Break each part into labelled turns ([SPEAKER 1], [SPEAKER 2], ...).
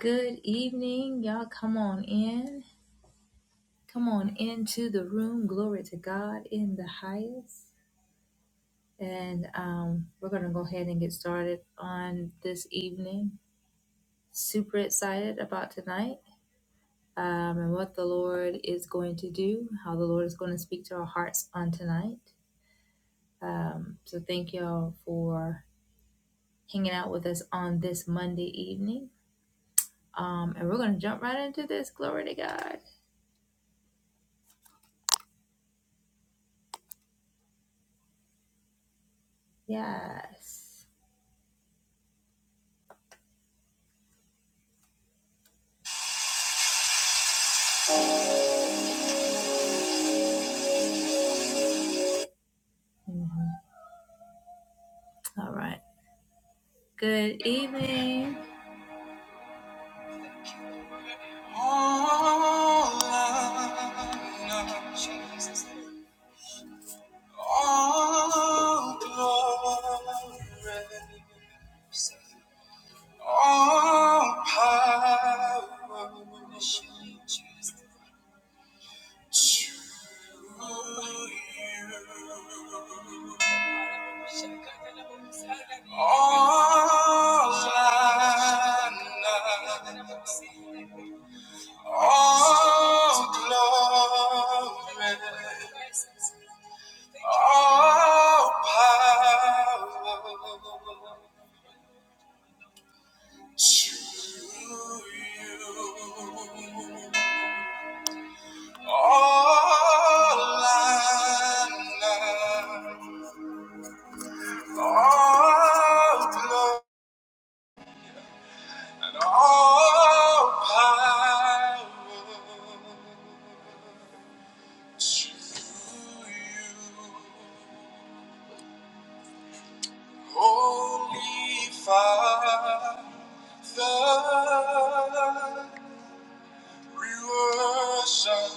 [SPEAKER 1] Good evening, y'all. Come on in. Come on into the room. Glory to God in the highest. And um, we're going to go ahead and get started on this evening. Super excited about tonight um, and what the Lord is going to do, how the Lord is going to speak to our hearts on tonight. Um, so, thank y'all for hanging out with us on this Monday evening. Um, and we're going to jump right into this. Glory to God. Yes. Mm-hmm. All right. Good evening. Oh, Jesus. All glory, all power is to you. All I All glory, all power to you. All honor, all glory, and all power to you. Holy Father, we worship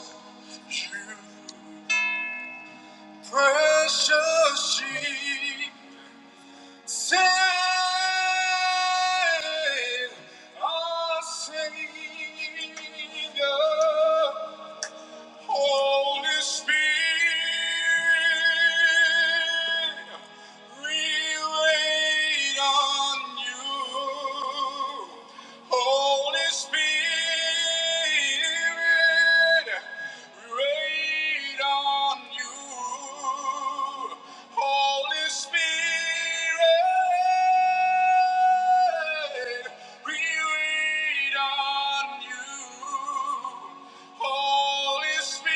[SPEAKER 1] you, precious Jesus. Save our Savior, Holy Spirit, we wait on you. Holy Spirit, we wait on you. Holy Spirit, we wait on you. Holy Spirit,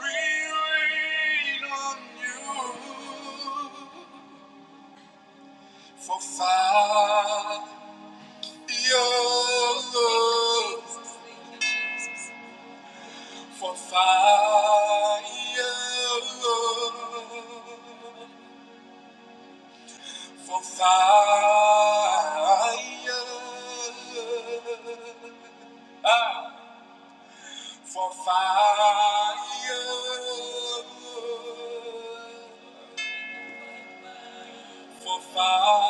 [SPEAKER 1] we wait on you. For fire, your love. For fire, for fire, ah, for fire, for fire.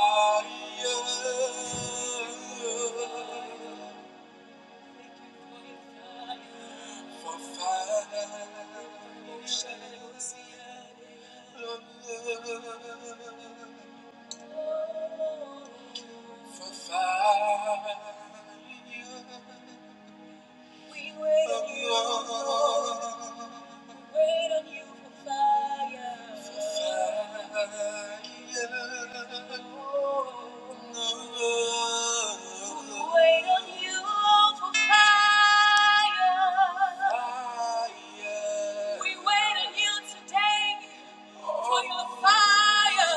[SPEAKER 1] For fire, we wait on you, Lord. We wait on you for fire. We wait on you for fire. We wait on you today for your fire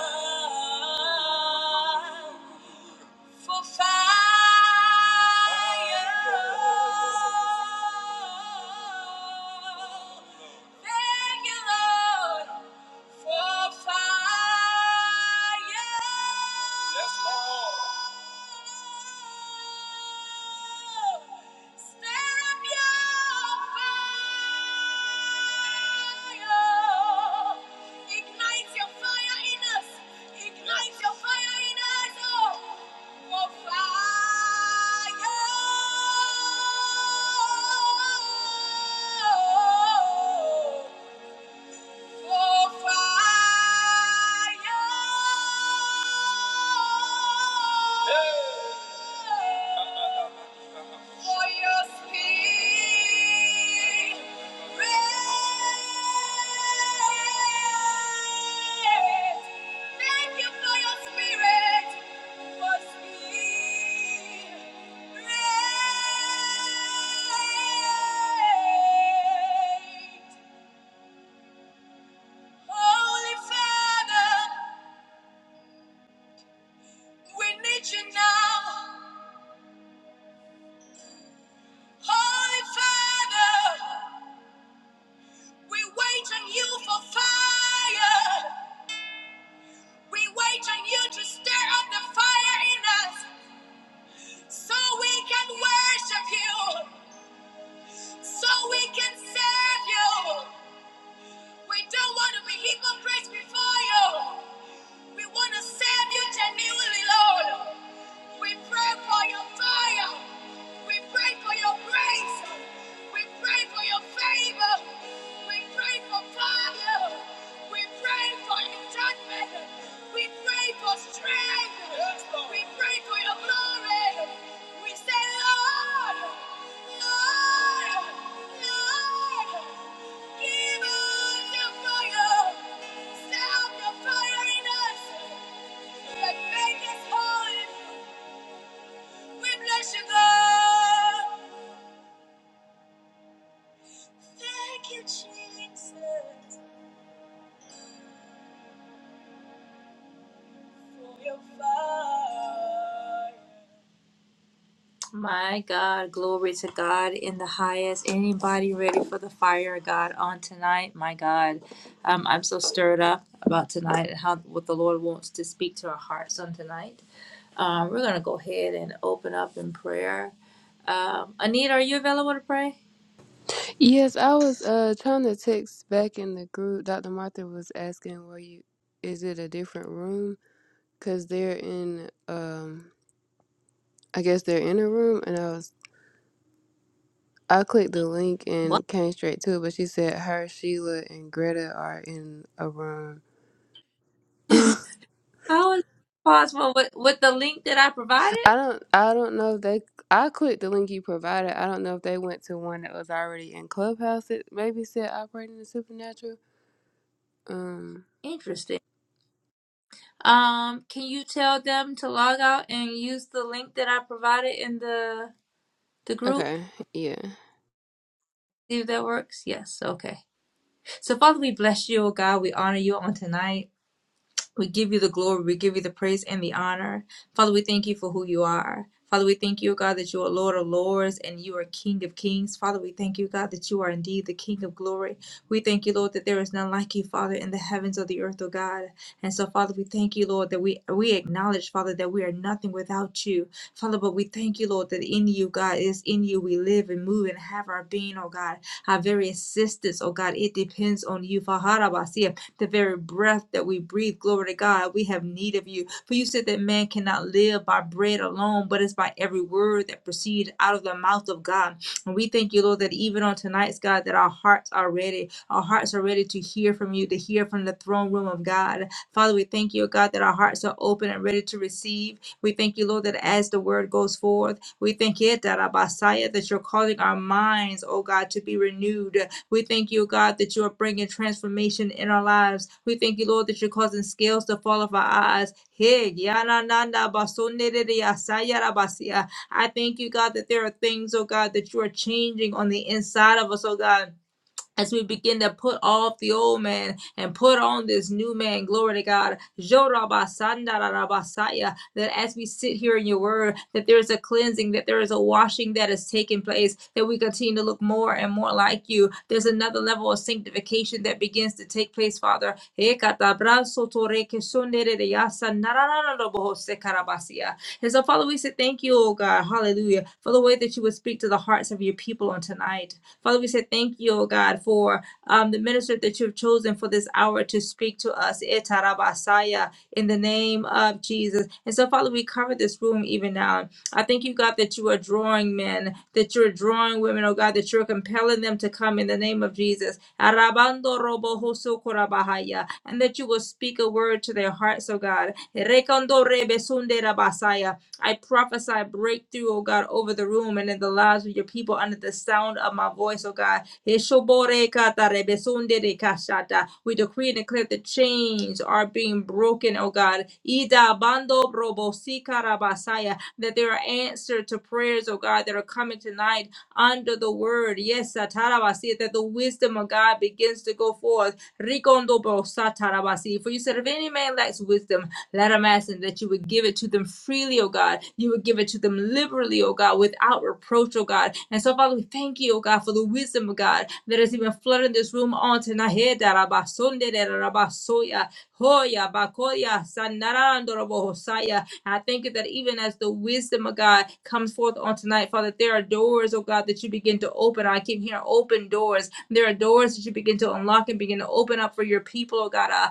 [SPEAKER 1] for fire. Thank you, Lord, for fire. Yes, Lord. Fire! Oh, fire. Hey. For your spirit. Thank you for your spirit. For spirit. Holy Father, we need you now. Holy Father, we wait on you for fire. We wait on you to stir up the fire in us so we can worship you, so we can serve you. We don't want to be hypocrites before you. We want to serve you genuinely, Lord. We pray for your fire. We pray for your grace. We pray for your favor. We pray for fire. We pray for your judgment. We pray for strength. Yes, We pray for your glory. We say, Lord, Lord, Lord, give us your fire. Sound your fire in us. That make us holy. We bless you, God. Thank you, Jesus, for your fire. My God, glory to God in the highest. Anybody ready for the fire of God on tonight? My God, um, I'm so stirred up about tonight and how what the Lord wants to speak to our hearts on tonight. Um, we're gonna go ahead and open up in prayer. Um, Anita, are you available to pray?
[SPEAKER 2] Yes, I was uh trying to text back in the group. Dr. Martha was asking, "Were you? Is it a different room? Cause they're in um, I guess they're in a room." And I was I clicked the link
[SPEAKER 1] What?
[SPEAKER 2] and came straight to it, but she said her Sheila and Greta are in a room. I
[SPEAKER 1] How is that possible with, with the link that I provided?
[SPEAKER 2] don't I don't know if they I clicked the link you provided. I don't know if they went to one that was already in Clubhouse. It maybe said operating the supernatural. Um.
[SPEAKER 1] Interesting. Um, can you tell them to log out and use the link that I provided in the the group?
[SPEAKER 2] Okay. Yeah.
[SPEAKER 1] See if that works. Yes. Okay. So Father, we bless you, oh God. We honor you on tonight. We give you the glory, we give you the praise and the honor. Father, we thank you for who you are. Father, we thank you, God, that you are Lord of Lords and you are King of Kings. Father, we thank you, God, that you are indeed the King of glory. We thank you, Lord, that there is none like you, Father, in the heavens or the earth, O God. And so, Father, we thank you, Lord, that we, we acknowledge, Father, that we are nothing without you. Father, but we thank you, Lord, that in you, God, it is in you we live and move and have our being, O God. Our very existence, O God, it depends on you. Father, the very breath that we breathe. Glory to God, we have need of you. For you said that man cannot live by bread alone, but it's by every word that proceeds out of the mouth of God. And we thank you, Lord, that even on tonight's God, that our hearts are ready. Our hearts are ready to hear from you, to hear from the throne room of God. Father, we thank you, God, that our hearts are open and ready to receive. We thank you, Lord, that as the word goes forth, we thank you, Darabasaya, that you're calling our minds, oh God, to be renewed. We thank you, God, that you are bringing transformation in our lives. We thank you, Lord, that you're causing scales to fall off our eyes. Hey, yana nanda basonere ya sayara basia. I thank you, God, that there are things, oh God, that you are changing on the inside of us, oh God as we begin to put off the old man and put on this new man, glory to God. That as we sit here in your word, that there is a cleansing, that there is a washing that is taking place, that we continue to look more and more like you. There's another level of sanctification that begins to take place, Father. Ekatabrasotorekesonereyasanaranarabohosekarabasia. And so, Father, we say thank you, oh God, hallelujah, for the way that you would speak to the hearts of your people on tonight. Father, we say thank you, oh God, for um, the minister that you've chosen for this hour to speak to us. Etarabasaya, In the name of Jesus. And so, Father, we cover this room even now. I thank you, God, that you are drawing men, that you're drawing women, oh God, that you're compelling them to come in the name of Jesus. Arabando robo hoso korabahaya. And that you will speak a word to their hearts, oh God. Rekondo rebe sunde rabasaya I prophesy breakthrough, oh God, over the room and in the lives of your people under the sound of my voice, oh God. We decree and declare the chains are being broken, oh God. Ida bando brobosikarabasaya. That there are answers to prayers, oh God, that are coming tonight under the word. Yes, satarabasi, that the wisdom of God begins to go forth. Rikondobosatarabasi. For you said, if any man lacks wisdom, let them ask and that you would give it to them freely, oh God. You would give it to them liberally, oh God, without reproach, oh God. And so, Father, we thank you, oh God, for the wisdom of God that has even flooded this room on tonight. Hey, da son de da ra ba so Hoya bakoya sanarandorobo hosaya. And I thank you that even as the wisdom of God comes forth on tonight, Father, there are doors, oh God, that you begin to open. I keep hearing open doors there are doors that you begin to unlock and begin to open up for your people, oh God. Uh,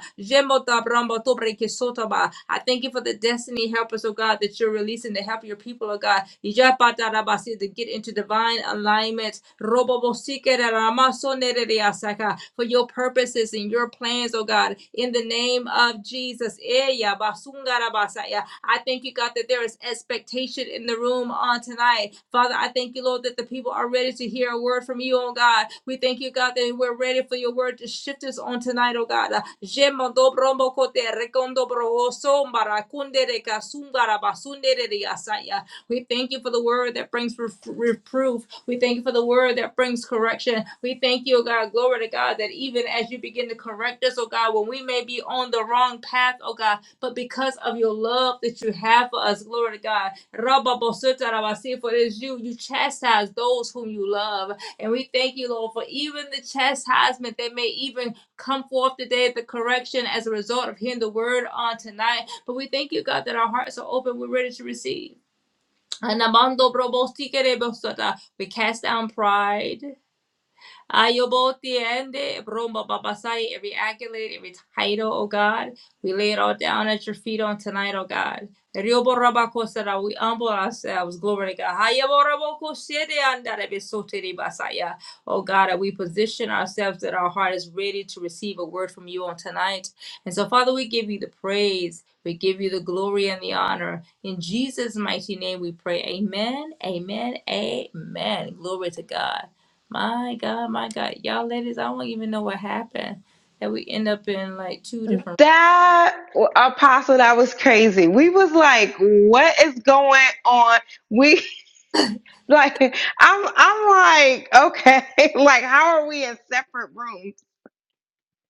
[SPEAKER 1] I thank you for the destiny helpers, oh God, that you're releasing to help your people, oh God. si, To get into divine alignment. si so For your purposes and your plans, oh God. In the name of of Jesus. Eya basungara basaya. I thank you, God, that there is expectation in the room on tonight. Father, I thank you, Lord, that the people are ready to hear a word from you, oh God. We thank you, God, that we're ready for your word to shift us on tonight, oh God. We thank you for the word that brings ref- reproof. We thank you for the word that brings correction. We thank you, oh God, glory to God, that even as you begin to correct us, oh God, when we may be on the wrong path, oh God, but because of your love that you have for us, glory to God. Rabba Bosita Rabasi, For it is you, you chastise those whom you love. And we thank you, Lord, for even the chastisement that may even come forth today, the correction as a result of hearing the word on tonight. But we thank you, God, that our hearts are open. We're ready to receive. Anabando brobo sikere bosata. We cast down pride. Ayoboti ende, Bromba Babasai, every accolade, every title, oh God. We lay it all down at your feet on tonight, oh God. Riobo Rabakosara, we humble ourselves. Glory to God. Hayabo Rabokosede Andarebe Soteri Basaya. Oh God, that we position ourselves that our heart is ready to receive a word from you on tonight. And so, Father, we give you the praise. We give you the glory and the honor. In Jesus' mighty name we pray. Amen. Amen. Amen. Glory to God. My God, my God. Y'all ladies, I don't even know what happened. That we end up in like two different
[SPEAKER 3] That apostle, that was crazy. We was like, what is going on? We like, I'm, I'm like, okay, like, how are we in separate rooms?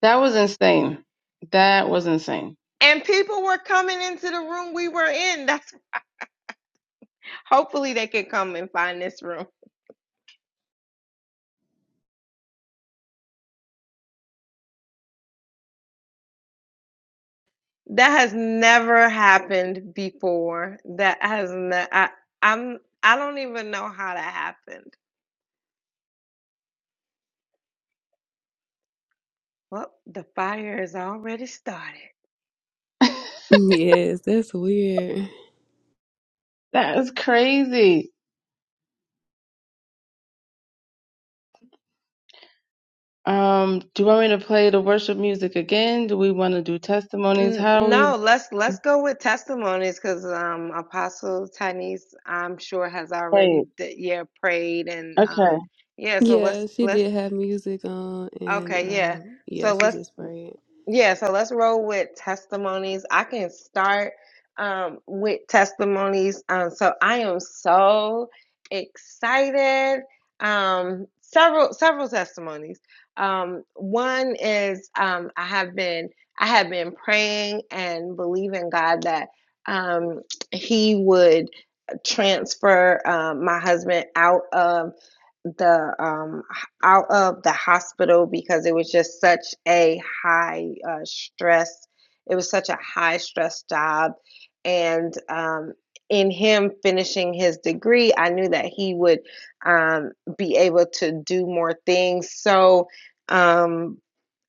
[SPEAKER 4] That was insane. That was insane.
[SPEAKER 3] And people were coming into the room we were in. That's hopefully they can come and find this room. That has never happened before. That has not. I, I'm, I don't even know how that happened. Well, the fire is already started.
[SPEAKER 2] Yes, that's weird.
[SPEAKER 4] That is crazy. Um, do you want me to play the worship music again? Do we want to do testimonies?
[SPEAKER 3] N-
[SPEAKER 4] How do we
[SPEAKER 3] No, let's let's go with testimonies because um, Apostle Tanis, I'm sure, has
[SPEAKER 4] play it?
[SPEAKER 3] already d- yeah prayed and um,
[SPEAKER 4] Okay.
[SPEAKER 3] yeah. So
[SPEAKER 2] Yeah,
[SPEAKER 3] let's
[SPEAKER 2] she
[SPEAKER 3] let's
[SPEAKER 2] did have music on, and
[SPEAKER 3] okay yeah.
[SPEAKER 2] um, yeah,
[SPEAKER 3] So
[SPEAKER 2] she
[SPEAKER 3] let's
[SPEAKER 2] just prayed.
[SPEAKER 3] yeah, so let's roll with testimonies. I can start um, with testimonies. Um, so I am so excited. Um, several several testimonies. Um, one is um, I have been I have been praying and believing God that um, He would transfer um, my husband out of the um out of the hospital because it was just such a high uh, stress. It was such a high stress job. And um, in him finishing his degree, I knew that he would um, be able to do more things. So um,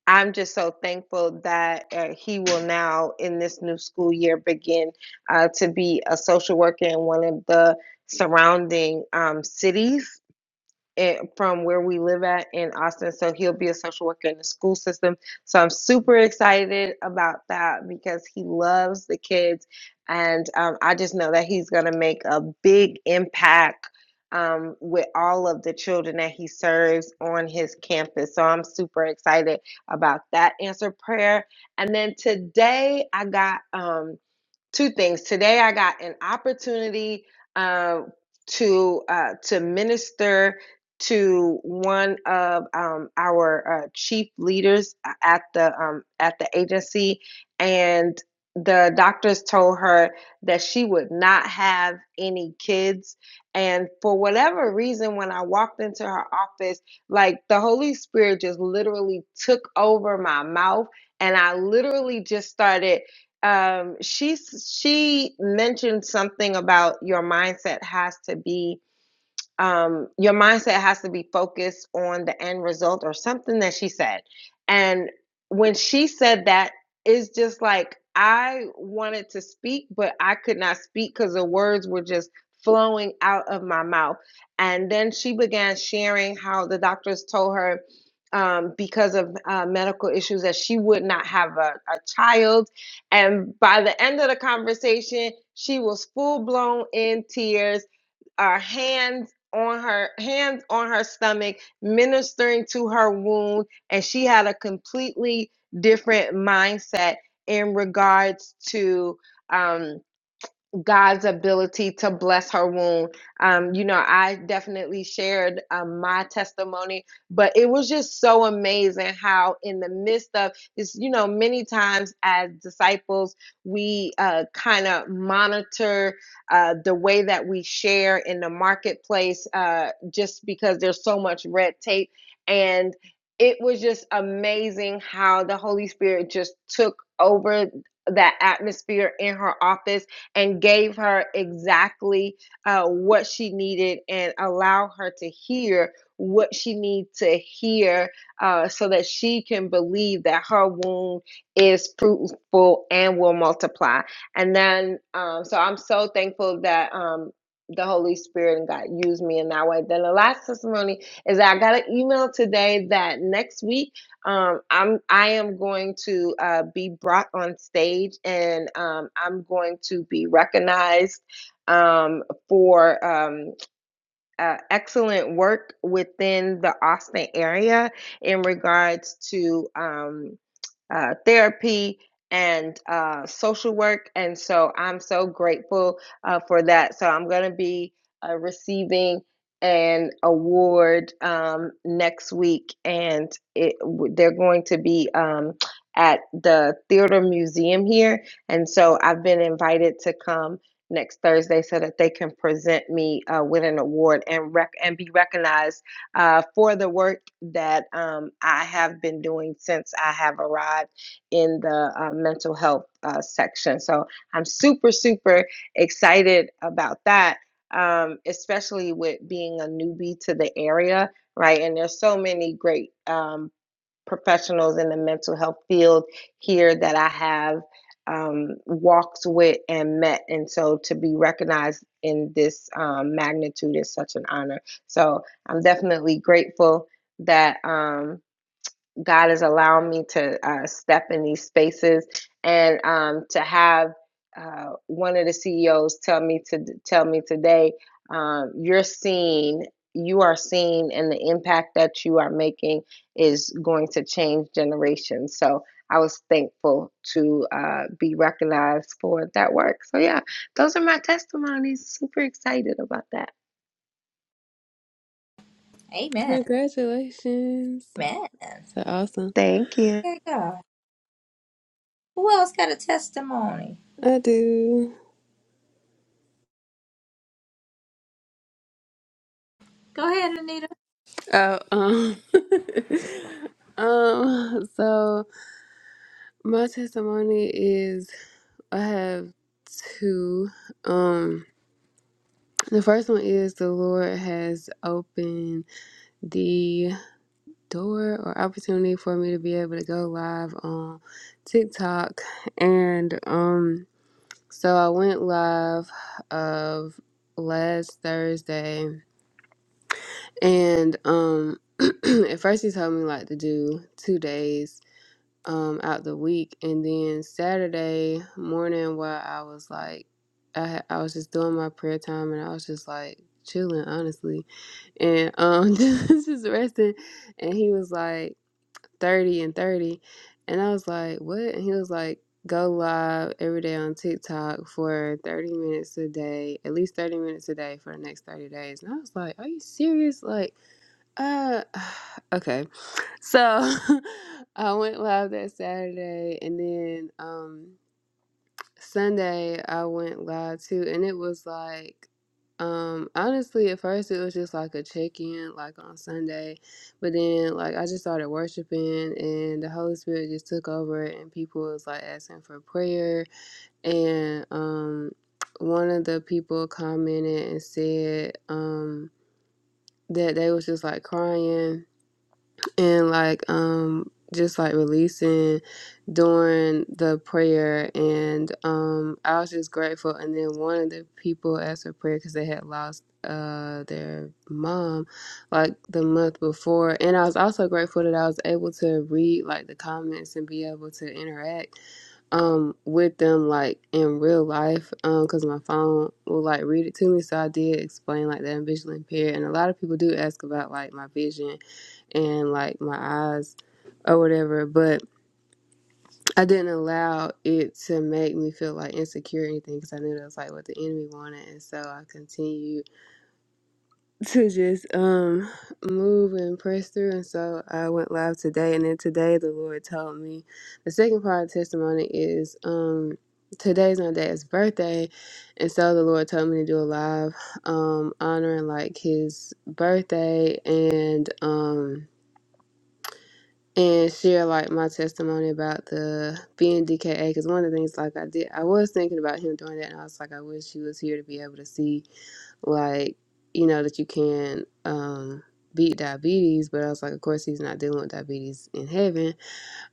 [SPEAKER 3] I'm just so thankful that uh, he will now, in this new school year, begin uh, to be a social worker in one of the surrounding um, cities at, from where we live at in Austin. So he'll be a social worker in the school system. So I'm super excited about that because he loves the kids. And um, I just know that he's going to make a big impact um, with all of the children that he serves on his campus. So I'm super excited about that answer prayer. And then today I got. Um, two things. Today I got an opportunity uh, to uh, to minister to one of um, our uh, chief leaders uh, at the um, at the agency, and the doctors told her that she would not have any kids and for whatever reason when i walked into her office like the holy spirit just literally took over my mouth and i literally just started um, she she mentioned something about your mindset has to be um, your mindset has to be focused on the end result or something that she said. And when she said that, it's just like I wanted to speak, but I could not speak because the words were just flowing out of my mouth. And then she began sharing how the doctors told her. Um, because of uh, medical issues, that she would not have a, a child. And by the end of the conversation, she was full blown in tears our hands on her hands on her stomach ministering to her wound and she had a completely different mindset in regards to um God's ability to bless her womb. Um, you know, I definitely shared um, my testimony, but it was just so amazing how, in the midst of this, you know, many times as disciples, we uh, kind of monitor uh, the way that we share in the marketplace uh, just because there's so much red tape. And it was just amazing how the Holy Spirit just took over that atmosphere in her office and gave her exactly uh, what she needed and allow her to hear what she needs to hear uh, so that she can believe that her womb is fruitful and will multiply. And then, um, so I'm so thankful that um, the Holy Spirit and God used me in that way. Then the last testimony is that I got an email today that next week um, I'm I am going to uh, be brought on stage and um, I'm going to be recognized um, for um, uh, excellent work within the Austin area in regards to. Um, uh, therapy and uh, social work. And so I'm so grateful uh, for that. So I'm going to be uh, receiving an award um, next week, and it, they're going to be um, at the Theater Museum here. And so I've been invited to come next Thursday so that they can present me uh, with an award and rec- and be recognized uh, for the work that um, I have been doing since I have arrived in the uh, mental health uh, section. So I'm super, super excited about that, um, especially with being a newbie to the area, right? And there's so many great. Um, professionals in the mental health field here that I have um, walked with and met. And so to be recognized in this um, magnitude is such an honor. So I'm definitely grateful that. Um, God has allowed me to uh, step in these spaces and um, to have uh, one of the CEOs tell me to tell me today, um, you're seen, you are seen, and the impact that you are making is going to change generations. So I was thankful to uh, be recognized for that work. So yeah, those are my testimonies. Super excited about that.
[SPEAKER 1] Amen.
[SPEAKER 2] Congratulations!
[SPEAKER 1] Man.
[SPEAKER 2] That's awesome.
[SPEAKER 3] Thank you.
[SPEAKER 1] God. Who else got a testimony?
[SPEAKER 2] I do.
[SPEAKER 1] Go ahead, Anita.
[SPEAKER 2] Oh, um, um. So my testimony is I have two. Um, the first one is the Lord has opened the door or opportunity for me to be able to go live on TikTok, and um. So I went live of last Thursday and um at first he told me like to do two days um out the week and then Saturday morning while I was like I ha- I was just doing my prayer time and I was just like chilling honestly and um just resting and he was like 30 and 30. And I was like, what? And he was like, go live every day on TikTok for 30 minutes a day, at least 30 minutes a day for the next 30 days. And I was like, are you serious? Like, uh, okay. So I went live that Saturday and then, um, Sunday I went live too, and it was like, um, honestly, at first it was just like a check in, like on Sunday, but then like I just started worshiping, and the Holy Spirit just took over, and people was like asking for prayer, and um, one of the people commented and said, um, that they was just like crying and like um just like releasing during the prayer and um i was just grateful and then one of the people asked for prayer because they had lost uh their mom like the month before and i was also grateful that i was able to read like the comments and be able to interact um with them like in real life um because my phone will like read it to me so i did explain like that i'm visually impaired and a lot of people do ask about like my vision and like my eyes or whatever. But I didn't allow it to make me feel like insecure or anything because I knew that was like what the enemy wanted. And so I continued to just um move and press through. And so I went live today. And then today the Lord told me the second part of the testimony is um today's my dad's birthday and so the lord told me to do a live um honoring like his birthday and um and share like my testimony about the being DKA because one of the things like I did I was thinking about him doing that and I was like I wish he was here to be able to see like you know that you can um beat diabetes but I was like of course he's not dealing with diabetes in heaven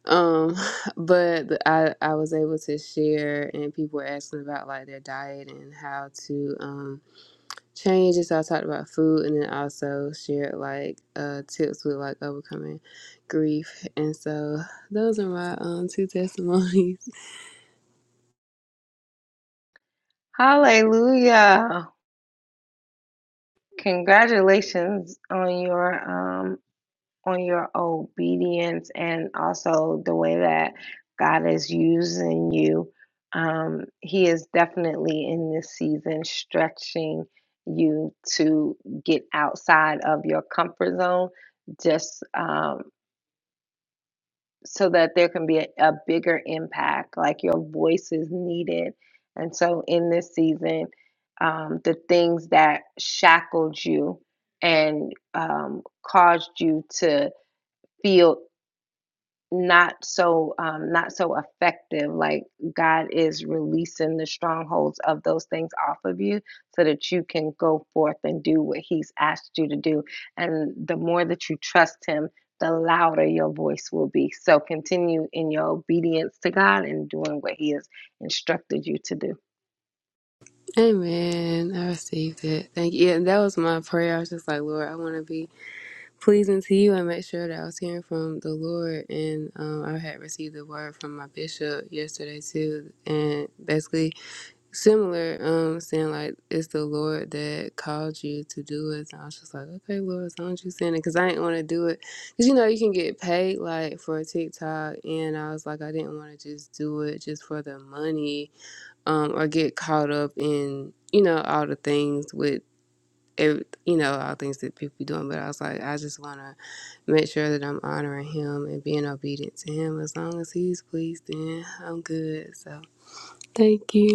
[SPEAKER 2] um but the- I I was able to share and people were asking about like their diet and how to um changes. So I talked about food and then also shared like uh, tips with like overcoming grief. And so those are my um two testimonies.
[SPEAKER 3] Hallelujah. Congratulations on your um on your obedience and also the way that God is using you. Um he is definitely in this season stretching you to get outside of your comfort zone. Just um so that there can be a, a bigger impact like your voice is needed and so in this season um, the things that shackled you and um, caused you to feel not so um, not so effective. Like God is releasing the strongholds of those things off of you, so that you can go forth and do what He's asked you to do. And the more that you trust Him, the louder your voice will be. So continue in your obedience to God and doing what He has instructed you to do.
[SPEAKER 2] Amen. I received it. Thank you. Yeah, and that was my prayer. I was just like, Lord, I want to be pleasing to you and make sure that I was hearing from the Lord. And um, I had received a word from my bishop yesterday too. And basically similar, um, saying like it's the Lord that called you to do it. And I was just like, okay, Lord, as long as you saying it, because I didn't want to do it, because you know you can get paid like for a TikTok, and I was like, I didn't want to just do it just for the money, um, or get caught up in you know all the things with. Every, you know all things that people be doing, but I was like, I just want to make sure that I'm honoring him and being obedient to him. As long as he's pleased, then I'm good. So, thank you.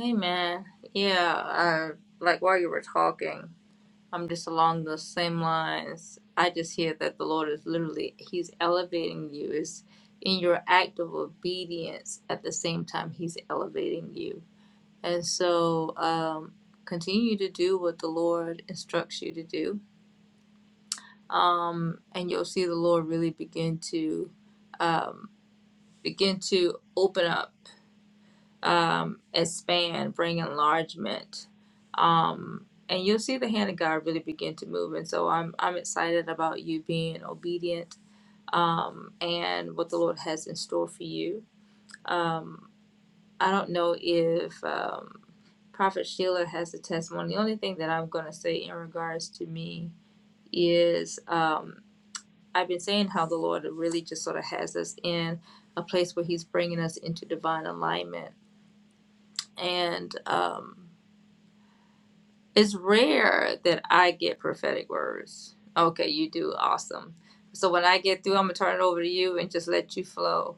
[SPEAKER 1] Amen. Yeah, uh like while you were talking, I'm just along those same lines. I just hear that the Lord is literally He's elevating you. It's in your act of obedience at the same time He's elevating you And so um, continue to do what the Lord instructs you to do. Um, and you'll see the Lord really begin to um, begin to open up, um, expand, bring enlargement. Um, and you'll see the hand of God really begin to move. And so I'm, I'm excited about you being obedient um, and what the Lord has in store for you. Um, I don't know if um, Prophet Sheila has a testimony. The only thing that I'm going to say in regards to me is um, I've been saying how the Lord really just sort of has us in a place where He's bringing us into divine alignment. And um, it's rare that I get prophetic words. Okay, you do. Awesome. So when I get through, I'm going to turn it over to you and just let you flow.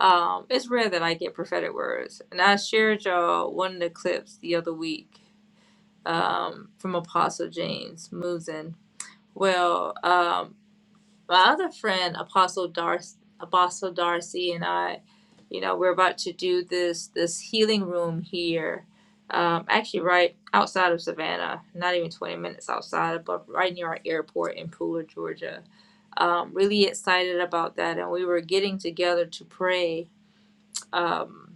[SPEAKER 1] Um, it's rare that I get prophetic words, and I shared y'all one of the clips the other week um, from Apostle James Musin. Well, um, my other friend Apostle Darcy, Apostle Darcy, and I, you know, we're about to do this this healing room here, um, actually right outside of Savannah, not even twenty minutes outside, but right near our airport in Pooler, Georgia. Um, really excited about that, and we were getting together to pray. Um,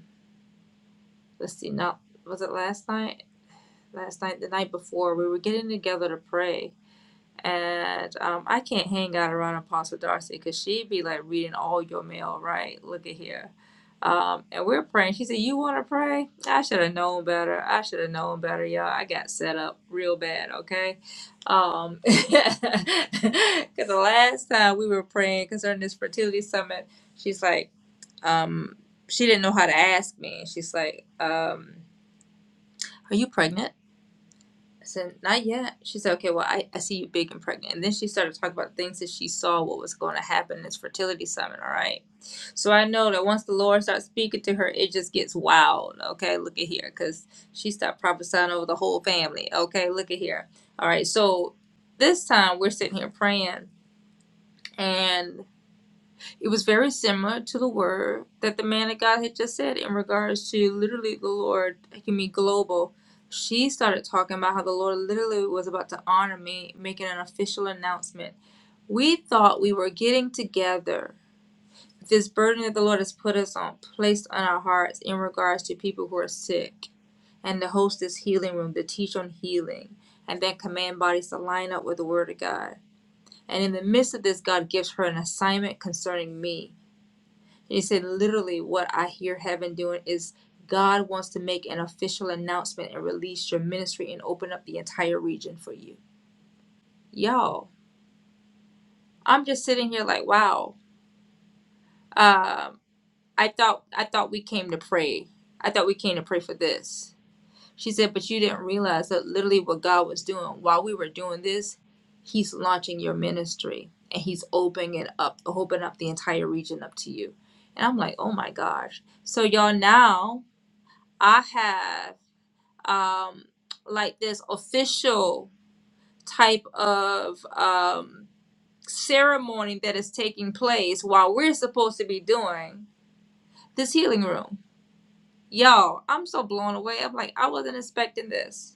[SPEAKER 1] let's see, not was it last night? Last night, the night before, we were getting together to pray, and um, I can't hang out around Apostle Darcy because she'd be like reading all your mail, right? Look at here. Um, and we're praying. She said, "You want to pray? I should have known better. I should have known better, y'all. I got set up real bad, okay? Um, because the last time we were praying concerning this fertility summit, she's like, um, she didn't know how to ask me. She's like, um." Are you pregnant? I said, Not yet. She said, Okay, well, I, I see you big and pregnant. And then she started talking about things that she saw what was going to happen in this fertility summit, all right? So I know that once the Lord starts speaking to her, it just gets wild, okay? Look at here, because she stopped prophesying over the whole family, okay? Look at here. All right, so this time we're sitting here praying, and it was very similar to the word that the man of God had just said in regards to literally the Lord, he can global. She started talking about how the Lord literally was about to honor me, making an official announcement. We thought we were getting together. This burden that the Lord has put us on, placed on our hearts in regards to people who are sick, and to host this healing room, to teach on healing, and then command bodies to line up with the Word of God. And in the midst of this, God gives her an assignment concerning me and he said, literally, what I hear heaven doing is God wants to make an official announcement and release your ministry and open up the entire region for you. Y'all, I'm just sitting here like, wow. Um, I thought I thought we came to pray. I thought we came to pray for this. She said, but you didn't realize that literally what God was doing while we were doing this, He's launching your ministry and He's opening it up, opening up the entire region up to you. And I'm like, oh my gosh. So y'all now I have um, like this official type of um, ceremony that is taking place while we're supposed to be doing this healing room. Y'all, I'm so blown away. I'm like, I wasn't expecting this.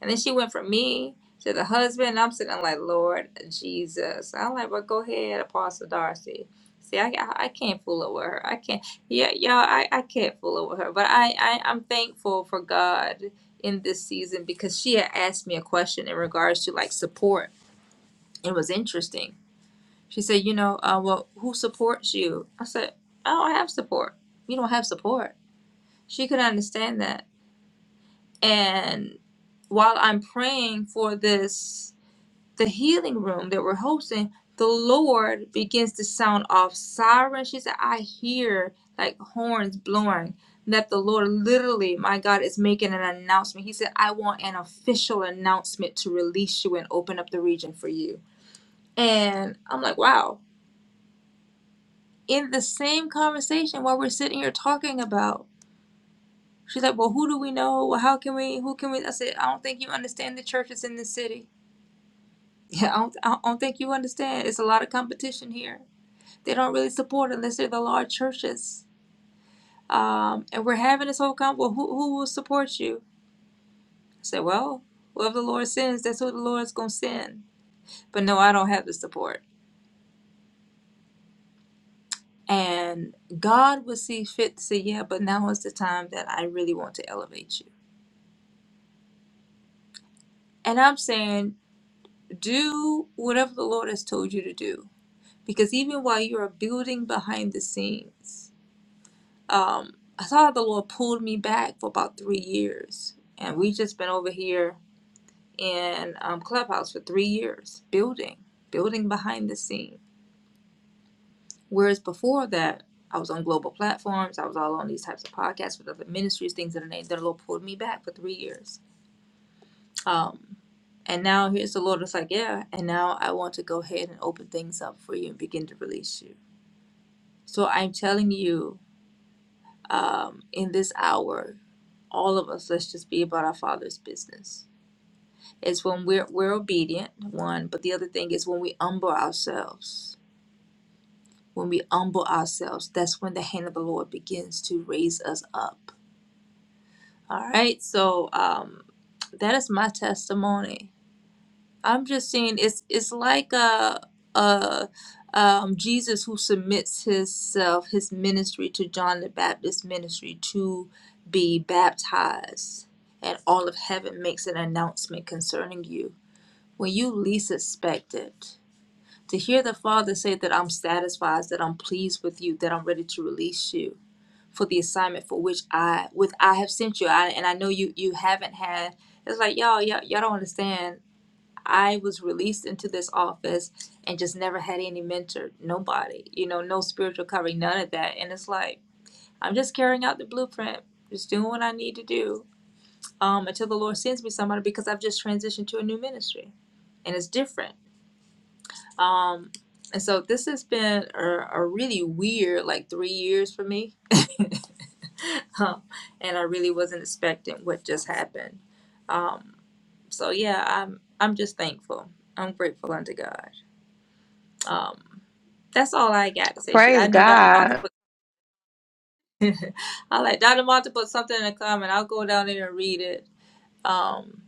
[SPEAKER 1] And then she went from me to the husband. And I'm sitting there like, Lord Jesus. I'm like, well, go ahead, Apostle Darcy. See, I, I, I can't fool over her. I can't. Yeah, y'all, I, I can't fool over her. But I, I, I'm thankful for God in this season because she had asked me a question in regards to like support. It was interesting. She said, you know, uh, well, who supports you? I said, I don't have support. You don't have support. She couldn't understand that. And while I'm praying for this, the healing room that we're hosting, the Lord begins to sound off sirens. She said, I hear like horns blowing. That the Lord literally, my God, is making an announcement. He said, I want an official announcement to release you and open up the region for you. And I'm like, wow. In the same conversation while we're sitting here talking about, she's like, well, who do we know? Well, how can we, who can we? I said, I don't think you understand the churches in this city. Yeah, I don't, I don't think you understand. It's a lot of competition here. They don't really support unless they're the large churches. Um, and we're having this whole con. Well, who, who will support you? I said, well, whoever the Lord sends, that's who the Lord's going to send. But no, I don't have the support. And God will see fit to say, yeah, but now is the time that I really want to elevate you. And I'm saying, do whatever the Lord has told you to do. Because even while you are building behind the scenes, um, I saw the Lord pulled me back for about three years, and we just been over here in um, Clubhouse for three years, building, building behind the scene. Whereas before that, I was on global platforms, I was all on these types of podcasts with other ministries, things of the name. the Lord pulled me back for three years, um, and now here's the Lord. It's like, yeah, and now I want to go ahead and open things up for you and begin to release you. So I'm telling you. um, in this hour, all of us, let's just be about our Father's business. It's when we're we're obedient, one, but the other thing is when we humble ourselves. When we humble ourselves, that's when the hand of the Lord begins to raise us up. All right, so um, that is my testimony I'm just saying it's it's like a a um, Jesus who submits himself his ministry to John the Baptist's ministry to be baptized, and all of heaven makes an announcement concerning you when you least expect it. To hear the Father say that I'm satisfied, that I'm pleased with you, that I'm ready to release you for the assignment for which I with I have sent you. I, and I know you you haven't had. It's like y'all y'all y'all don't understand I was released into this office and just never had any mentor, nobody, you know, no spiritual covering, none of that. And it's like, I'm just carrying out the blueprint, just doing what I need to do um, until the Lord sends me somebody because I've just transitioned to a new ministry and it's different. Um, and so this has been a, a really weird, like, three years for me. um, and I really wasn't expecting what just happened. Um, so yeah, I'm I'm just thankful. I'm grateful unto God. Um, that's all I got to say. Shoot, I
[SPEAKER 3] Praise
[SPEAKER 1] know Dr. Martha
[SPEAKER 3] God.
[SPEAKER 1] put. I like Dr. Martha put something in the comment. I'll go down there and read it. Um,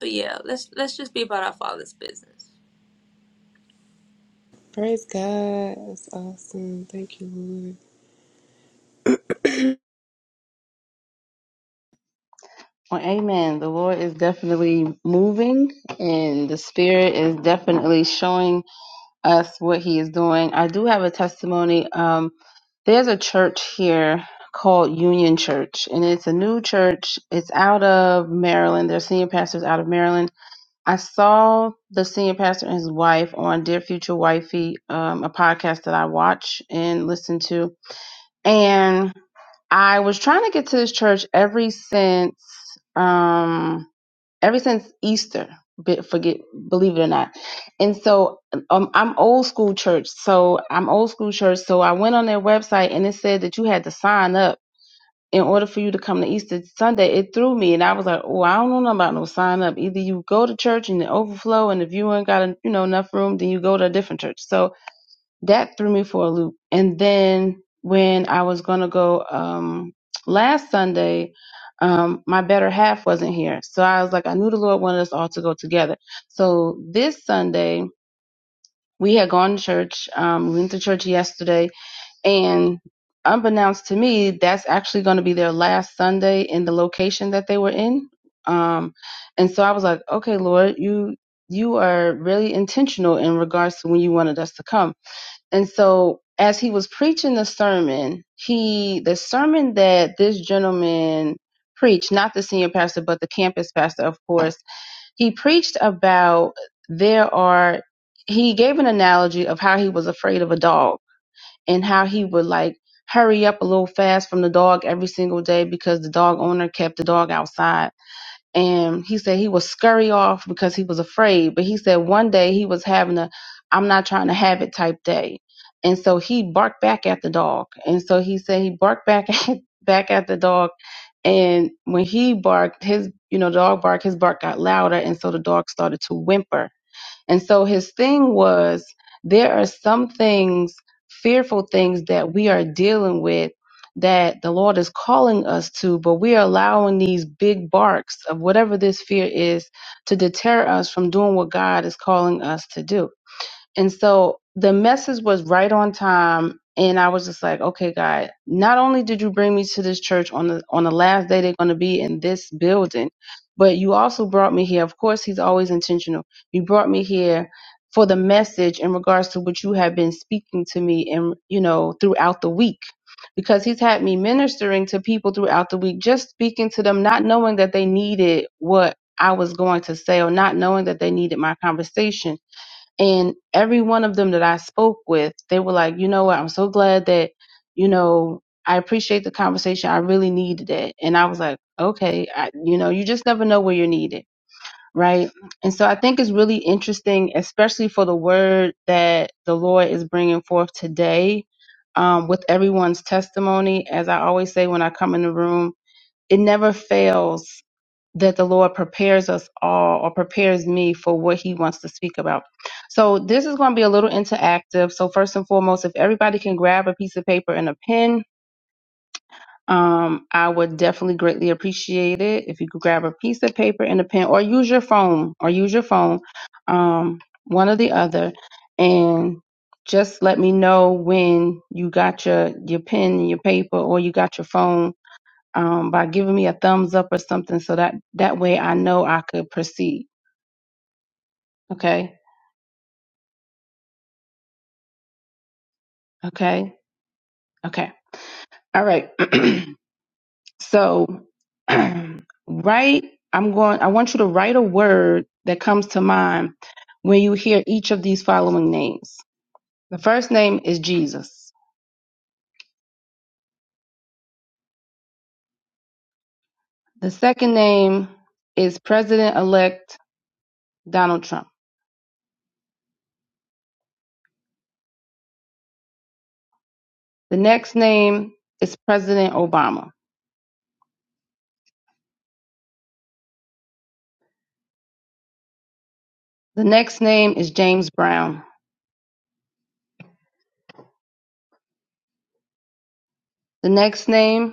[SPEAKER 1] but yeah, let's let's just be about our Father's business.
[SPEAKER 2] Praise God. That's awesome. Thank you, Lord.
[SPEAKER 4] Well, amen. The Lord is definitely moving and the Spirit is definitely showing us what He is doing. I do have a testimony. Um, there's a church here called Union Church, and it's a new church. It's out of Maryland. Their senior pastors out of Maryland I saw the senior pastor and his wife on Dear Future Wifey, um, a podcast that I watch and listen to. And I was trying to get to this church every since um ever since Easter. be- Forget, believe it or not, and so um, I'm old school church. So I'm old school church. So I went on their website and it said that you had to sign up in order for you to come to Easter Sunday, it threw me, and I was like, "Oh, I don't know nothing about no sign up. Either you go to church and it overflow, and if you ain't got you know enough room, then you go to a different church." So that threw me for a loop. And then when I was gonna go um, last Sunday, um, my better half wasn't here, so I was like, "I knew the Lord wanted us all to go together." So this Sunday. We had gone to church. Um, we went to church yesterday and unbeknownst to me, that's actually going to be their last Sunday in the location that they were in. Um, and so I was like, okay, Lord, you you are really intentional in regards to when you wanted us to come. And so as he was preaching the sermon, he the sermon that this gentleman preached, not the senior pastor, but the campus pastor, of course, he preached about there are he gave an analogy of how he was afraid of a dog and how he would like hurry up a little fast from the dog every single day because the dog owner kept the dog outside. And he said he would scurry off because he was afraid. But he said one day he was having a I'm not trying to have it type day. And so he barked back at the dog. And so he said he barked back at back at the dog and when he barked his you know the dog barked his bark got louder and so the dog started to whimper and so his thing was there are some things, fearful things that we are dealing with that the Lord is calling us to, but we are allowing these big barks of whatever this fear is to deter us from doing what God is calling us to do. And so the message was right on time. And I was just like, okay, God, not only did you bring me to this church on the on the last day they're gonna be in this building, but you also brought me here. Of course, he's always intentional. You brought me here for the message in regards to what you have been speaking to me and you know throughout the week because he's had me ministering to people throughout the week just speaking to them not knowing that they needed what I was going to say or not knowing that they needed my conversation and every one of them that I spoke with, they were like, you know what, I'm so glad that, you know, I appreciate the conversation. I really needed it. And I was like, okay, I, you know, you just never know where you're needed. Right. And so I think it's really interesting, especially for the word that the Lord is bringing forth today um, with everyone's testimony. As I always say when I come in the room, it never fails that the Lord prepares us all or prepares me for what he wants to speak about. So this is going to be a little interactive. So first and foremost, if everybody can grab a piece of paper and a pen, um, I would definitely greatly appreciate it if you could grab a piece of paper and a pen or use your phone or use your phone, um, one or the other. And just let me know when you got your, your pen and your paper or you got your phone um, by giving me a thumbs up or something so that that way I know I could proceed. Okay. Okay. Okay. All right. so, write, I'm going, I want you to write a word that comes to mind when you hear each of these following names. The first name is Jesus. The second name is President elect Donald Trump. The next name is President Obama. The next name is James Brown. The next name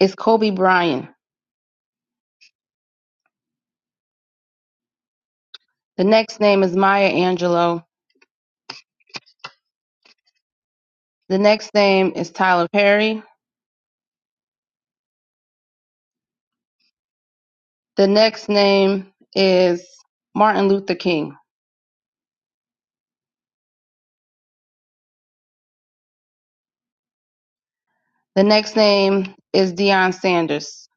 [SPEAKER 4] is Kobe Bryant. The next name is Maya Angelou. The next name is Tyler Perry. The next name is Martin Luther King. The next name is Deion Sanders.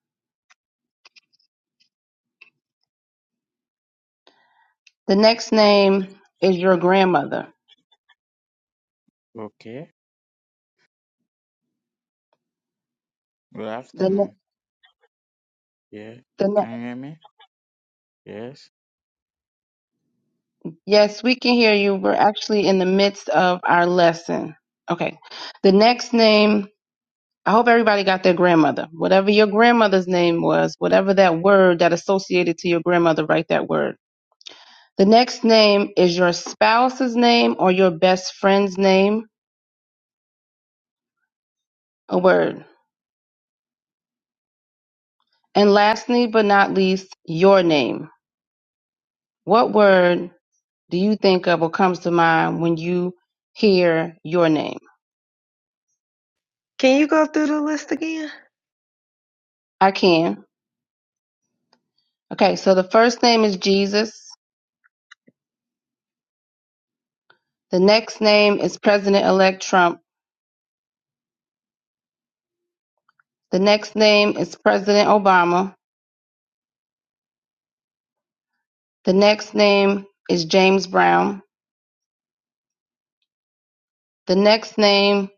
[SPEAKER 4] The next name is your grandmother.
[SPEAKER 5] Okay. Good
[SPEAKER 4] The, ne-
[SPEAKER 5] afternoon. Yeah.
[SPEAKER 4] the
[SPEAKER 5] Can
[SPEAKER 4] ne-
[SPEAKER 5] you hear me? Yes.
[SPEAKER 4] yes, we can hear you. We're actually in the midst of our lesson. Okay. The next name, I hope everybody got their grandmother. Whatever your grandmother's name was, whatever that word that associated to your grandmother, write that word. The next name is your spouse's name or your best friend's name, a word. And lastly but not least, your name. What word do you think of or comes to mind when you hear your name?
[SPEAKER 3] Can you go through the list again?
[SPEAKER 4] I can. Okay, so the first name is Jesus. The next name is President elect Trump. The next name is President Obama. The next name is James Brown. The next name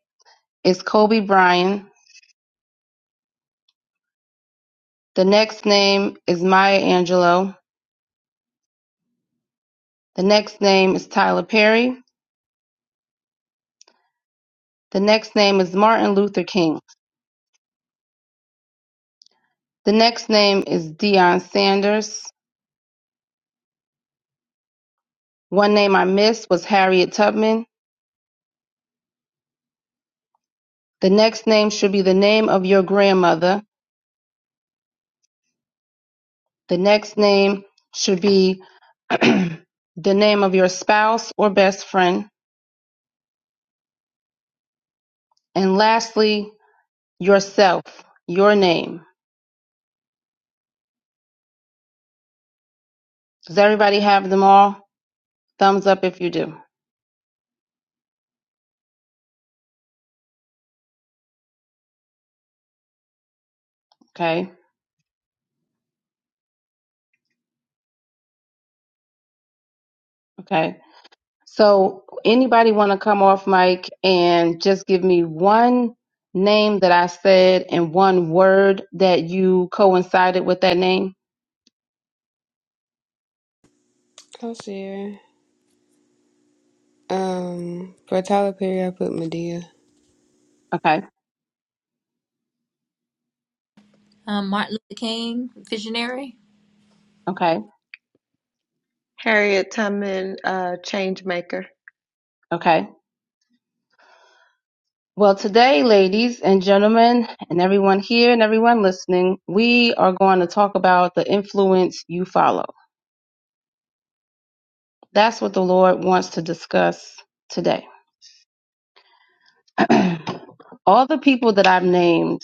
[SPEAKER 4] is Kobe Bryant. The next name is Maya Angelou. The next name is Tyler Perry. The next name is Martin Luther King. The next name is Deion Sanders. One name I missed was Harriet Tubman. The next name should be the name of your grandmother. The next name should be the name of your spouse or best friend. And lastly, yourself, your name. Does everybody have them all? Thumbs up if you do. Okay. Okay. So, anybody want to come off mic and just give me one name that I said and one word that you coincided with that name?
[SPEAKER 2] I'll share. Um, for Tyler Perry, I put Medea.
[SPEAKER 4] Okay,
[SPEAKER 1] Um, Martin Luther King, visionary.
[SPEAKER 4] okay,
[SPEAKER 3] Harriet Tubman, uh, change maker.
[SPEAKER 4] okay. Well, today, ladies and gentlemen, and everyone here and everyone listening, we are going to talk about the influence you follow. That's what the Lord wants to discuss today. all the people that I've named,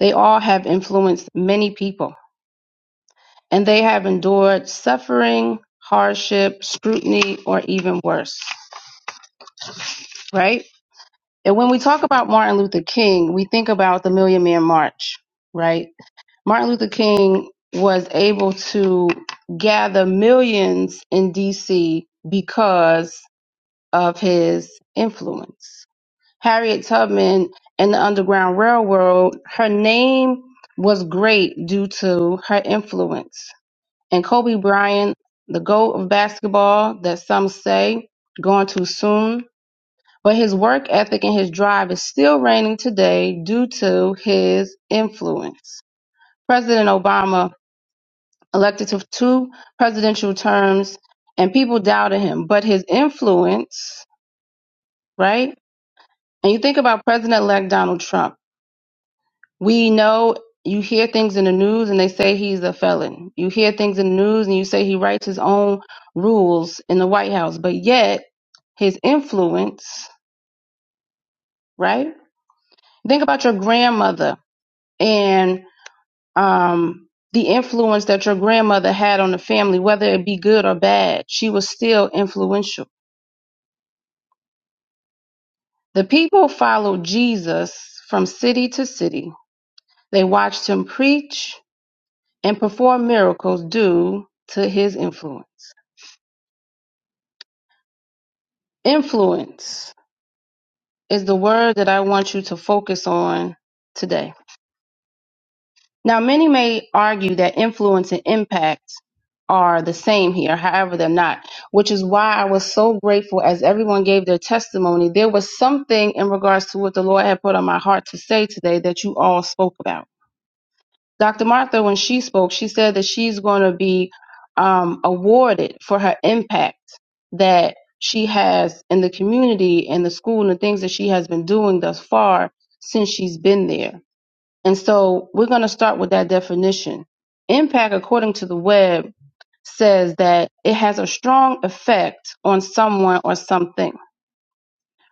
[SPEAKER 4] they all have influenced many people. and they have endured suffering, hardship, scrutiny, or even worse, right? And when we talk about Martin Luther King, we think about the Million Man March, right? Martin Luther King was able to gather millions in DC because of his influence. Harriet Tubman and the Underground Railroad, her name was great due to her influence and Kobe Bryant, the GOAT of basketball, that some say gone too soon. But his work ethic and his drive is still reigning today due to his influence. President Obama elected to two presidential terms and people doubted him, but his influence, right? And you think about President elect Donald Trump. We know you hear things in the news and they say he's a felon. You hear things in the news and you say he writes his own rules in the White House, but yet his influence, right? Think about your grandmother and um, the influence that your grandmother had on the family, whether it be good or bad. She was still influential. The people followed Jesus from city to city. They watched him preach and perform miracles due to his influence. Influence is the word that I want you to focus on today. Now, many may argue that influence and impact are the same here, however, they're not, which is why I was so grateful as everyone gave their testimony. There was something in regards to what the Lord had put on my heart to say today that you all spoke about. Dr. Martha, when she spoke, she said that she's going to be um, awarded for her impact that she has in the community and the school and the things that she has been doing thus far since she's been there. And so we're going to start with that definition. Impact, according to the web, says that it has a strong effect on someone or something,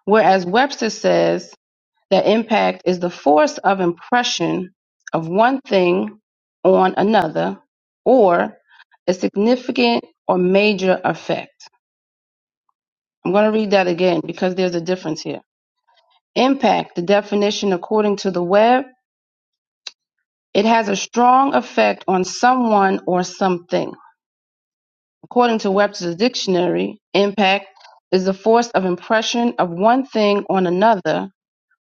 [SPEAKER 4] whereas Webster says that impact is the force of impression of one thing on another or a significant or major effect. I'm going to read that again because there's a difference here. Impact, the definition according to the web, it has a strong effect on someone or something. According to Webster's dictionary, impact is the force of impression of one thing on another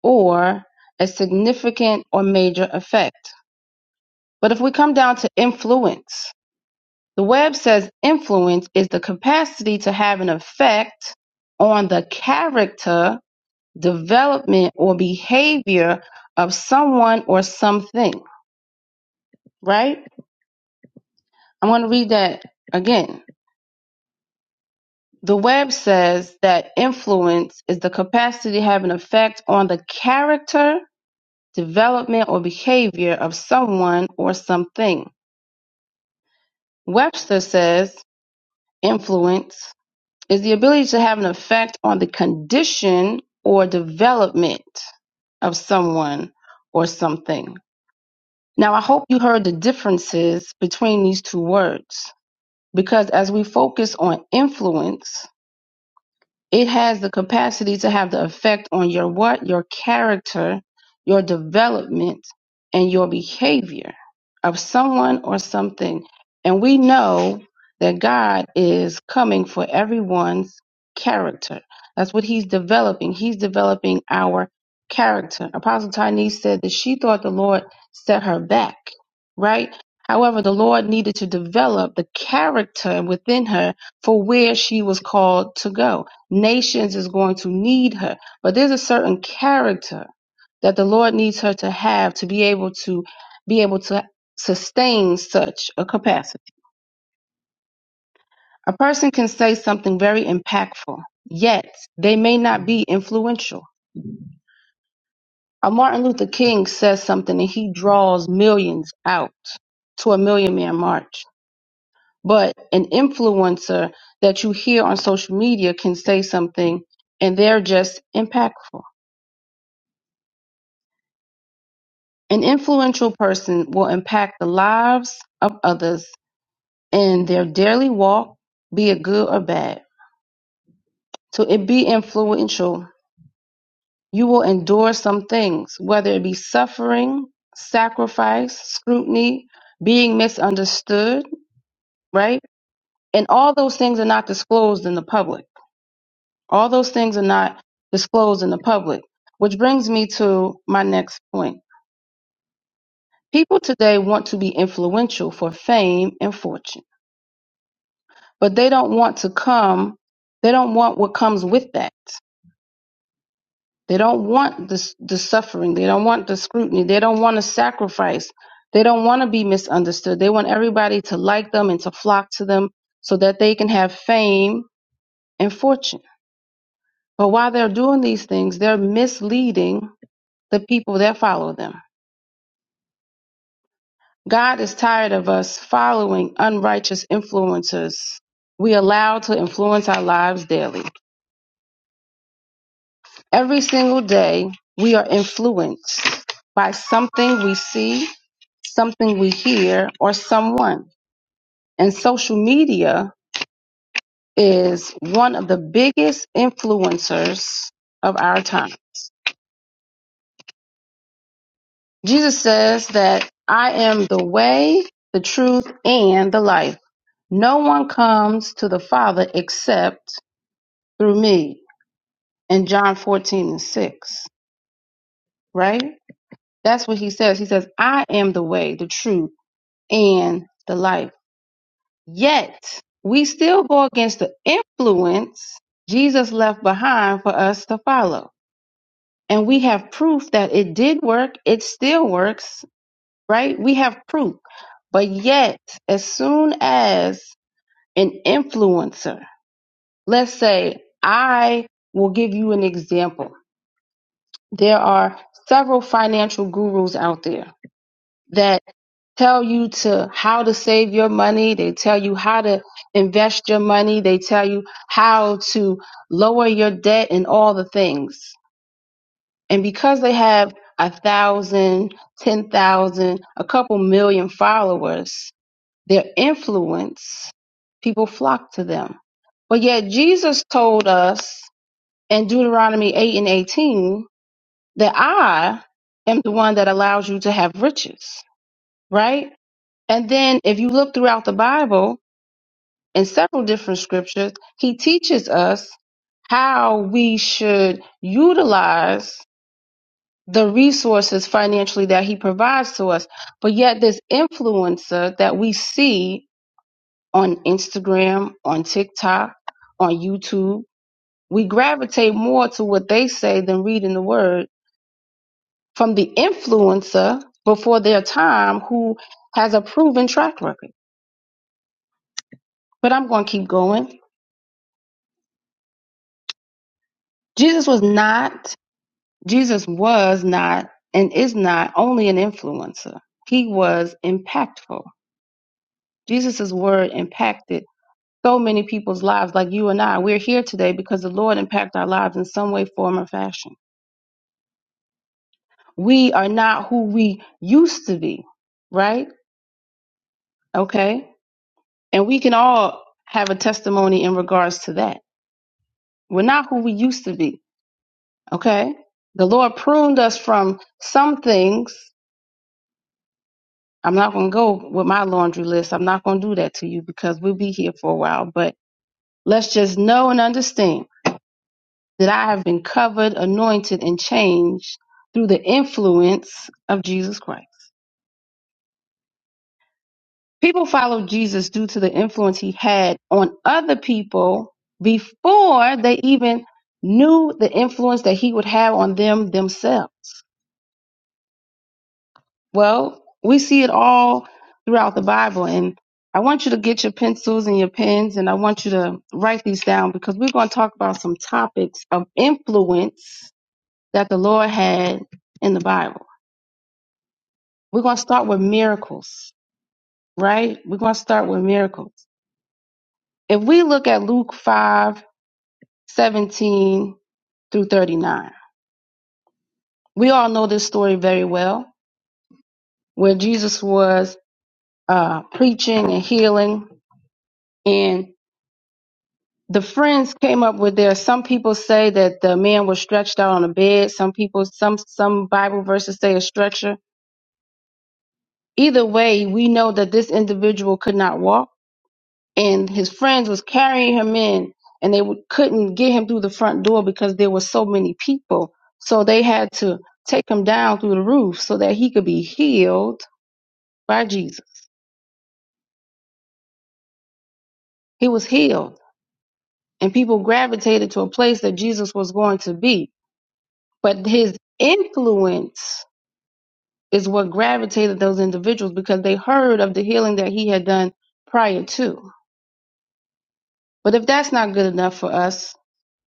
[SPEAKER 4] or a significant or major effect. But if we come down to influence, the web says influence is the capacity to have an effect on the character, development, or behavior of someone or something, right? I'm going to read that again. The web says that influence is the capacity to have an effect on the character, development, or behavior of someone or something. Webster says influence is the ability to have an effect on the condition or development of someone or something. Now, I hope you heard the differences between these two words because as we focus on influence, it has the capacity to have the effect on your what? Your character, your development, and your behavior of someone or something. And we know that God is coming for everyone's character. That's what he's developing. He's developing our character. Apostle Tynee said that she thought the Lord set her back, right? However, the Lord needed to develop the character within her for where she was called to go. Nations is going to need her. But there's a certain character that the Lord needs her to have to be able to be able to sustain such a capacity. A person can say something very impactful, yet they may not be influential. A Martin Luther King says something and he draws millions out to a million man march. But an influencer that you hear on social media can say something and they're just impactful. An influential person will impact the lives of others in their daily walk, be it good or bad. To it be influential, you will endure some things, whether it be suffering, sacrifice, scrutiny, being misunderstood, right? And all those things are not disclosed in the public. All those things are not disclosed in the public, which brings me to my next point. People today want to be influential for fame and fortune. but they don't want to come they don't want what comes with that they don't want the, the suffering they don't want the scrutiny they don't want to sacrifice they don't want to be misunderstood they want everybody to like them and to flock to them so that they can have fame and fortune but while they're doing these things they're misleading the people that follow them god is tired of us following unrighteous influencers we allow to influence our lives daily Every single day, we are influenced by something we see, something we hear, or someone. And social media is one of the biggest influencers of our time. Jesus says that I am the way, the truth, and the life. No one comes to the Father except through me. In John 14 and 6, right? That's what he says. He says, I am the way, the truth, and the life. Yet we still go against the influence Jesus left behind for us to follow. And we have proof that it did work, it still works, right? We have proof. But yet, as soon as an influencer, let's say, I will give you an example. There are several financial gurus out there that tell you to how to save your money. They tell you how to invest your money. They tell you how to lower your debt and all the things. And because they have a thousand, ten thousand, a couple million followers, their influence, people flock to them. But yet Jesus told us in Deuteronomy 8 and 18 that I am the one that allows you to have riches, right? And then if you look throughout the Bible in several different scriptures, he teaches us how we should utilize the resources financially that he provides to us. But yet this influencer that we see on Instagram, on TikTok, on YouTube, we gravitate more to what they say than reading the word from the influencer before their time who has a proven track record. But I'm going to keep going. Jesus was not, Jesus was not and is not only an influencer. He was impactful. Jesus' word impacted so many people's lives, like you and I. We're here today because the Lord impacted our lives in some way, form, or fashion. We are not who we used to be, right? Okay. And we can all have a testimony in regards to that. We're not who we used to be, okay? The Lord pruned us from some things I'm not going to go with my laundry list. I'm not going to do that to you because we'll be here for a while. But let's just know and understand that I have been covered, anointed, and changed through the influence of Jesus Christ. People followed Jesus due to the influence he had on other people before they even knew the influence that he would have on them themselves. Well, we see it all throughout the Bible. And I want you to get your pencils and your pens and I want you to write these down because we're going to talk about some topics of influence that the Lord had in the Bible. We're going to start with miracles, right? We're going to start with miracles. If we look at Luke 5 17 through 39, we all know this story very well where Jesus was uh, preaching and healing. and. the friends came up with their some people say that the man was stretched out on a bed some people some some bible verses say a stretcher either way we know that this individual could not walk and his friends was carrying him in and they w- couldn't get him through the front door because there were so many people so they had to take him down through the roof so that he could be healed by jesus he was healed and people gravitated to a place that jesus was going to be but his influence is what gravitated those individuals because they heard of the healing that he had done prior to. But if that's not good enough for us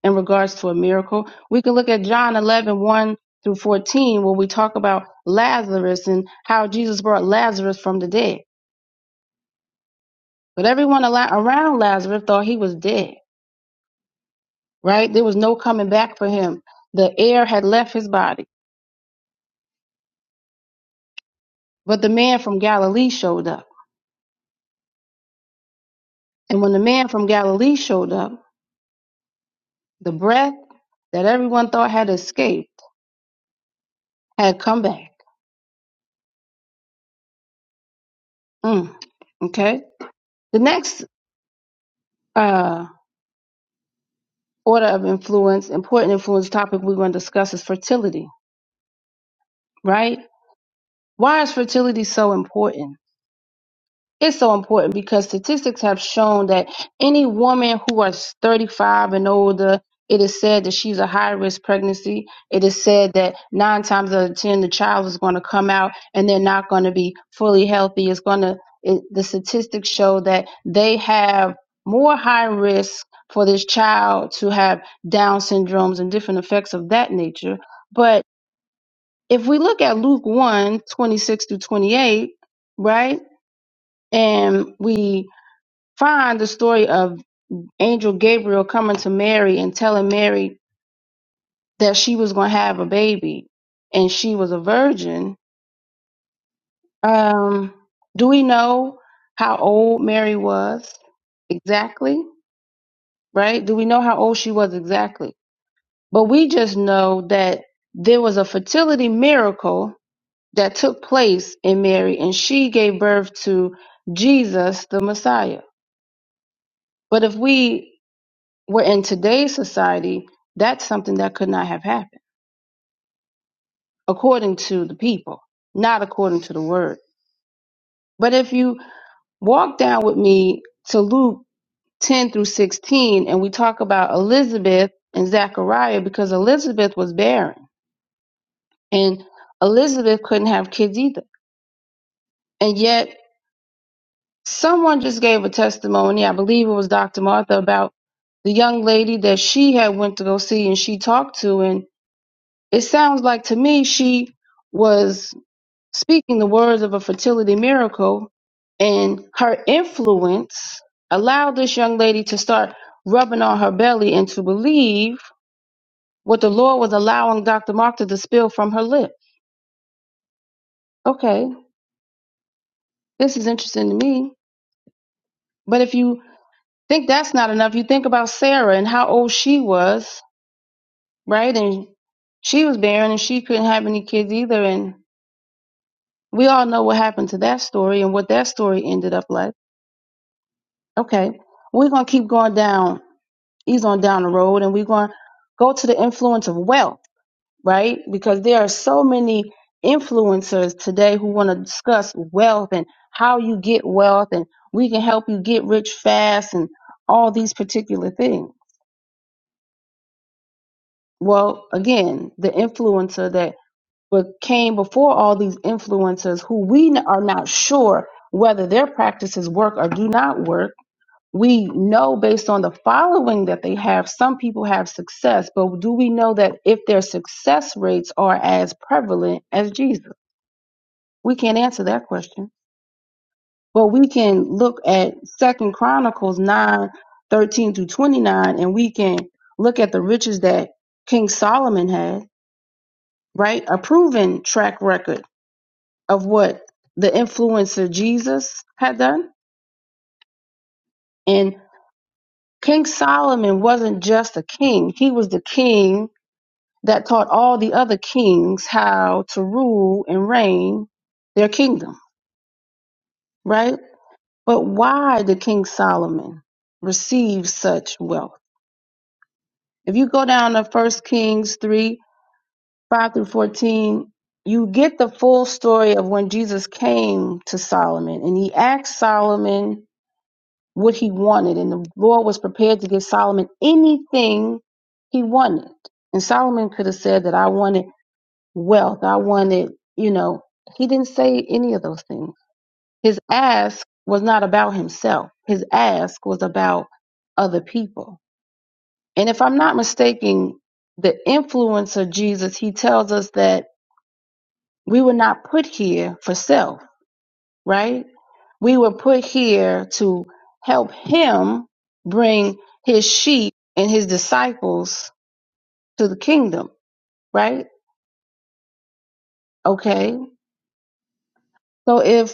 [SPEAKER 4] in regards to a miracle, we can look at John 11, one through 14, where we talk about Lazarus and how Jesus brought Lazarus from the dead. But everyone around Lazarus thought he was dead, right? There was no coming back for him. The air had left his body. But the man from Galilee showed up. And when the man from Galilee showed up, The breath that everyone thought had escaped had come back. Mm, okay. The next uh, order of influence, important influence topic we're going to discuss is fertility, right? Why is fertility so important? it's so important because statistics have shown that any woman who is 35 and older, it is said that she's a high risk pregnancy. It is said that nine times out of 10, the child is going to come out and they're not going to be fully healthy. It's going to, it, the statistics show that they have more high risk for this child to have Down syndromes and different effects of that nature. But if we look at Luke one twenty-six 26 through 28, right? And we find the story of angel Gabriel coming to Mary and telling Mary that she was going to have a baby and she was a virgin. Um, do we know how old Mary was exactly? Right? Do we know how old she was exactly? But we just know that there was a fertility miracle that took place in Mary and she gave birth to Jesus, the Messiah. But if we Where in today's society, that's something that could not have happened, according to the people, not according to the word. But if you walk down with me to Luke 10 through 16, and we talk about Elizabeth and Zachariah, because Elizabeth was barren, and Elizabeth couldn't have kids either. And yet, someone just gave a testimony, I believe it was Dr. Martha, about the young lady that she had went to go see and she talked to and it sounds like to me she was speaking the words of a fertility miracle, and her influence allowed this young lady to start rubbing on her belly and to believe what the Lord was allowing Dr. Mark to spill from her lips. Okay, this is interesting to me. But if you think that's not enough, you think about Sarah and how old she was, right? And she was barren and she couldn't have any kids either. And we all know what happened to that story and what that story ended up like. Okay, we're going to keep going down ease on down the road and we're going to go to the influence of wealth, right? Because there are so many influencers today who want to discuss wealth and how you get wealth and we can help you get rich fast and all these particular things. Well, again, the influencer that but came before all these influencers who we n- are not sure whether their practices work or do not work we know based on the following that they have, some people have success, but do we know that if their success rates are as prevalent as Jesus? We can't answer that question. But we can look at Second Chronicles nine thirteen 13 through 29, and we can look at the riches that King Solomon had, right? A proven track record of what the influencer Jesus had done. And King Solomon wasn't just a king, he was the king that taught all the other kings how to rule and reign their kingdom, right? But why did King Solomon receive such wealth? If you go down to 1 Kings 3 5 through 14, you get the full story of when Jesus came to Solomon and he asked Solomon what he wanted, and the Lord was prepared to give Solomon anything he wanted. And Solomon could have said that I wanted wealth. I wanted, you know, he didn't say any of those things. His ask was not about himself. His ask was about other people. And if I'm not mistaken, the influence of Jesus, he tells us that we were not put here for self, right? We were put here to help him bring his sheep and his disciples to the kingdom, right? Okay. So if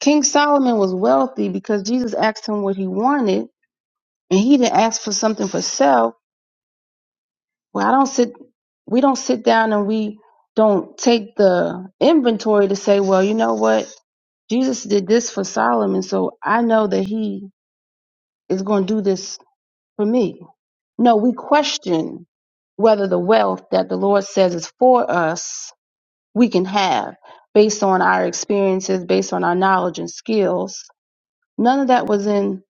[SPEAKER 4] King Solomon was wealthy because Jesus asked him what he wanted, and he didn't ask for something for self. Well, I don't sit. We don't sit down and we don't take the inventory to say, well, you know what? Jesus did this for Solomon, so I know that he is going to do this for me. No, we question whether the wealth that the Lord says is for us, we can have based on our experiences, based on our knowledge and skills. None of that was in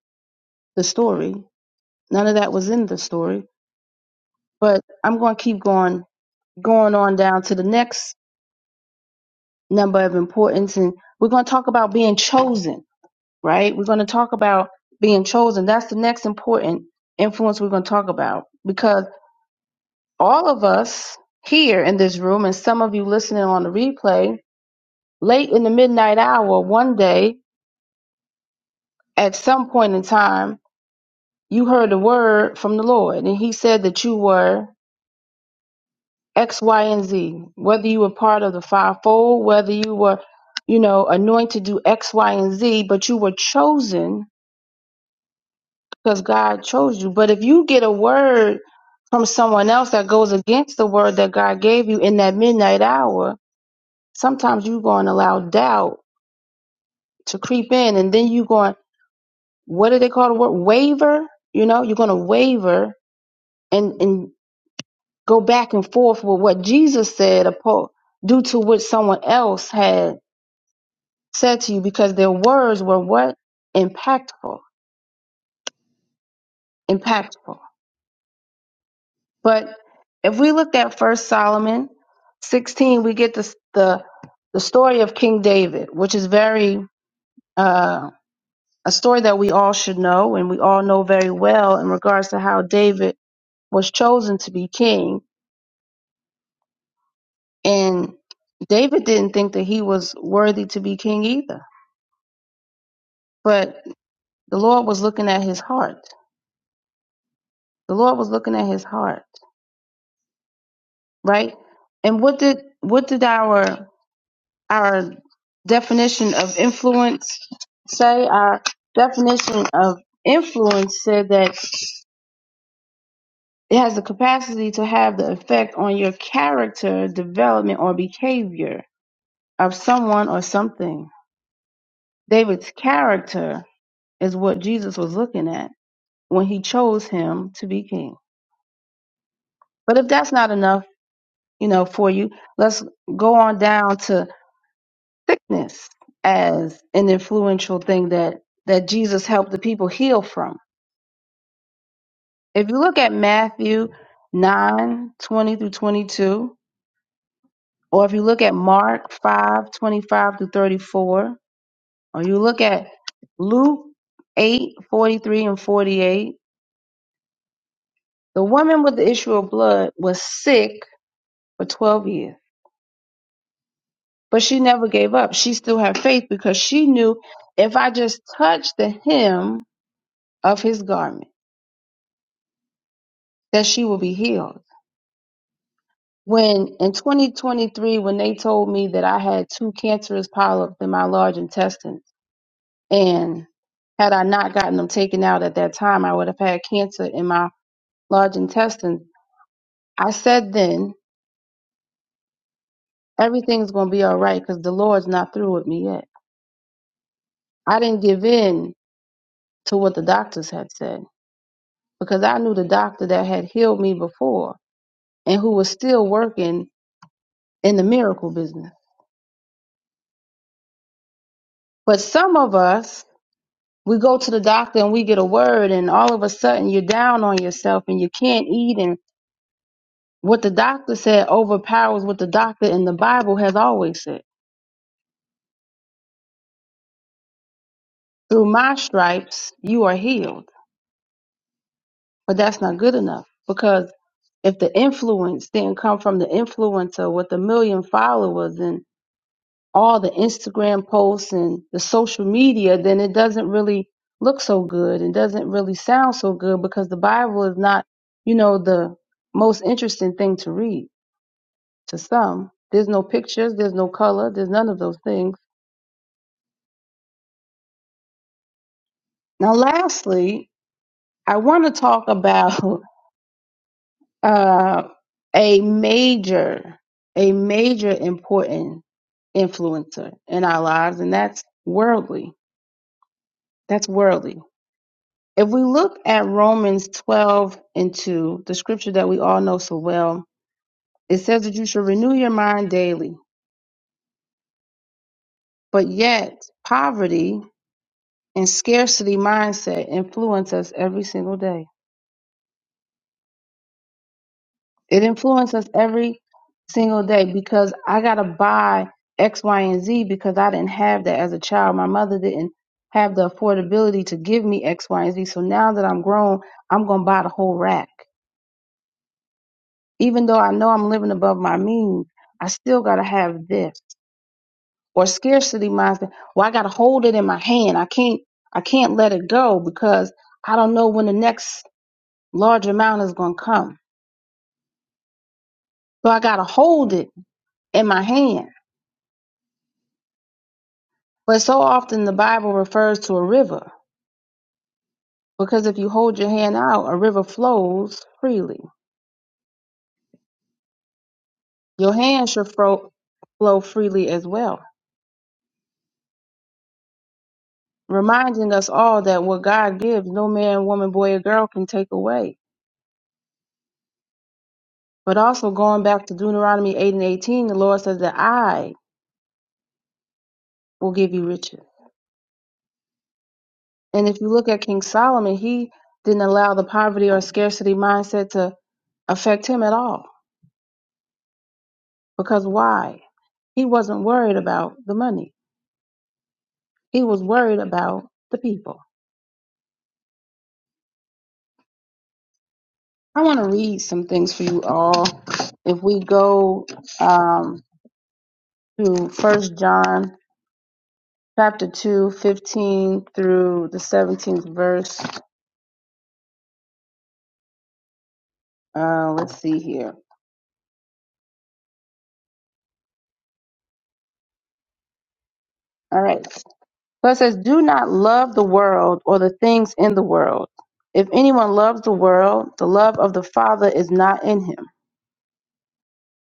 [SPEAKER 4] the story. None of that was in the story. But I'm going to keep going, going on down to the next number of importance. And we're going to talk about being chosen, right? We're going to talk about being chosen. That's the next important influence we're going to talk about because all of us here in this room and some of you listening on the replay late in the midnight hour one day at some point in time you heard a word from the lord and he said that you were X, Y, and Z. Whether you were part of the fivefold, whether you were, you know, anointed to do X, Y, and Z, but you were chosen because God chose you. But if you get a word from someone else that goes against the word that God gave you in that midnight hour, sometimes you're going to allow doubt to creep in, and then you're going, what do they call the word? Waver. You know, you're going to waver and and go back and forth with what Jesus said, apo- due to what someone else had said to you because their words were what impactful impactful but if we look at first solomon 16 we get this, the the story of king david which is very uh, a story that we all should know and we all know very well in regards to how david was chosen to be king and david didn't think that he was worthy to be king either but the lord was looking at his heart the lord was looking at his heart right? And what did what did our our definition of influence say? Our definition of influence said that it has the capacity to have the effect on your character, development, or behavior of someone or something. David's character is what Jesus was looking at when he chose him to be king. But if that's not enough, you know, for you, let's go on down to sickness as an influential thing that that Jesus helped the people heal from. If you look at Matthew 9 20 through 22, or if you look at Mark five twenty five 25 through 34, or you look at Luke 8 43 and 48, the woman with the issue of blood was sick for 12 years, but she never gave up. She still had faith because she knew if I just touch the hem of his garment, that she will be healed. When in 2023, when they told me that I had two cancerous polyps in my large intestine, and had I not gotten them taken out at that time, I would have had cancer in my large intestine. I said then, everything's going to be all right because the Lord's not through with me yet. I didn't give in to what the doctors had said because I knew the doctor that had healed me before and who was still working in the miracle business. But some of us we go to the doctor and we get a word and all of a sudden you're down on yourself and you can't eat and what the doctor said overpowers what the doctor in the bible has always said through my stripes you are healed but that's not good enough because if the influence didn't come from the influencer with a million followers and all the Instagram posts and the social media, then it doesn't really look so good. It doesn't really sound so good because the Bible is not, you know, the most interesting thing to read to some. There's no pictures, there's no color, there's none of those things. Now, lastly, I want to talk about uh, a major, a major important influencer in our lives, and that's worldly. That's worldly. If we look at Romans 12 and 2, the scripture that we all know so well, it says that you should renew your mind daily. But yet, poverty and scarcity mindset influence us every single day. It influences us every single day because I got to buy X, Y, and Z because I didn't have that as a child. My mother didn't have the affordability to give me X, Y, and Z. So now that I'm grown, I'm going to buy the whole rack. even though I know I'm living above my means, I still gotta have this or scarcity mindset. Well, I gotta hold it in my hand. I can't I can't let it go because I don't know when the next large amount is gonna come. So I gotta hold it in my hand. But so often the Bible refers to a river because if you hold your hand out, a river flows freely. Your hand should fro- flow freely as well, reminding us all that what God gives, no man, woman, boy, or girl can take away But also going back to Deuteronomy 8 and 18, the Lord says that I will give you riches. And if you look at King Solomon, he didn't allow the poverty or scarcity mindset to affect him at all. Because why? He wasn't worried about the money. He was worried about the people. I want to read some things for you all. If we go um, to First John chapter 2, 15 through the 17th verse, uh, let's see here. All right. But it says, Do not love the world or the things in the world. If anyone loves the world, the love of the Father is not in him.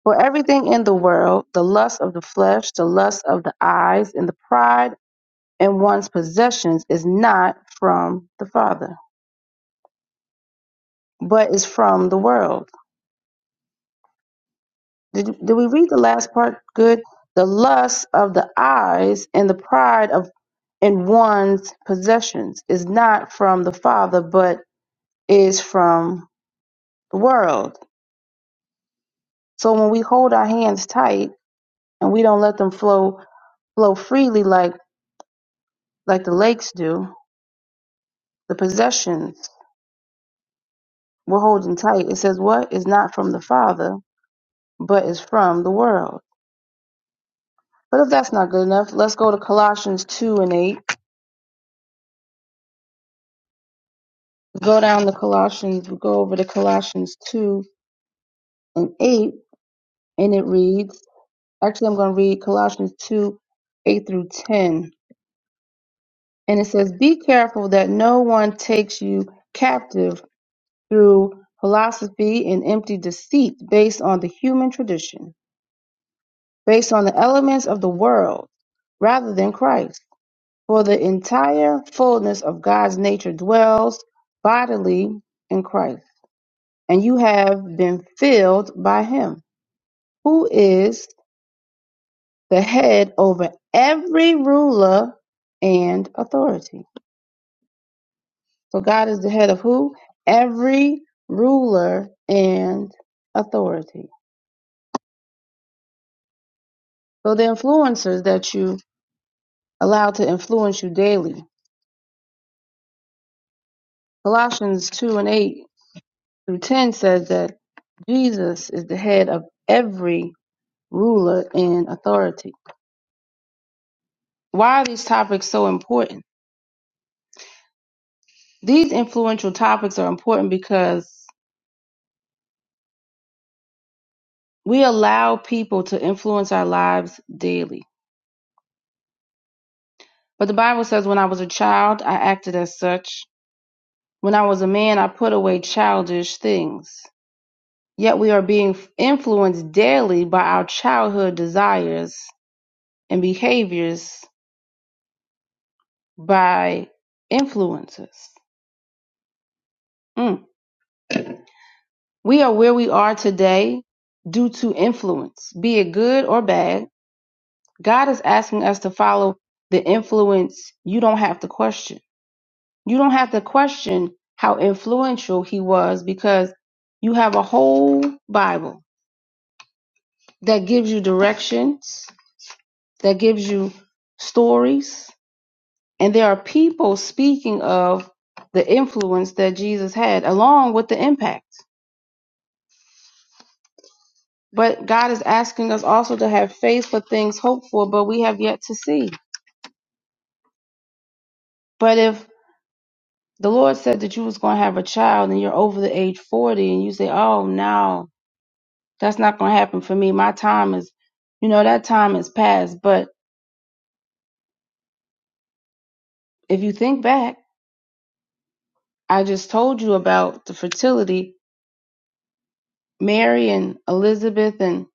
[SPEAKER 4] For everything in the world, the lust of the flesh, the lust of the eyes, and the pride in one's possessions is not from the Father, but is from the world. Did, did we read the last part good? The lust of the eyes and the pride of in one's possessions is not from the Father, but is from the world. So when we hold our hands tight and we don't let them flow flow freely like like the lakes do, the possessions we're holding tight. It says what is not from the Father, but is from the world. But if that's not good enough, let's go to Colossians two and eight. We go down to Colossians, we go over to Colossians two and eight, and it reads actually I'm gonna read Colossians two, eight through ten. And it says, Be careful that no one takes you captive through philosophy and empty deceit based on the human tradition, based on the elements of the world rather than Christ. For the entire fullness of God's nature dwells bodily in Christ, and you have been filled by him, who is the head over every ruler and authority. So God is the head of who? Every ruler and authority. So the influencers that you allowed to influence you daily. Colossians 2 and 8 through 10 says that Jesus is the head of every ruler in authority. Why are these topics so important? These influential topics are important because we allow people to influence our lives daily. But the Bible says, when I was a child, I acted as such. When I was a man, I put away childish things. Yet we are being influenced daily by our childhood desires and behaviors by influencers. Mm. We are where we are today due to influence, be it good or bad. God is asking us to follow the influence you don't have to question. You don't have to question how influential he was because you have a whole Bible that gives you directions, that gives you stories, And there are people speaking of the influence that Jesus had along with the impact. But God is asking us also to have faith for things hoped for, but we have yet to see. But if the Lord said that you was going to have a child and you're over the age 40 and you say, "Oh, no, that's not going to happen for me. My time is, you know, that time is past." But if you think back, I just told you about the fertility Mary and Elizabeth and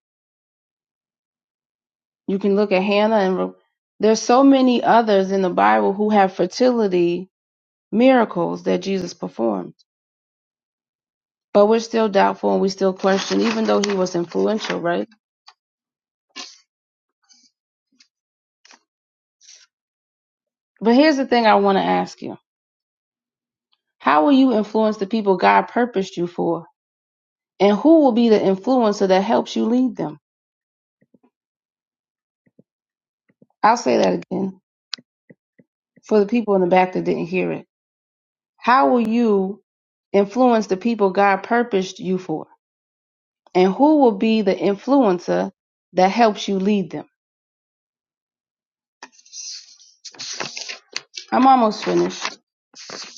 [SPEAKER 4] You can look at Hannah and Re- there's so many others in the Bible who have fertility miracles that Jesus performed. But we're still doubtful and we still question, even though he was influential, right? But here's the thing I want to ask you. How will you influence the people God purposed you for? And who will be the influencer that helps you lead them? I'll say that again for the people in the back that didn't hear it. How will you influence the people God purposed you for? And who will be the influencer that helps you lead them? I'm almost finished,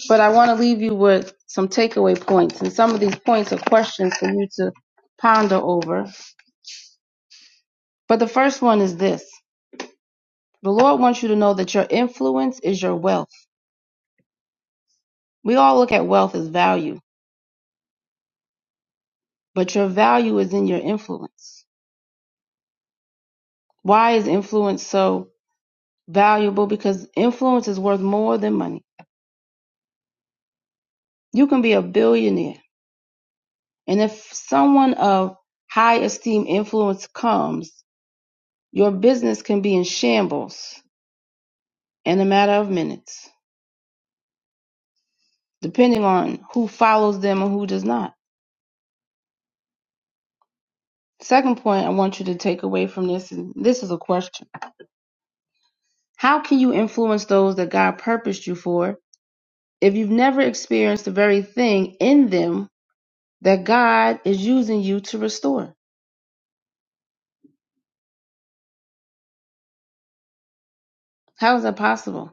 [SPEAKER 4] but I want to leave you with some takeaway points. And some of these points are questions for you to ponder over. But the first one is this The Lord wants you to know that your influence is your wealth. We all look at wealth as value, but your value is in your influence. Why is influence so valuable? Because influence is worth more than money. You can be a billionaire, and if someone of high esteem influence comes, your business can be in shambles in a matter of minutes, depending on who follows them and who does not. Second point I want you to take away from this, and this is a question. How can you influence those that God purposed you for if you've never experienced the very thing in them that God is using you to restore? How is that possible?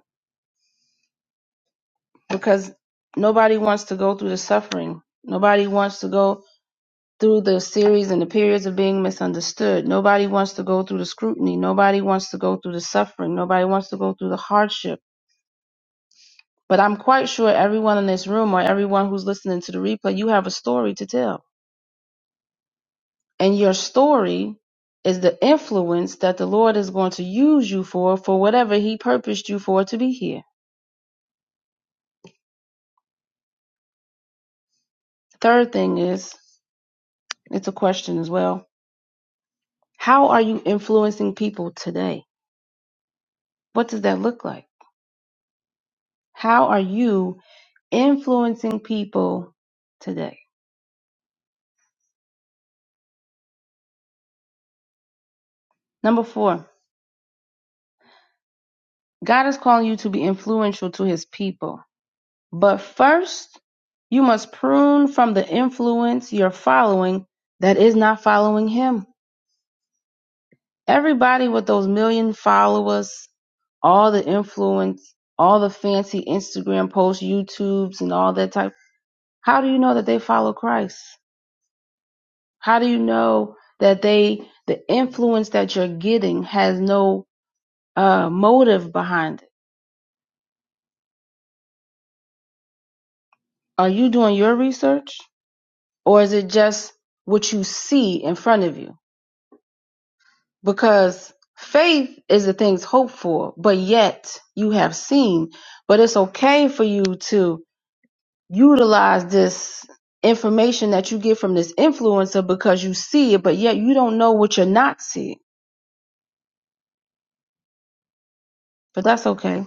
[SPEAKER 4] Because nobody wants to go through the suffering. Nobody wants to go through the series and the periods of being misunderstood. Nobody wants to go through the scrutiny. Nobody wants to go through the suffering. Nobody wants to go through the hardship. But I'm quite sure everyone in this room or everyone who's listening to the replay, you have a story to tell. And your story is the influence that the Lord is going to use you for, for whatever He purposed you for to be here. Third thing is, it's a question as well. How are you influencing people today? What does that look like? How are you influencing people today. Number four, God is calling you to be influential to his people. But first, you must prune from the influence you're following that is not following him. Everybody with those million followers, all the influence, all the fancy Instagram posts, YouTubes, and all that type. How do you know that they follow Christ? How do you know that they, the influence that you're getting has no uh, motive behind it. Are you doing your research or is it just what you see in front of you? Because faith is the things hoped for, but yet you have seen. But it's okay for you to utilize this information that you get from this influencer because you see it, but yet you don't know what you're not seeing. But that's okay.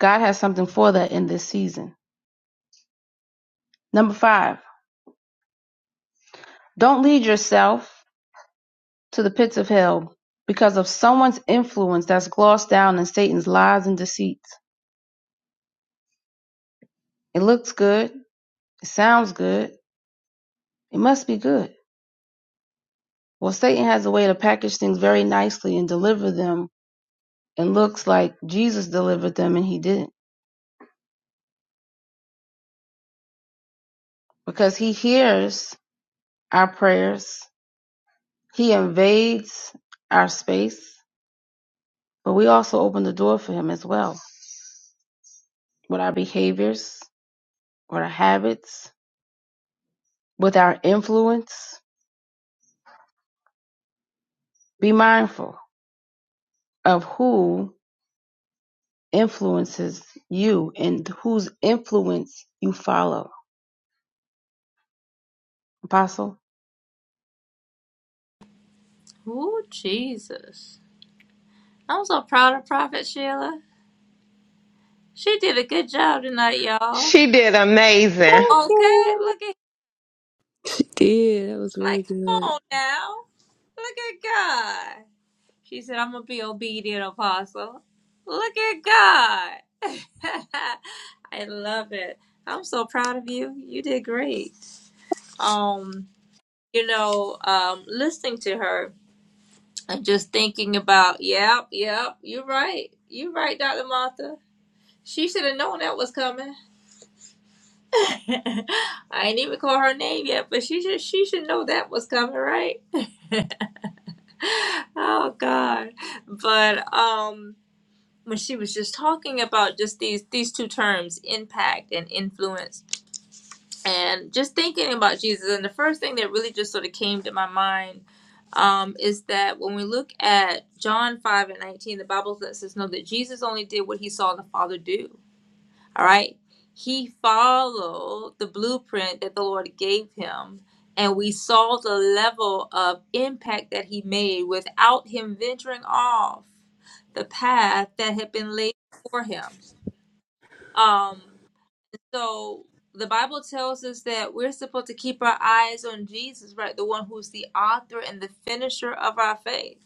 [SPEAKER 4] God has something for that in this season. Number five, don't lead yourself to the pits of hell because of someone's influence that's glossed down in Satan's lies and deceits. It looks good. It sounds good. It must be good. Well, Satan has a way to package things very nicely and deliver them and looks like Jesus delivered them and he didn't because he hears our prayers. He invades our space, but we also open the door for him as well with our behaviors, with our habits, with our influence. Be mindful of who influences you and whose influence you follow. Apostle,
[SPEAKER 1] Ooh, Jesus! I'm so proud of Prophet Sheila. She did a good job tonight, y'all.
[SPEAKER 3] She did amazing.
[SPEAKER 1] Okay, look at
[SPEAKER 2] She did. That was really
[SPEAKER 1] like, come
[SPEAKER 2] good.
[SPEAKER 1] on now. Look at God. She said, "I'm gonna be obedient, Apostle." Look at God. I love it. I'm so proud of you. You did great. Um, you know, um, listening to her and just thinking about, yep, yep, you're right. You're right, Dr. Martha. She should have known that was coming. I ain't even call her name yet, but she should she should know that was coming, right? oh God. But um when she was just talking about just these these two terms, impact and influence and just thinking about Jesus. And the first thing that really just sort of came to my mind um, is that when we look at John 5 and 19, the Bible lets us know that Jesus only did what he saw the Father do. All right? He followed the blueprint that the Lord gave him. And we saw the level of impact that he made without him venturing off the path that had been laid for him. Um, so the Bible tells us that we're supposed to keep our eyes on Jesus, right? The one who's the author and the finisher of our faith.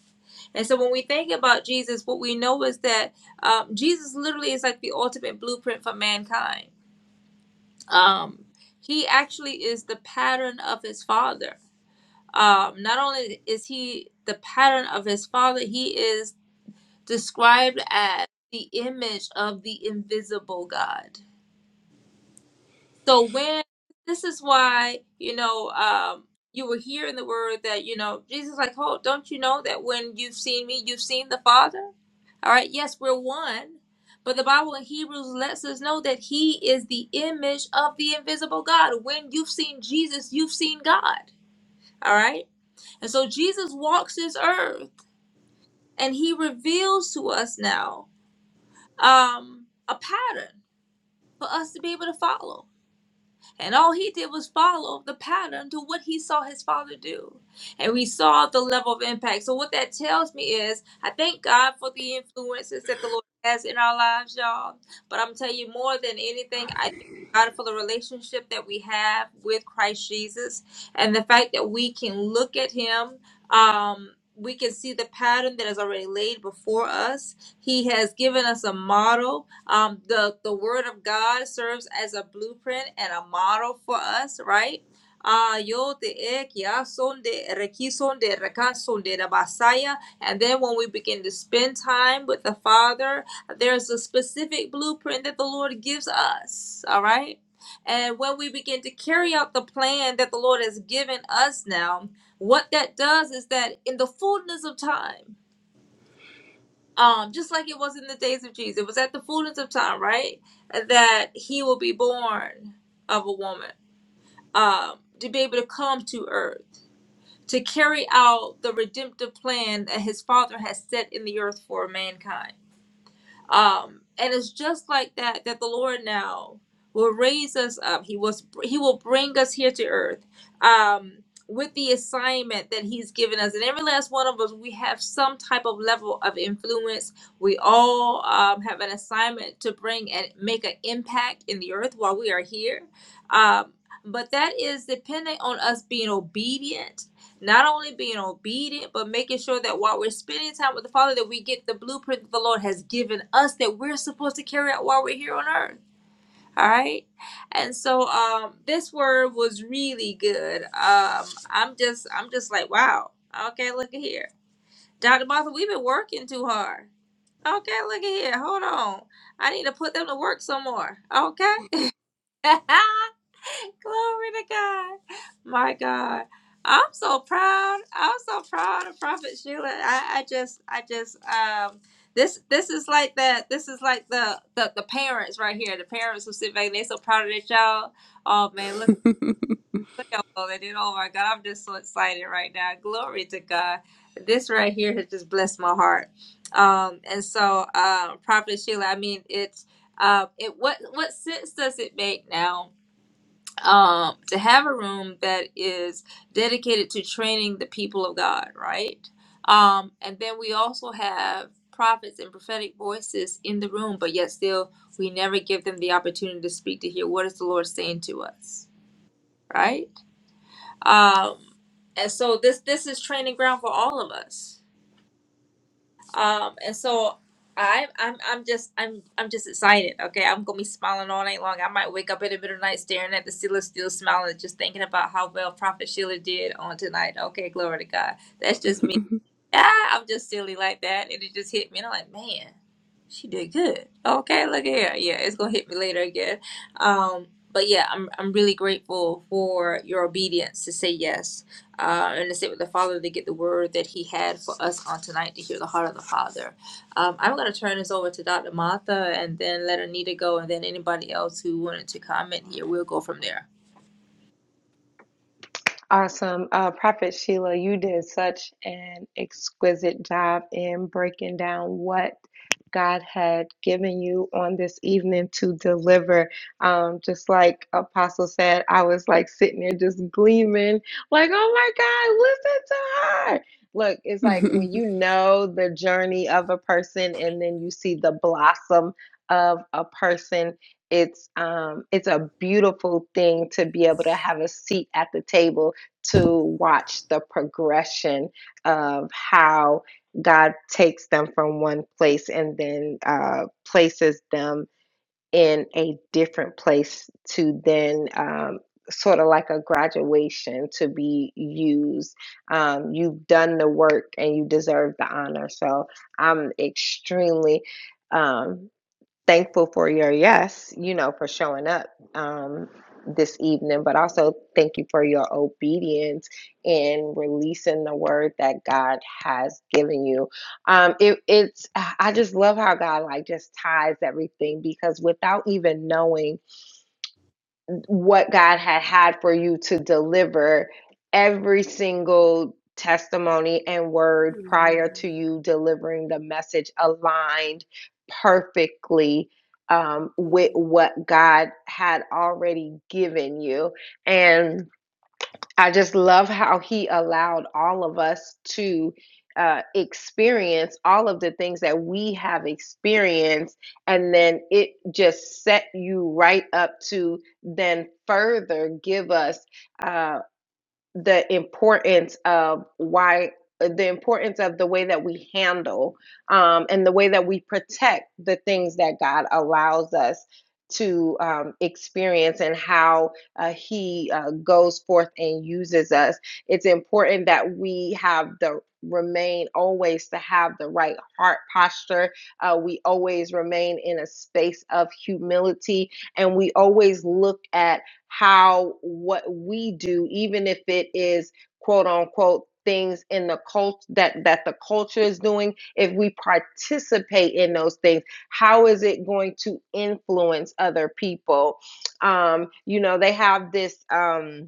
[SPEAKER 1] And so when we think about Jesus, what we know is that um, Jesus literally is like the ultimate blueprint for mankind. Um, he actually is the pattern of his father. Um, not only is he the pattern of his father, he is described as the image of the invisible God So when this is why you know um, you were hearing the word that you know Jesus like, oh don't you know that when you've seen me, you've seen the Father. All right, yes, we're one, but the Bible in Hebrews lets us know that He is the image of the invisible God. When you've seen Jesus, you've seen God. All right. And so Jesus walks this earth and he reveals to us now um, a pattern for us to be able to follow. And all he did was follow the pattern to what he saw his father do. And we saw the level of impact. So, what that tells me is, I thank God for the influences that the Lord has in our lives, y'all. But I'm telling you, more than anything, I thank God for the relationship that we have with Christ Jesus and the fact that we can look at Him. Um, we can see the pattern that is already laid before us he has given us a model. Um, the the Word of God serves as a blueprint and a model for us, right? Ah, yo te ek ya son de reki son de rekan son de da basaya. And then when we begin to spend time with the Father, there's a specific blueprint that the Lord gives us. All right. And when we begin to carry out the plan that the Lord has given us now, what that does is that in the fullness of time, um, just like it was in the days of Jesus. It was at the fullness of time, right? That he will be born of a woman, um, to be able to come to earth, to carry out the redemptive plan that his father has set in the earth for mankind um, and it's just like that that the Lord now will raise us up. He was He will bring us here to earth um, with the assignment that He's given us. And every last one of us, we have some type of level of influence. We all um, have an assignment to bring and make an impact in the earth while we are here. Um, but that is dependent on us being obedient not only being obedient, but making sure that while we're spending time with the Father, that we get the blueprint that the Lord has given us that we're supposed to carry out while we're here on earth. All right. And so um this word was really good. Um I'm just I'm just like, wow. Okay, look at here. Dr. Martha, we've been working too hard. Okay, look at here. Hold on. I need to put them to work some more. Okay. Glory to God. My God. I'm so proud. I'm so proud of Prophet Sheila. I, I just I just um this this is like that this is like the, the the parents right here. The parents who sit back, they so proud of their child. Oh man, look look how all they did. Oh my god, I'm just so excited right now. Glory to God. This right here has just blessed my heart. Um and so uh Prophet Sheila, I mean it's uh, it what what sense does it make now um, to have a room that is dedicated to training the people of God, right? Um, and then we also have prophets and prophetic voices in the room, but yet still we never give them the opportunity to speak to hear what is the Lord saying to us, right? Um, and so this this is training ground for all of us um, and so I'm I'm I'm just I'm I'm just excited. Okay, I'm gonna be smiling all night long. I might wake up in the middle of the night staring at the Steelers, still smiling, just thinking about how well Prophet Sheila did on tonight. Okay, glory to God. That's just me. ah, I'm just silly like that. And it just hit me. And I'm like, man, she did good. Okay, look here. Yeah, it's gonna hit me later again. Um, but yeah, I'm I'm really grateful for your obedience to say yes, uh, and to sit with the Father to get the word that He had for us on tonight to hear the heart of the Father. Um, I'm gonna turn this over to Dr. Martha and then let Anita go, and then anybody else who wanted to comment here, we'll go from there.
[SPEAKER 3] Awesome. Uh, Prophet Sheila, you did such an exquisite job in breaking down what God had given you on this evening to deliver. Um, just like Apostle said, I was like sitting there just gleaming, like, oh my God, listen to her. Look, it's like when you know the journey of a person and then you see the blossom of a person, it's um it's a beautiful thing to be able to have a seat at the table to watch the progression of how God takes them from one place and then uh, places them in a different place to then um, sort of like a graduation to be used. Um, you've done the work and you deserve the honor. So I'm extremely. Um, thankful for your yes, you know, for showing up um, this evening, but also thank you for your obedience in releasing the word that God has given you. Um, it, it's I just love how God like just ties everything because without even knowing what God had had for you to deliver every single testimony and word prior to you delivering the message aligned perfectly um, with what God had already given you. And I just love how he allowed all of us to uh, experience all of the things that we have experienced. And then it just set you right up to then further give us. uh, the importance of why the importance of the way that we handle um, and the way that we protect the things that God allows us to um, experience and how uh, He uh, goes forth and uses us. It's important that we have the remain always to have the right heart posture. Uh, we always remain in a space of humility and we always look at how what we do, even if it is quote unquote things in the cult that that the culture is doing if we participate in those things how is it going to influence other people um you know they have this um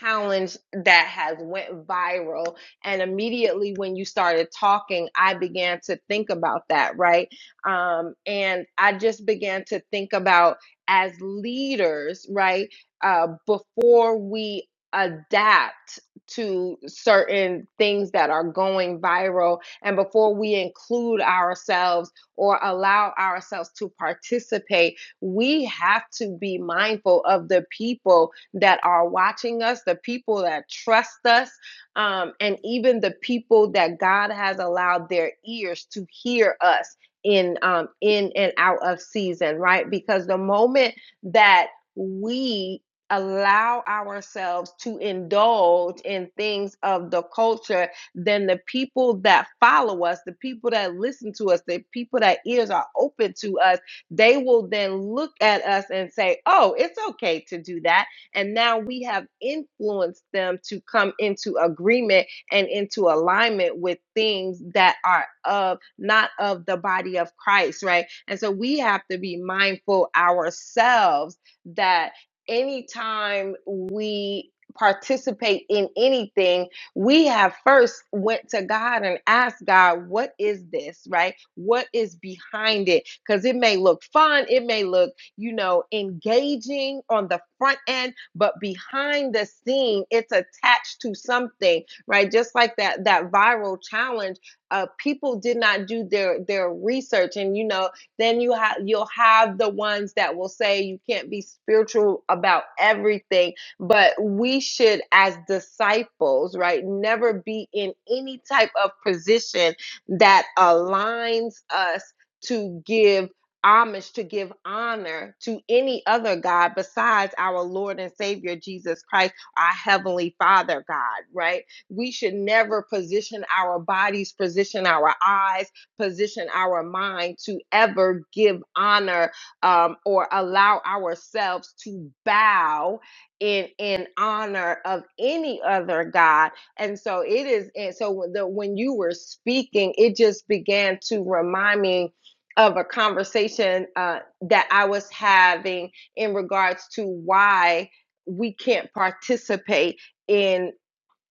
[SPEAKER 3] challenge that has went viral and immediately when you started talking i began to think about that right um and i just began to think about as leaders right uh before we adapt to certain things that are going viral and before we include ourselves or allow ourselves to participate we have to be mindful of the people that are watching us, the people that trust us, um, and even the people that God has allowed their ears to hear us in um, in and out of season, right? Because the moment that we allow ourselves to indulge in things of the culture then the people that follow us the people that listen to us the people that ears are open to us they will then look at us and say, Oh, it's okay to do that. And now we have influenced them to come into agreement and into alignment with things that are of not of the body of Christ, right? And so we have to be mindful ourselves that anytime we participate in anything we have first went to god and asked god what is this right what is behind it because it may look fun it may look you know engaging on the front end but behind the scene it's attached to something right just like that that viral challenge uh, people did not do their their research and you know then you have you'll have the ones that will say you can't be spiritual about everything but we should as disciples right never be in any type of position that aligns us to give homage, to give honor to any other God besides our Lord and Savior Jesus Christ, our Heavenly Father God, right? We should never position our bodies, position our eyes, position our mind to ever give honor um, or allow ourselves to bow in in honor of any other God. And so it is, and so the, when you were speaking, it just began to remind me of a conversation uh, that I was having in regards to why we can't participate in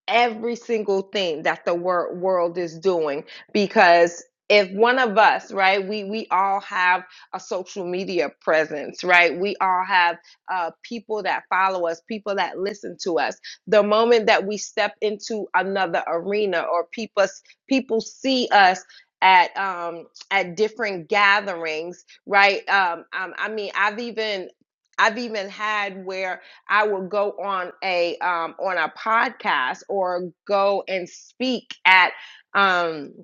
[SPEAKER 3] every single thing that the wor- world is doing because if one of us right we we all have a social media presence right we all have uh, people that follow us people that listen to us the moment that we step into another arena or people people see us at um at different gatherings right um, um i mean i've even i've even had where I will go on a um, on a podcast or go and speak at. Um,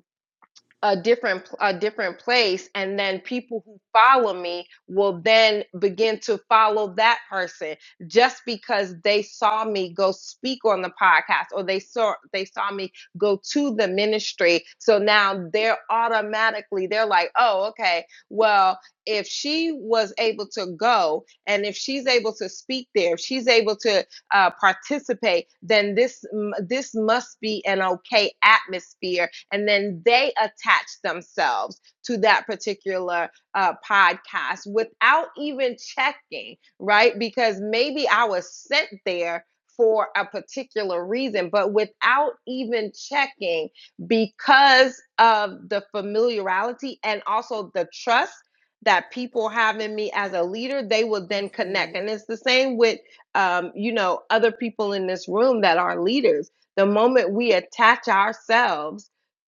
[SPEAKER 3] a different a different place and then people who follow me will then begin to follow that person just because they saw me go speak on the podcast or they saw they saw me go to the ministry so now they're automatically they're like oh okay well if she was able to go and if she's able to speak there if she's able to uh, participate then this this must be an okay atmosphere and then they attach themselves to that particular uh, podcast without even checking, right? Because maybe I was sent there for a particular reason, but without even checking, because of the familiarity and also the trust that people have in me as a leader, they will then connect. And it's the same with, um, you know, other people in this room that are leaders. The moment we attach ourselves,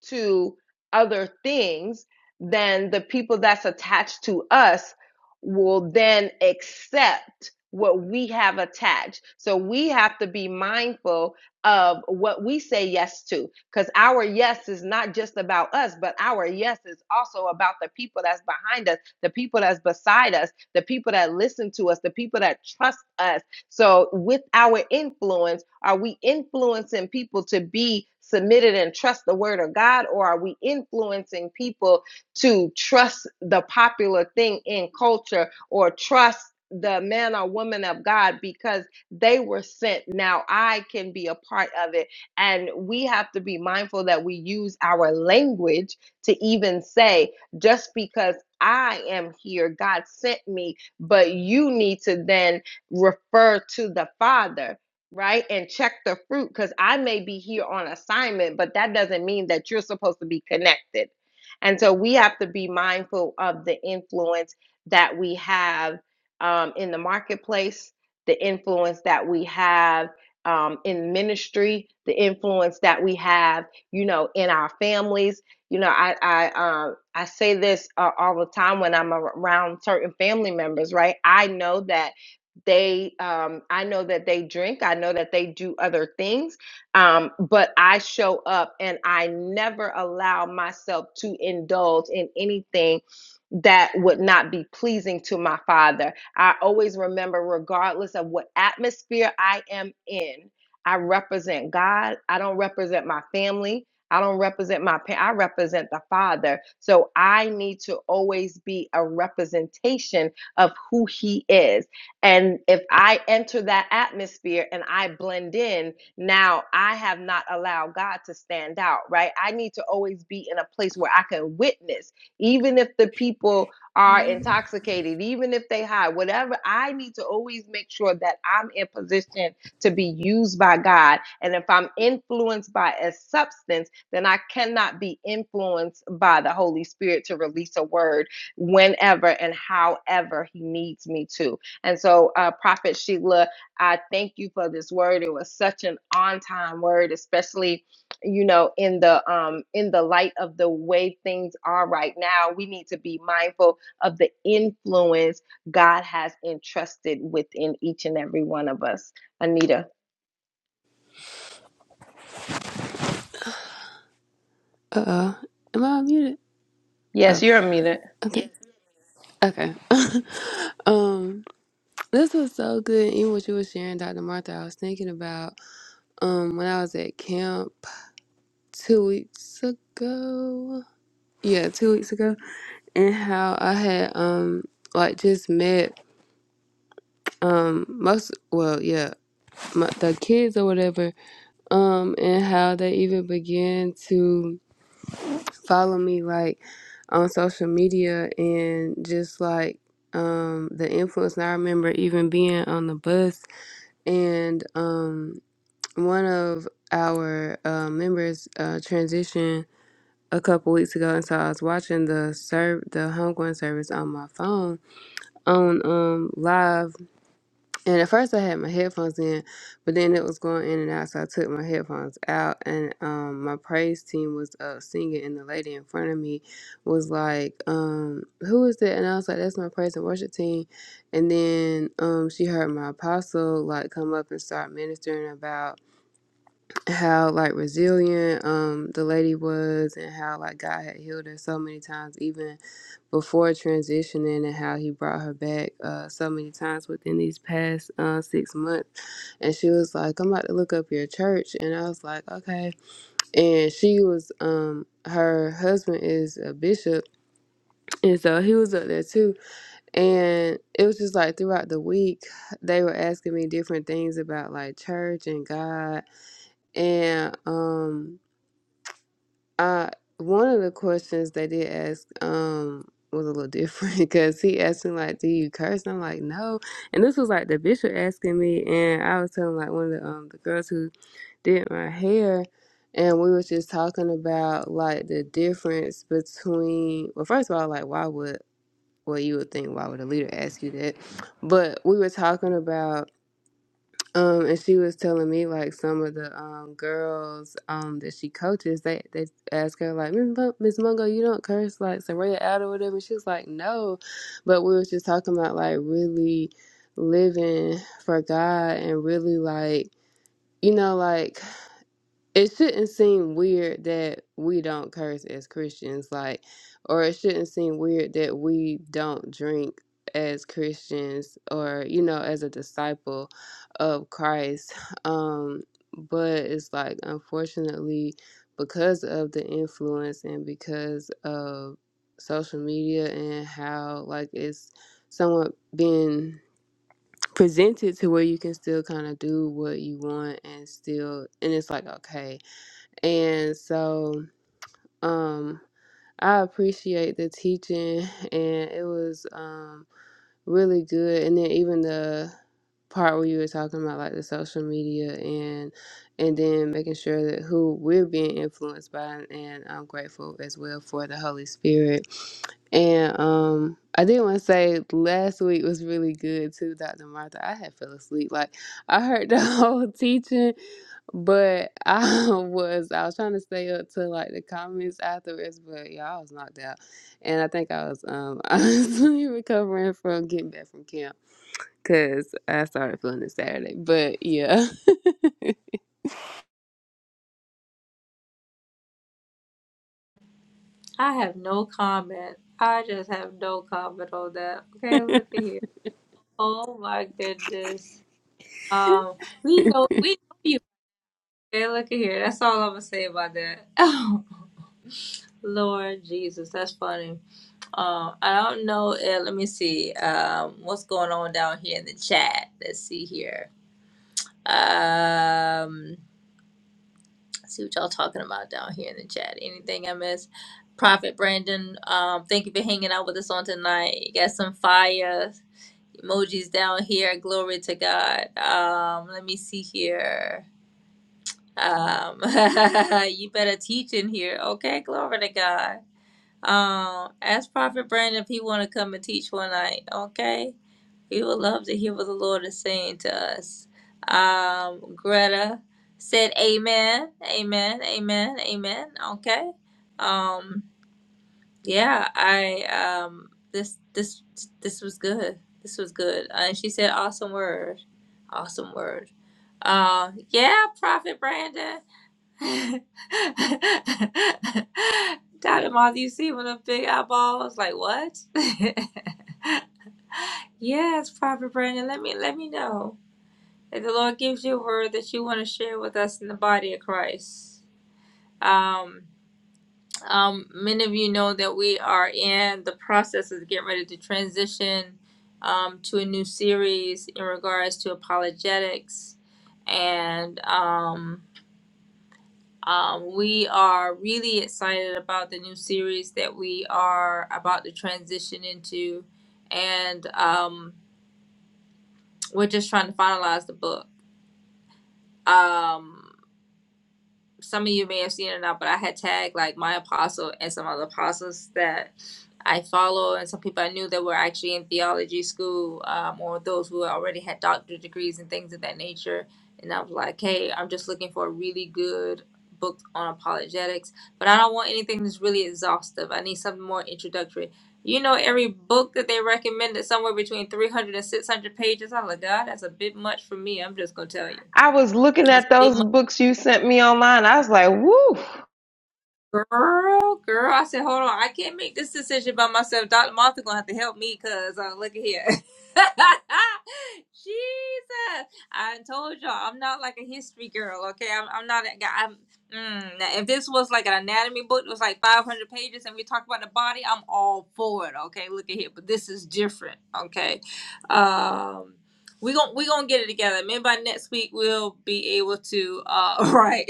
[SPEAKER 3] to other things, then the people that's attached to us will then accept what we have attached. So we have to be mindful of what we say yes to because our yes is not just about us, but our yes is also about the people that's behind us, the people that's beside us, the people that listen to us, the people that trust us so, with our influence, are we influencing people to be submitted and trust the word of God, or are we influencing people to trust the popular thing in culture or trust? The man or woman of God, because they were sent. Now I can be a part of it. And we have to be mindful that we use our language to even say, just because I am here, God sent me, but you need to then refer to the Father, right? And check the fruit because I may be here on assignment, but that doesn't mean that you're supposed to be connected. And so we have to be mindful of the influence that we have um, in the marketplace, the influence that we have um, in ministry, the influence that we have, you know, in our families. You know, I I um, I say this uh, all the time when I'm around certain family members, right? I know that they um i know that they drink i know that they do other things um but i show up and i never allow myself to indulge in anything that would not be pleasing to my father i always remember regardless of what atmosphere i am in i represent god i don't represent my family I don't represent my parents. I represent the Father. So I need to always be a representation of who He is. And if I enter that atmosphere and I blend in, now I have not allowed God to stand out, right? I need to always be in a place where I can witness, even if the people are intoxicated, even if they high, whatever. I need to always make sure that I'm in position to be used by God. And if I'm influenced by a substance, then I cannot be influenced by the Holy Spirit to release a word whenever and however He needs me to. And so, uh, Prophet Sheila, I thank you for this word. It was such an on-time word, especially you know in the um in the light of the way things are right now. We need to be mindful of the influence God has entrusted within each and every one of us. Anita,
[SPEAKER 2] Uh oh. Am I muted?
[SPEAKER 3] yes,
[SPEAKER 2] Oh,
[SPEAKER 3] you're unmuted.
[SPEAKER 2] okay. Yes. Okay. um, this was so good. Even what you were sharing, Dr. Martha, I was thinking about um when I was at camp two weeks ago. Yeah, two weeks ago. and how I had um like just met um most well yeah my, the kids or whatever um and how they even began to follow me like on social media and just like um the influence and I remember even being on the bus and um one of our uh, members uh, transitioned a couple weeks ago and so I was watching the serve the homegoing service on my phone on um live and at first I had my headphones in, but then it was going in and out, so I took my headphones out and um my praise team was up singing and the lady in front of me was like, um, who is that? And I was like, That's my praise and worship team and then um she heard my apostle like come up and start ministering about how like resilient um the lady was and how like God had healed her so many times even before transitioning and how he brought her back uh, so many times within these past uh, six months. And she was like, I'm about to look up your church. And I was like, okay. And she was, um, her husband is a bishop. And so he was up there too. And it was just like throughout the week, they were asking me different things about like church and God. And, um, Uh, one of the questions they did ask um was a little different because he asked me like, "Do you curse?" And I'm like, "No." And this was like the bishop asking me, and I was telling like one of the um the girls who did my hair, and we was just talking about like the difference between. Well, first of all, like why would well you would think why would a leader ask you that, but we were talking about um, and she was telling me like some of the um girls um that she coaches, they they ask her like Miss Mo- Miss Mungo, you don't curse like Soraya out or whatever. She was like, no, but we was just talking about like really living for God and really like you know like it shouldn't seem weird that we don't curse as Christians, like, or it shouldn't seem weird that we don't drink as Christians or, you know, as a disciple of Christ. Um, but it's like, unfortunately, because of the influence and because of social media and how, like, it's somewhat been presented to where you can still kind of do what you want and still, and it's like, okay and so um I appreciate the teaching and it was um really good and then even the part where you were talking about like the social media and and then making sure that who we're being influenced by and I'm grateful as well for the Holy Spirit. And um I did want to say last week was really good too, Dr. Martha. I had fell asleep. Like I heard the whole teaching but I was I was trying to stay up to like the comments afterwards, but yeah, I was knocked out, and I think I was um honestly recovering from getting back from camp because I started feeling it Saturday. But yeah,
[SPEAKER 1] I have no comment. I just have no comment on that. Okay, look at here. Oh my goodness. Um, we know we know you. Okay, look at here. That's all I'm gonna say about that. Lord Jesus, that's funny. Um, I don't know. Uh, let me see. Um, what's going on down here in the chat? Let's see here. Um, see what y'all talking about down here in the chat. Anything I missed? Prophet Brandon, um, thank you for hanging out with us on tonight. You got some fire. emojis down here. Glory to God. Um, let me see here. Um, you better teach in here. Okay, glory to God. Um, ask Prophet Brandon if he want to come and teach one night. Okay, we would love to hear what the Lord is saying to us. Um, Greta said, "Amen, amen, amen, amen." Okay. Um, yeah, I um this this this was good. This was good. Uh, and she said awesome word. Awesome word. Uh yeah, Prophet Brandon. Dr. Moth, you see with a big eyeballs, like what? yes, Prophet Brandon, let me let me know. If the Lord gives you a word that you want to share with us in the body of Christ. Um um, many of you know that we are in the process of getting ready to transition um, to a new series in regards to apologetics. And um, um, we are really excited about the new series that we are about to transition into. And um, we're just trying to finalize the book. Um, some of you may have seen it now, but I had tagged like my apostle and some other apostles that I follow, and some people I knew that were actually in theology school, um, or those who already had doctorate degrees and things of that nature. And I was like, hey, I'm just looking for a really good book on apologetics, but I don't want anything that's really exhaustive. I need something more introductory. You know, every book that they recommended somewhere between 300 and 600 pages. I'm like, God, that's a bit much for me. I'm just going to tell you.
[SPEAKER 3] I was looking
[SPEAKER 1] That's a
[SPEAKER 3] at
[SPEAKER 1] bit much
[SPEAKER 3] those books you sent me online. I was like, "Woo!
[SPEAKER 1] Girl, girl, I said, hold on, I can't make this decision by myself. Dr. Martha gonna have to help me, cause uh, look at here. Jesus, I told y'all, I'm not like a history girl, okay? I'm, I'm not. A, I'm. Mm, now, if this was like an anatomy book, it was like 500 pages, and we talk about the body, I'm all for it, okay? Look at here, but this is different, okay? Um, we gon' we gonna get it together. Maybe by next week we'll be able to. Uh, right?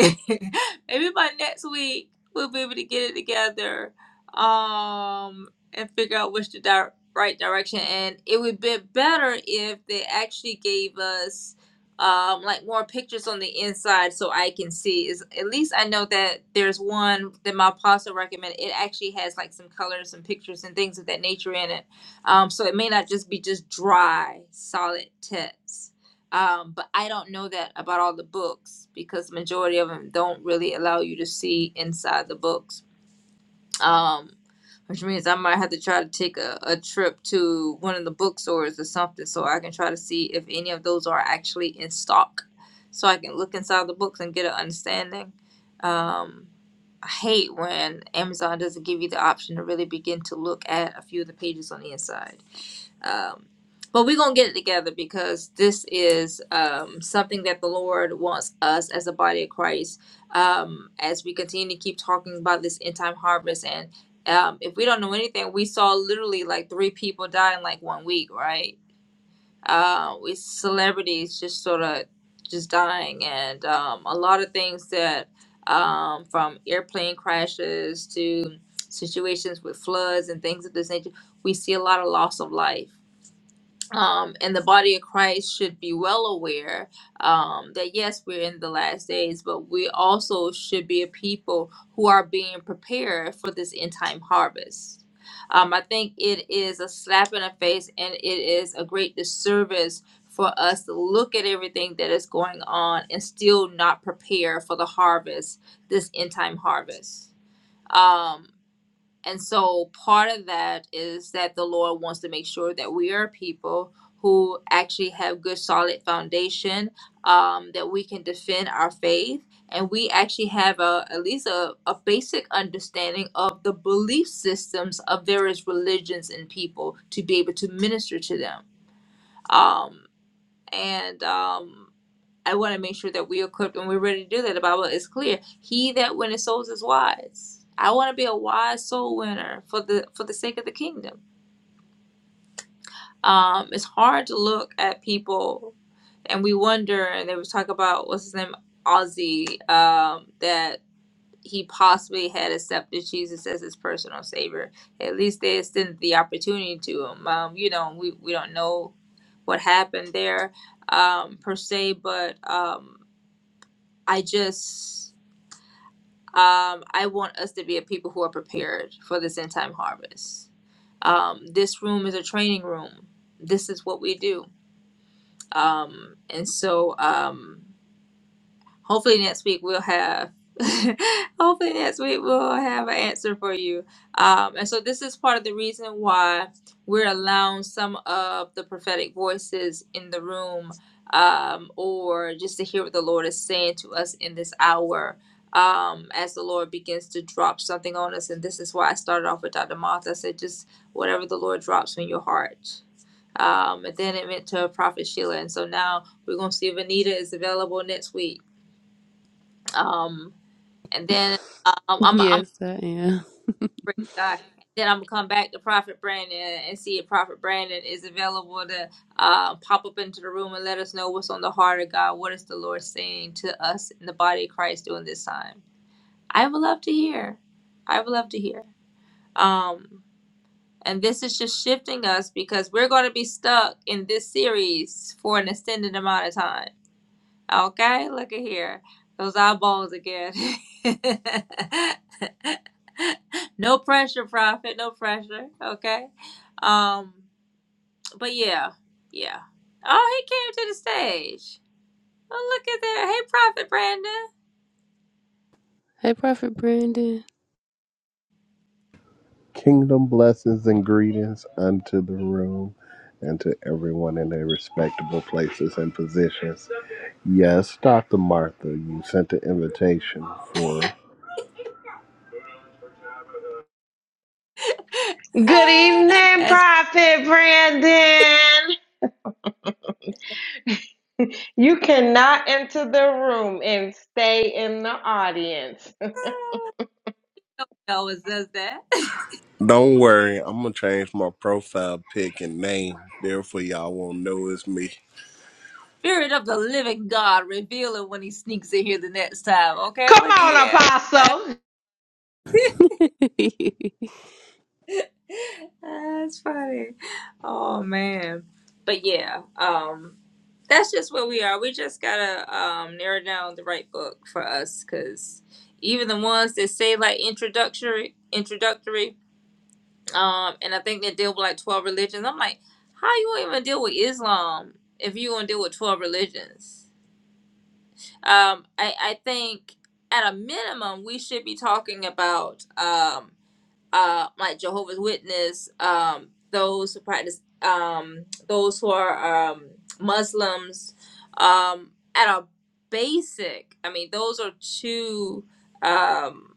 [SPEAKER 1] Maybe by next week we'll be able to get it together um and figure out which the di- right direction and it would be better if they actually gave us um like more pictures on the inside so i can see is at least i know that there's one that my apostle recommended it actually has like some colors and pictures and things of that nature in it um so it may not just be just dry solid text um, but I don't know that about all the books because the majority of them don't really allow you to see inside the books. Um, which means I might have to try to take a, a trip to one of the bookstores or something so I can try to see if any of those are actually in stock so I can look inside the books and get an understanding. Um, I hate when Amazon doesn't give you the option to really begin to look at a few of the pages on the inside. Um, but we're going to get it together because this is um, something that the Lord wants us as a body of Christ um, as we continue to keep talking about this end time harvest. And um, if we don't know anything, we saw literally like three people die in like one week, right? Uh, with celebrities just sort of just dying, and um, a lot of things that um, from airplane crashes to situations with floods and things of this nature, we see a lot of loss of life um, and the body of Christ should be well aware um, that yes, we're in the last days, but we also should be a people who are being prepared for this end time harvest. Um, I think it is a slap in the face and it is a great disservice for us to look at everything that is going on and still not prepare for the harvest, this end time harvest. Um, and so part of that is that the Lord wants to make sure that we are people who actually have good solid foundation, um, that we can defend our faith and we actually have a at least a, a basic understanding of the belief systems of various religions and people to be able to minister to them. Um, and um, I want to make sure that we're equipped and we're ready to do that. The Bible is clear. He that winneth souls is wise. I want to be a wise soul winner for the for the sake of the kingdom. Um, it's hard to look at people and we wonder and they was talking about what's his name, Ozzy, um, that he possibly had accepted Jesus as his personal savior. At least they extended the opportunity to him. Um, you know, we, we don't know what happened there um, per se, but um, I just Um, I want us to be a people who are prepared for this end time harvest. Um, this room is a training room. This is what we do. Um, and so, um, hopefully next week we'll have hopefully next week we'll have an answer for you um, and so this is part of the reason why we're allowing some of the prophetic voices in the room um, or just to hear what the lord is saying to us in this hour um, as the lord begins to drop something on us and this is why i started off with dr moth i said just whatever the lord drops in your heart um, and then it went to prophet sheila and so now we're going to see if anita is available next week um, and then um, I'm I'm a
[SPEAKER 2] yes, I am.
[SPEAKER 1] praise God. Then I'm gonna come back to Prophet Brandon and see if Prophet Brandon is available to uh, pop up into the room and let us know what's on the heart of God. What is the Lord saying to us in the body of Christ during this time? I would love to hear. I would love to hear. Um, and this is just shifting us because we're going to be stuck in this series for an extended amount of time. Okay, look at here, those eyeballs again. No pressure, Prophet. No pressure. Okay. Um, but yeah, yeah. Oh, he came to the stage. Oh, look at that. Hey, Prophet Brandon.
[SPEAKER 2] Hey, Prophet Brandon.
[SPEAKER 6] Kingdom blessings and greetings unto the room and to everyone in their respectable places and positions. Yes, Dr. Martha, you sent the invitation for.
[SPEAKER 3] Good
[SPEAKER 1] Ah,
[SPEAKER 3] evening,
[SPEAKER 1] That's why
[SPEAKER 3] Prophet Brandon." You cannot enter the room and stay in the audience.
[SPEAKER 1] he always does that.
[SPEAKER 6] Don't worry, I'm going to change my profile pic and name. Therefore, y'all won't know it's me.
[SPEAKER 1] Spirit of the living God, reveal it when he sneaks in here the next time. Okay,
[SPEAKER 3] Come
[SPEAKER 1] look at
[SPEAKER 3] on,
[SPEAKER 1] here.
[SPEAKER 3] Apostle.
[SPEAKER 2] I
[SPEAKER 1] That's funny. Oh man. But yeah, um that's just where we are. We just gotta um narrow down the right book for us because even the ones that say like introductory introductory, um, and I think they deal with like twelve religions. I'm like, how you gonna even deal with Islam if you gonna deal with twelve religions? Um, I, I think at a minimum we should be talking about um uh, like Jehovah's Witness, um, those who practice, um, those who are um, Muslims, um, at a basic, I mean, those are two um,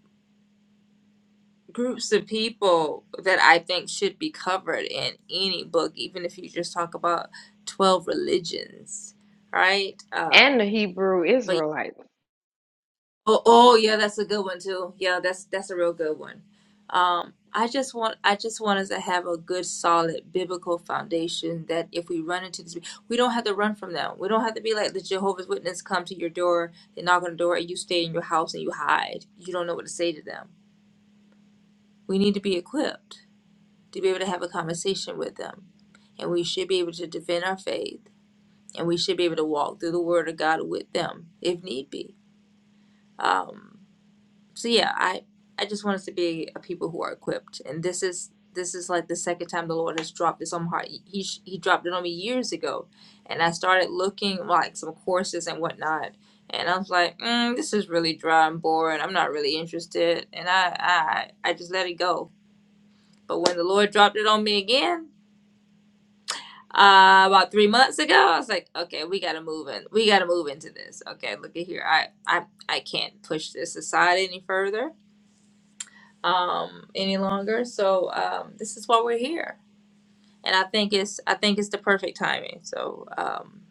[SPEAKER 1] groups of people that I think should be covered in any book, even if you just talk about twelve religions, right?
[SPEAKER 3] And the
[SPEAKER 1] Um,
[SPEAKER 3] Hebrew
[SPEAKER 1] but
[SPEAKER 3] Israelite.
[SPEAKER 1] Oh, oh yeah, that's a good one too. Yeah, that's that's a real good one. Um, I just want I just want us to have a good, solid biblical foundation that if we run into this, we don't have to run from them. We don't have to be like the Jehovah's Witness come to your door, they knock on the door, and you stay in your house and you hide. You don't know what to say to them. We need to be equipped to be able to have a conversation with them, and we should be able to defend our faith, and we should be able to walk through the Word of God with them if need be. Um, so yeah i i just want us to be a people who are equipped and this is this is like the second time the lord has dropped this on my heart he he sh- he dropped it on me years ago and i started looking like some courses and whatnot and i was like mm, this is really dry and boring i'm not really interested and i i i just let it go but when the lord dropped it on me again uh, about three months ago, I was like, okay, we gotta move in. We gotta move into this. Okay, look at here. I, I, I can't push this aside any further um, any longer. So um, this is why we're here, and I think it's I think it's the perfect timing. So um,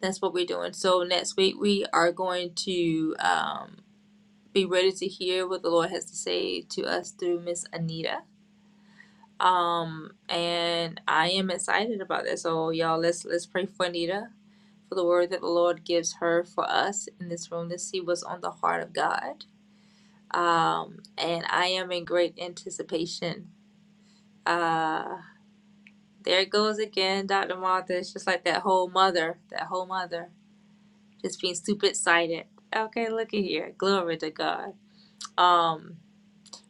[SPEAKER 1] that's what we're doing. So next week we are going to um, be ready to hear what the Lord has to say to us through Miss Anita. Um, and I am excited about that. So y'all, let's let's pray for Anita. For the word that the Lord gives her for us in this room to see what's on the heart of God. Um, and I am in great anticipation Uh, There it goes again, Dr. Martha. It's just like that whole mother, that whole mother, just being stupid sighted. Okay, look at here. Glory to God. Um,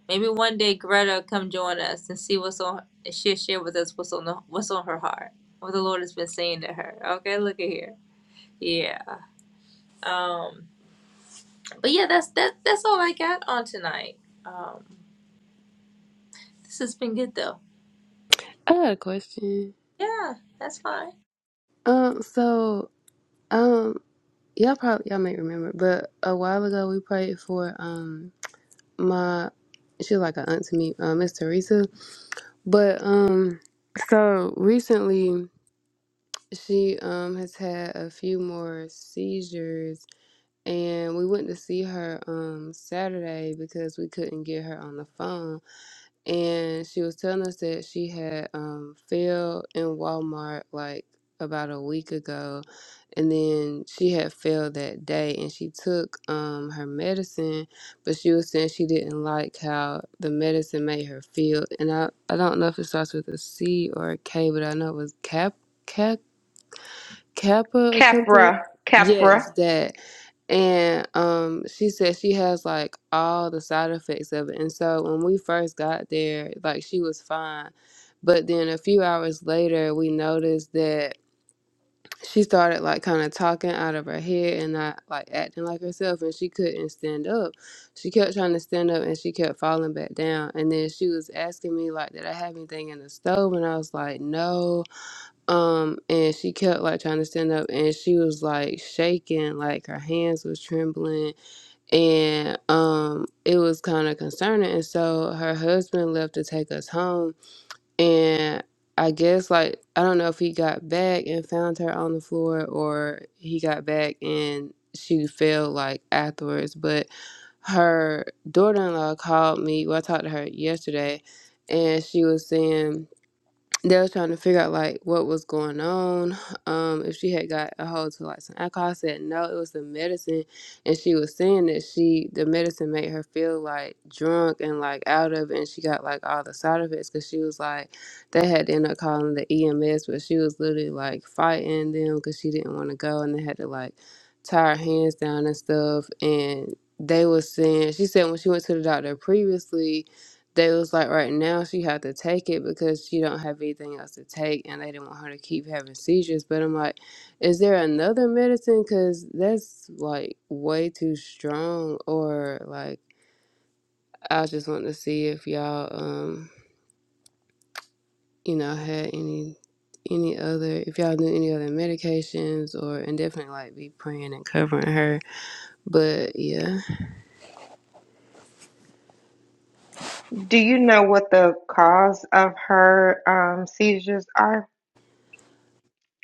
[SPEAKER 1] maybe one day Greta come join us and see what's on. And she'll share with us what's on the what's on her heart, what the Lord has been saying to her. Okay, look at here. Yeah. Um, but yeah, that's that. that's all I got on tonight. Um, this has been good though.
[SPEAKER 2] had a question.
[SPEAKER 1] Yeah, that's fine.
[SPEAKER 2] Um, so um, y'all probably y'all may remember, but a while ago we prayed for um my she was like an aunt to me, uh, Miss Teresa. But um, so recently she um has had a few more seizures, and we went to see her um Saturday because we couldn't get her on the phone and she was telling us that she had um failed in Walmart like about a week ago and then she had failed that day and she took um her medicine but she was saying she didn't like how the medicine made her feel and I I don't know if it starts with a C or a K but I know it was cap cap kappa or something
[SPEAKER 3] Capra, Capra.
[SPEAKER 2] yes that and um, she said she has like all the side effects of it. And so when we first got there, like she was fine. But then a few hours later, we noticed that she started like kind of talking out of her head and not like acting like herself. And she couldn't stand up. She kept trying to stand up and she kept falling back down. And then she was asking me, like, did I have anything in the stove? And I was like, no. Um, and she kept like trying to stand up and she was like shaking, like her hands was trembling and um it was kind of concerning and so her husband left to take us home and i guess like i don't know if he got back and found her on the floor or he got back and she fell like afterwards but her daughter-in-law called me well i talked to her yesterday and she was saying they was trying to figure out like what was going on. Um, if she had got a hold to like some alcohol, I said no, it was the medicine, and she was saying that she the medicine made her feel like drunk and like out of, it, and she got like all the side effects because she was like they had to end up calling the EMS, but she was literally like fighting them because she didn't want to go, and they had to like tie her hands down and stuff, and they was saying she said when she went to the doctor previously they was like right now she had to take it because she don't have anything else to take and they didn't want her to keep having seizures but i'm like is there another medicine because that's like way too strong or like i just want to see if y'all um you know had any any other if y'all knew any other medications or and definitely like be praying and covering her but yeah
[SPEAKER 3] Do you know what the cause of her um, seizures are?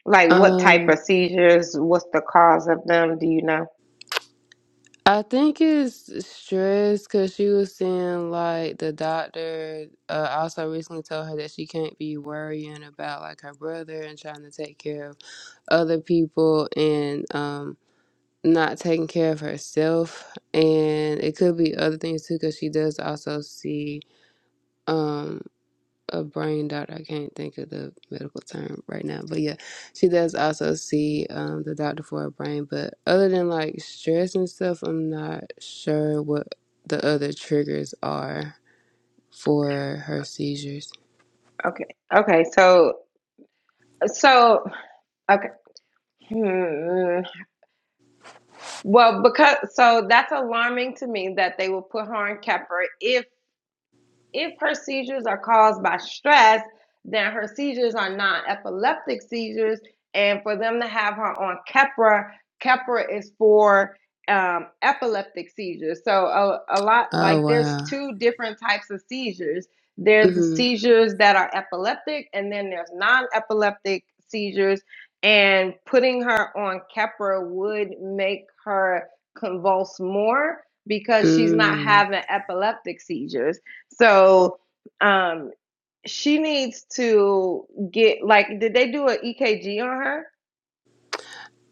[SPEAKER 3] Like what type
[SPEAKER 2] um
[SPEAKER 3] of seizures? What's the cause of them? Do you know?
[SPEAKER 2] I think it's stress because she was saying like the doctor uh, also recently told her that she can't be worrying about like her brother and trying to take care of other people and um not taking care of herself and it could be other things too because she does also see um, a brain doctor. I can't think of the medical term right now, but yeah, she does also see um, the doctor for her brain. But other than like stress and stuff, I'm not sure what the other triggers are for her seizures.
[SPEAKER 3] Okay. Okay. So, so, okay. Hmm. Well, because, so that's alarming to me that they will put her in Capra if If her seizures are caused by stress, then her seizures are non epileptic seizures. And for them to have her on Keppra, Keppra is for um, epileptic seizures. So, a, a lot
[SPEAKER 2] Oh
[SPEAKER 3] like there's
[SPEAKER 2] wow.
[SPEAKER 3] two different types of seizures there's the
[SPEAKER 2] Mm-hmm.
[SPEAKER 3] seizures that are epileptic, and then there's non epileptic seizures. And putting her on Keppra would make her convulse more because she's not
[SPEAKER 2] Mm.
[SPEAKER 3] having epileptic seizures. So um, she needs to get like, did they do an EKG on her?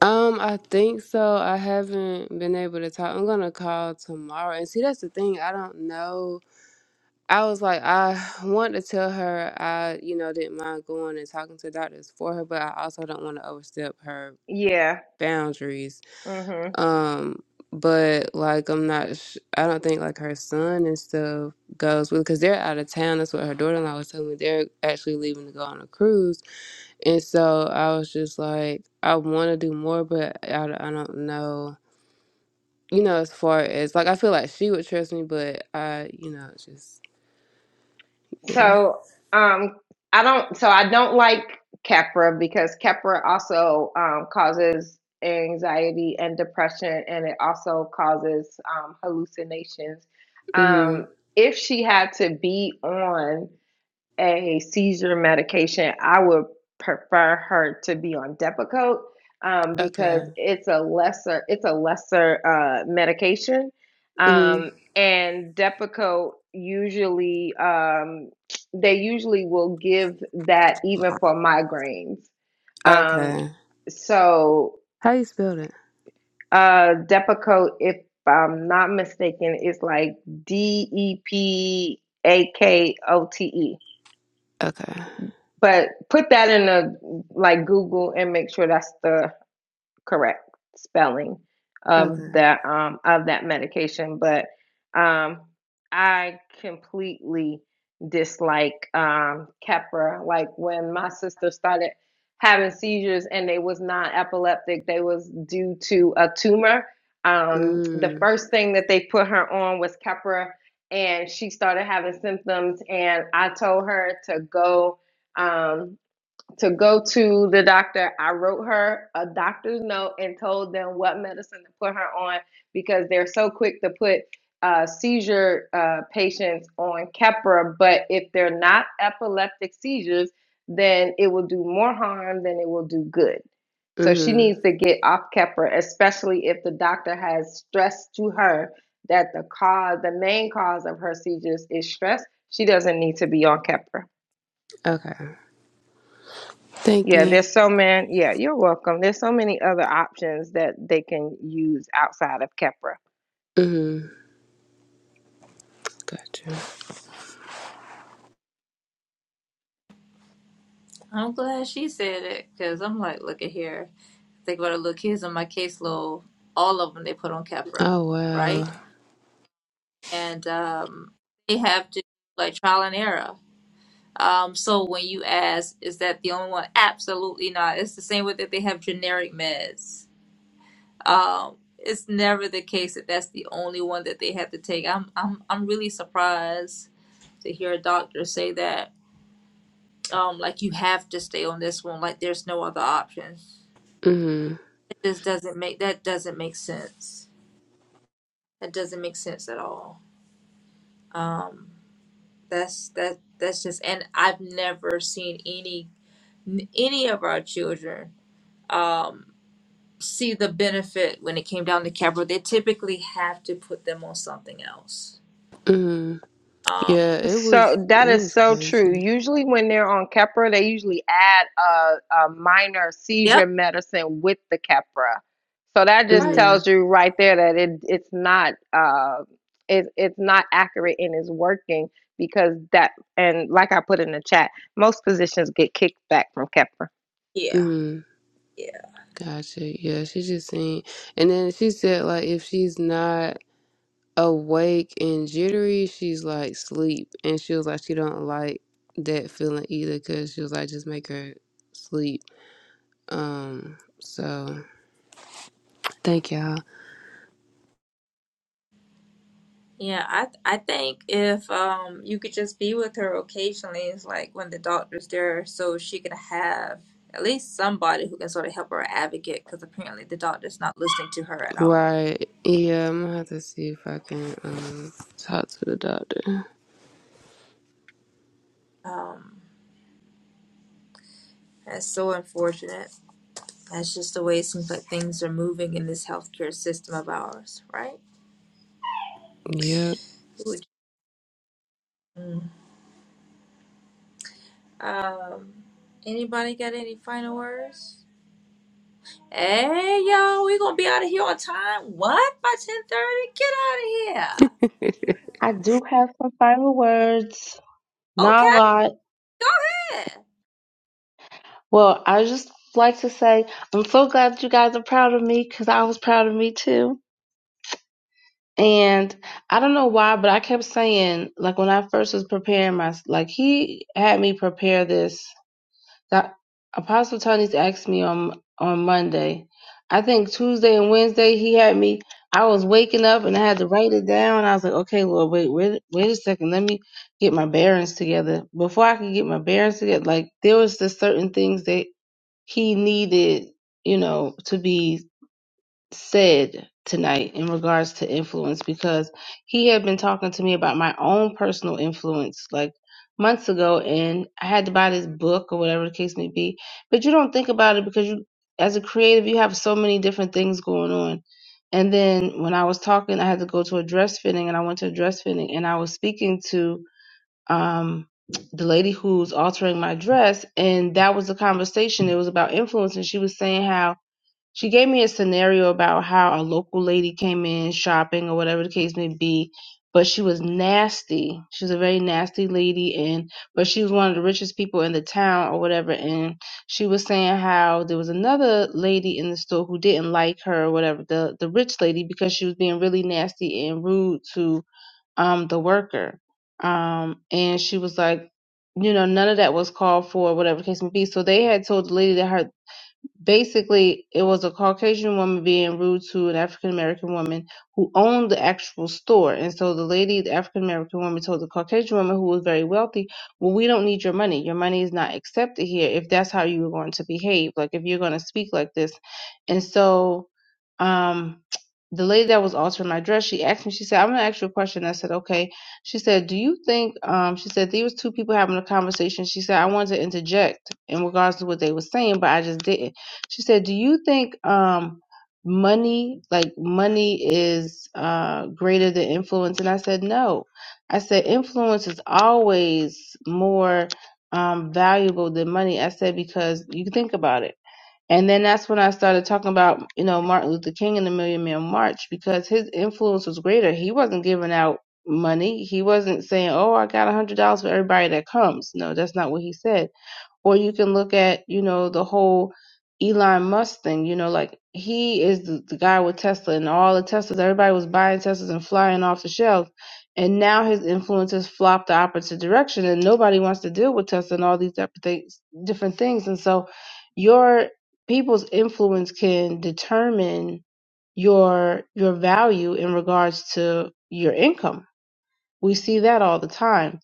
[SPEAKER 2] Um, I think so. I haven't been able to talk. I'm gonna call tomorrow and see. That's the thing. I don't know I was like, I want to tell her I, you know, didn't mind going and talking to doctors for her, but I also don't want to overstep her
[SPEAKER 3] Yeah.
[SPEAKER 2] boundaries.
[SPEAKER 3] hmm
[SPEAKER 2] Um, but like, I'm not, sh- I don't think like her son and stuff goes with because they're out of town. That's what her daughter in law was telling me. They're actually leaving to go on a cruise, and so I was just like, I want to do more, but I, I don't know. You know, as far as like, I feel like she would trust me, but I, you know, it's just yeah.
[SPEAKER 3] So um, I don't. So I don't like Capra because Capra also um, causes anxiety and depression, and it also causes um, hallucinations.
[SPEAKER 2] mm hmm
[SPEAKER 3] Um, if she had to be on a seizure medication, I would prefer her to be on Depakote um,
[SPEAKER 2] Okay.
[SPEAKER 3] because it's a lesser it's a lesser uh, medication,
[SPEAKER 2] Mm.
[SPEAKER 3] um, and Depakote usually um, they usually will give that even for migraines. Um,
[SPEAKER 2] Okay.
[SPEAKER 3] so
[SPEAKER 2] How you spell that?
[SPEAKER 3] uh, Depakote, if I'm not mistaken, is like D E P A K O T E
[SPEAKER 2] Okay.
[SPEAKER 3] But put that in a like Google and make sure that's the correct spelling of
[SPEAKER 2] Okay.
[SPEAKER 3] that um of that medication. But um I completely dislike um Keppra. Like when my sister started having seizures and they was not epileptic, they was due to a tumor. Um the
[SPEAKER 2] Mm.
[SPEAKER 3] first thing that they put her on was Keppra and she started having symptoms and I told her to go um, to go to the doctor. I wrote her a doctor's note and told them what medicine to put her on because they're so quick to put uh, seizure uh, patients on Keppra. But if they're not epileptic seizures, then it will do more harm than it will do good. So she
[SPEAKER 2] Mhm.
[SPEAKER 3] needs to get off Keppra, especially if the doctor has stressed to her that the cause, the main cause of her seizures is stress. She doesn't need to be on Keppra.
[SPEAKER 2] Okay. Thank
[SPEAKER 3] Yeah,
[SPEAKER 2] you.
[SPEAKER 3] there's so many. Yeah, you're welcome. There's so many other options that they can use outside of Kepra.
[SPEAKER 2] Mhm. Gotcha.
[SPEAKER 1] I'm glad she said it because I'm like, look at here. They go to little kids on my caseload. All of them they put on Keppra,
[SPEAKER 2] Oh
[SPEAKER 1] right?
[SPEAKER 2] wow.
[SPEAKER 1] And um, they have to like trial and error. Um, so when you ask, is that the only one? Absolutely not. It's the same way that they have generic meds. Um, it's never the case that that's the only one that they have to take. I'm I'm I'm really surprised to hear a doctor say that. Um, like you have to stay on this one. Like there's no other option.
[SPEAKER 2] Mhm.
[SPEAKER 1] It just doesn't make that doesn't make sense. That doesn't make sense at all. um that's that that's just and i've never seen any any of our children um see the benefit when it came down to capital they typically have to put them on something else
[SPEAKER 2] Mhm.
[SPEAKER 1] um
[SPEAKER 2] Yeah, it
[SPEAKER 3] So
[SPEAKER 2] was
[SPEAKER 3] that
[SPEAKER 2] it
[SPEAKER 3] is
[SPEAKER 2] was
[SPEAKER 3] so true.
[SPEAKER 2] crazy.
[SPEAKER 3] Usually, when they're on Keppra, they usually add a, a minor
[SPEAKER 1] yep
[SPEAKER 3] seizure medicine with the Keppra. So that just
[SPEAKER 1] right
[SPEAKER 3] tells
[SPEAKER 2] Mhm.
[SPEAKER 3] you right there that it it's not uh it, it's not accurate and it's working because that and like I put in the chat, most physicians get kicked back from Keppra.
[SPEAKER 1] yeah
[SPEAKER 2] Mhm.
[SPEAKER 1] yeah
[SPEAKER 2] Gotcha. Yeah, she just seen, and then she said like if she's not awake and jittery, she's like sleep, and she was like she don't like that feeling either because she was like just make her sleep Um, so thank y'all.
[SPEAKER 1] yeah i i think if um you could just be with her occasionally it's like when the doctor's there so she can have at least somebody who can sort of help her advocate because apparently the doctor's not listening to her at all
[SPEAKER 2] Right. Yeah, I'm gonna have to see if I can um talk to the doctor.
[SPEAKER 1] um That's so unfortunate. That's just the way it seems like things are moving in this healthcare system of ours, right?
[SPEAKER 2] Yep.
[SPEAKER 1] Who would- Mm. Um, anybody got any final words? Hey, y'all, we gonna be out of here on time. What by ten thirty? Get out
[SPEAKER 4] I do have some final words.
[SPEAKER 1] of
[SPEAKER 4] Not a
[SPEAKER 1] here.
[SPEAKER 4] lot. Well, I just like to say I'm so glad you guys are proud of me because I was proud of me too. And I don't know why, but I kept saying, like when I first was preparing my, like he had me prepare this Doc- Apostle Tony's asked me on on Monday. I think Tuesday and Wednesday he had me. I was waking up and I had to write it down. I was like, okay, Lord, wait, wait, wait a second. Let me get my bearings together. Before I could get my bearings together, like there was just certain things that he needed, you know, to be said tonight in regards to influence because he had been talking to me about my own personal influence like months ago and I had to buy this book or whatever the case may be but you don't think about it because you as a creative you have so many different things going on and then when I was talking I had to go to a dress fitting and I went to a dress fitting and I was speaking to um the lady who's altering my dress and that was the conversation it was about influence and she was saying how she gave me a scenario about how a local lady came in shopping or whatever the case may be but she was nasty she was a very nasty lady and but she was one of the richest people in the town or whatever and she was saying how there was another lady in the store who didn't like her or whatever the the rich lady because she was being really nasty and rude to um the worker um and she was like you know none of that was called for whatever the case may be so they had told the lady that her basically it was a Caucasian woman being rude to an African American woman who owned the actual store. And so the lady, the African American woman, told the Caucasian woman who was very wealthy, Well, we don't need your money. Your money is not accepted here if that's how you are going to behave. Like if you're going to speak like this. And so um the lady that was altering my dress, she asked me, she said, I'm gonna ask you a question. I said, Okay. She said, Do you think um she said "These was two people having a conversation. She said, I wanted to interject in regards to what they were saying, but I just didn't. She said, "Do you think um money like money is uh greater than influence?" And I said, "No." I said, "Influence is always more um valuable than money." I said because you think about it. And then that's when I started talking about, you know, Martin Luther King and the Million Man March because his influence was greater. He wasn't giving out money. He wasn't saying, "Oh, I got a hundred dollars for everybody that comes." No, that's not what he said or you can look at, you know, the whole Elon Musk thing, you know, like he is the, the guy with Tesla and all the Teslas, everybody was buying Teslas and flying off the shelf. And now his influence has flopped the opposite direction and nobody wants to deal with Tesla and all these different things. Different things. And so your people's influence can determine your your value in regards to your income we see that all the time.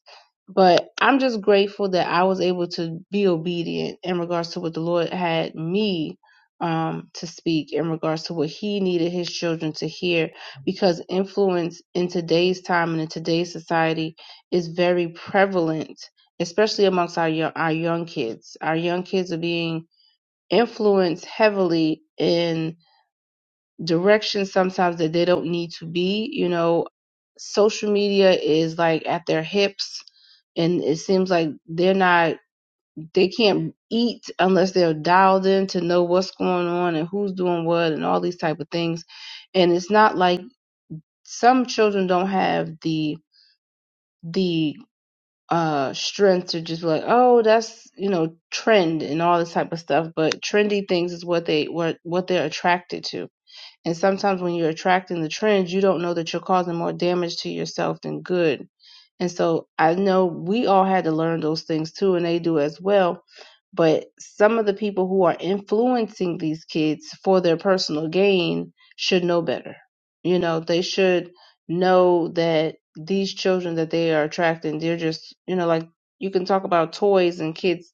[SPEAKER 4] But I'm just grateful that I was able to be obedient in regards to what the Lord had me um, to speak, in regards to what He needed His children to hear. Because influence in today's time and in today's society is very prevalent, especially amongst our, yo- our young kids. Our young kids are being influenced heavily in. Direction sometimes that they don't need to be. You know, social media is like at their hips and it seems like they're not they can't eat unless they're dialed in to know what's going on and who's doing what and all these type of things. And it's not like some children don't have the the uh strength to just be like, oh, that's you know, trend and all this type of stuff. But trendy things is what they what what they're attracted to and sometimes when you're attracting the trends, you don't know that you're causing more damage to yourself than good. And so I know we all had to learn those things too, and they do as well. But some of the people who are influencing these kids for their personal gain should know better. You know, they should know that these children that they are attracting, they're just, you know, like you can talk about toys and kids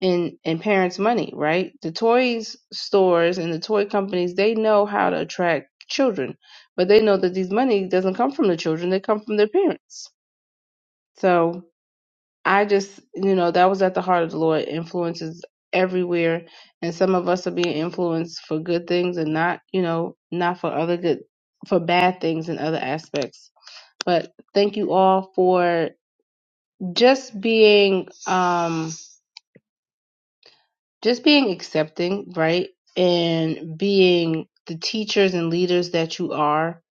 [SPEAKER 4] and and parents' money, right? The toys stores and the toy companies they know how to attract children, but they know that these money doesn't come from the children; they come from their parents. So I just, you know, that was at the heart of the Lord. Influences everywhere, and some of us are being influenced for good things and not, you know, not for other good, for bad things and other aspects. But thank you all for just being. um just being accepting, right? And being the teachers and leaders that you are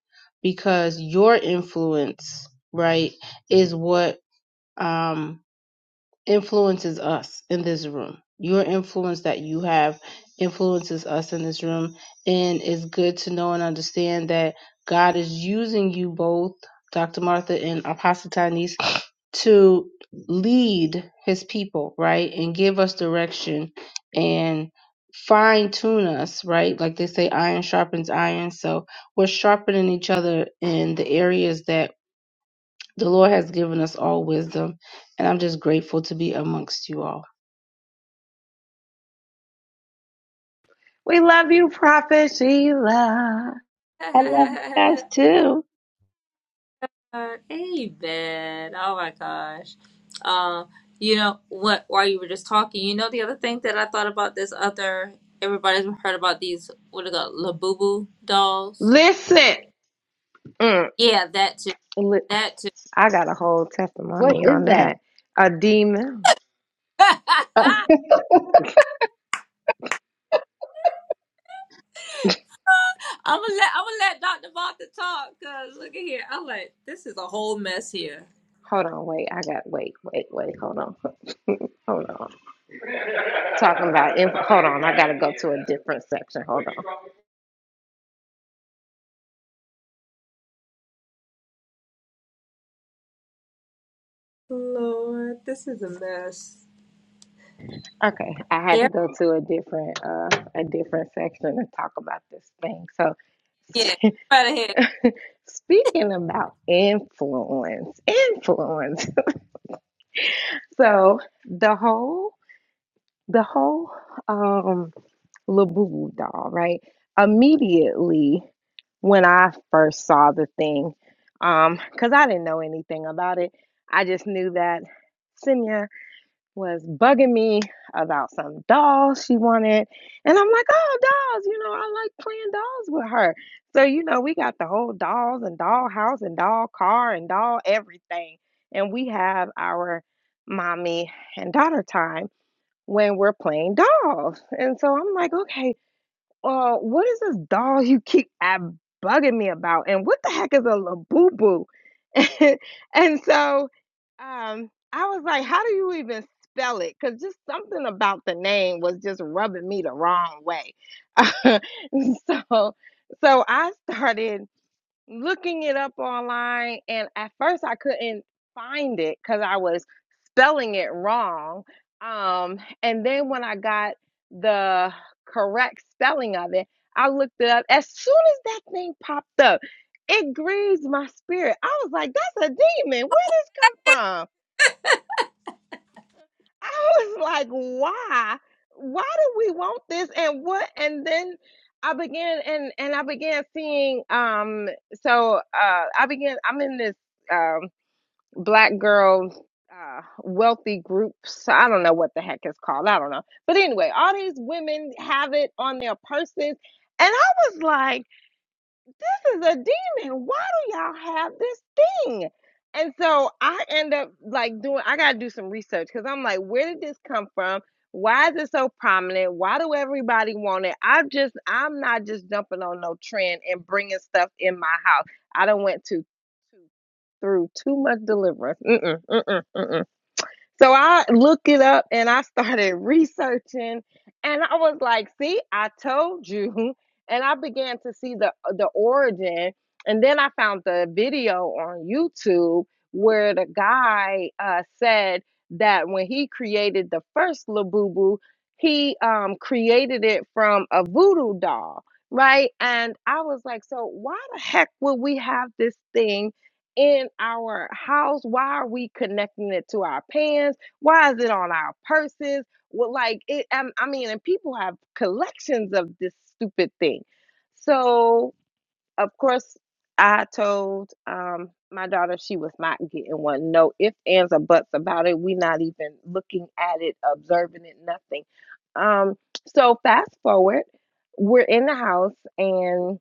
[SPEAKER 4] because your influence, right, is what um influences us in this room. Your influence that you have influences us in this room. And it's good to know and understand that God is using you both, Dr. Martha and Apostle Tanis, to lead his people, right? And give us direction and fine tune us, right? Like they say, iron sharpens iron. So we're sharpening each other in the areas that the Lord has given us all wisdom, and I'm just grateful to be amongst you all.
[SPEAKER 3] We love you, Prophet Sheila.
[SPEAKER 4] I love you
[SPEAKER 1] Okay.
[SPEAKER 4] guys too.
[SPEAKER 1] God, amen. Oh my gosh. Um, you know what? While you were just talking, you know the other thing that I thought about this other. Everybody's heard about these what are they called, Labubu dolls?
[SPEAKER 3] Listen, mm,
[SPEAKER 1] Yeah, that too.
[SPEAKER 3] li-
[SPEAKER 1] That too.
[SPEAKER 3] I got a whole testimony on that. A demon.
[SPEAKER 1] I'm gonna let I'm gonna let Dr. Martha talk. Cause look at here, I'm like this is a whole mess here.
[SPEAKER 3] Hold on, wait. I got wait, wait, wait. Hold on, hold on. Talking about inf- hold on. I gotta go to a different section. Hold on.
[SPEAKER 1] Lord, this is a mess.
[SPEAKER 3] Okay, I had to
[SPEAKER 1] Yeah,
[SPEAKER 3] go to a different uh a different section to talk about this thing. So.
[SPEAKER 1] yeah. Right ahead.
[SPEAKER 3] Speaking about influence, influence. So the whole the whole um Labubu doll, right? Immediately when I first saw the thing, um, because I didn't know anything about it. I just knew that Simya was bugging me about some dolls she wanted. And I'm like, oh, dolls, you know, I like playing dolls with her. So, you know, we got the whole dolls and doll house and doll car and doll everything. And we have our mommy and daughter time when we're playing dolls. And so I'm like, okay, uh, what is this doll you keep ab- bugging me about? And what the heck is a labubu? and so um, I was like, how do you even spell it? Because just something about the name was just rubbing me the wrong way. so, so I started looking it up online and at first I couldn't find it cuz I was spelling it wrong. Um and then when I got the correct spelling of it, I looked it up. As soon as that thing popped up, it grieves my spirit. I was like, that's a demon. Where did this come from?" I was like, why? Why do we want this? And what? And then I began and and I began seeing um so uh I began I'm in this um black girl uh wealthy group. So I don't know what the heck it's called. I don't know. But anyway, all these women have it on their purses. And I was like, this is a demon. Why do y'all have this thing? And so I end up like doing, I got to do some research because I'm like, where did this come from? Why is it so prominent? Why do everybody want it? I'm just, I'm not just jumping on no trend and bringing stuff in my house. I don't went to, to through too much deliverance. Mm-mm, mm-mm, mm-mm. So I looked it up and I started researching and I was like, see, I told you. And I began to see the uh, the origin. And then I found the video on YouTube where the guy uh, said that when he created the first Labubu, he um, created it from a voodoo doll, right? And I was like, so why the heck would we have this thing? in our house? Why are we connecting it to our pants? Why is it on our purses? Well, like it, um, I mean, and people have collections of this stupid thing. So of course, I told um, my daughter she was not getting one. No ifs, ands, or buts about it. we not even looking at it, observing it, nothing. Um, so fast forward, we're in the house and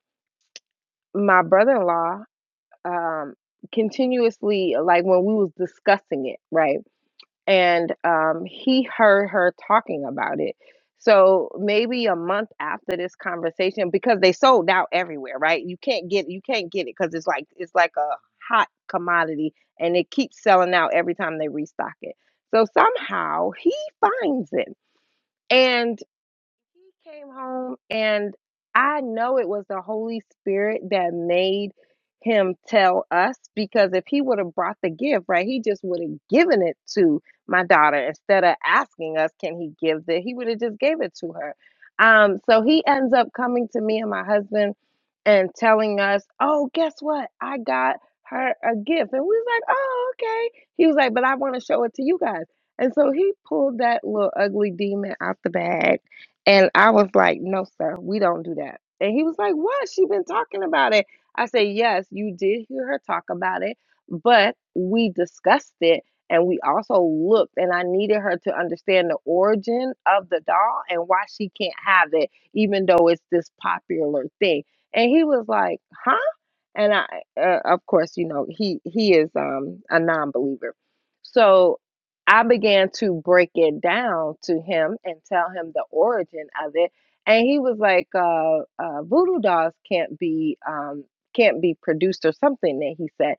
[SPEAKER 3] my brother-in-law um, continuously like when we was discussing it right and um, he heard her talking about it so maybe a month after this conversation because they sold out everywhere right you can't get you can't get it because it's like it's like a hot commodity and it keeps selling out every time they restock it so somehow he finds it and. He came home, and I know it was the Holy Spirit that made him tell us because if he would have brought the gift, right, he just would have given it to my daughter instead of asking us, can he give it? He would have just gave it to her. Um, so he ends up coming to me and my husband and telling us, oh, guess what? I got her a gift. And we was like, oh, okay. He was like, but I want to show it to you guys. And so he pulled that little ugly demon out the bag and I was like, no, sir, we don't do that. And he was like, what? She been talking about it. I said, yes, you did hear her talk about it, but we discussed it and we also looked and I needed her to understand the origin of the doll and why she can't have it, even though it's this popular thing. And he was like, huh? And I, uh, of course, you know, he, he is um, a non-believer. So I began to break it down to him and tell him the origin of it, and he was like, uh, uh, "Voodoo dolls can't be um, can't be produced or something." That he said,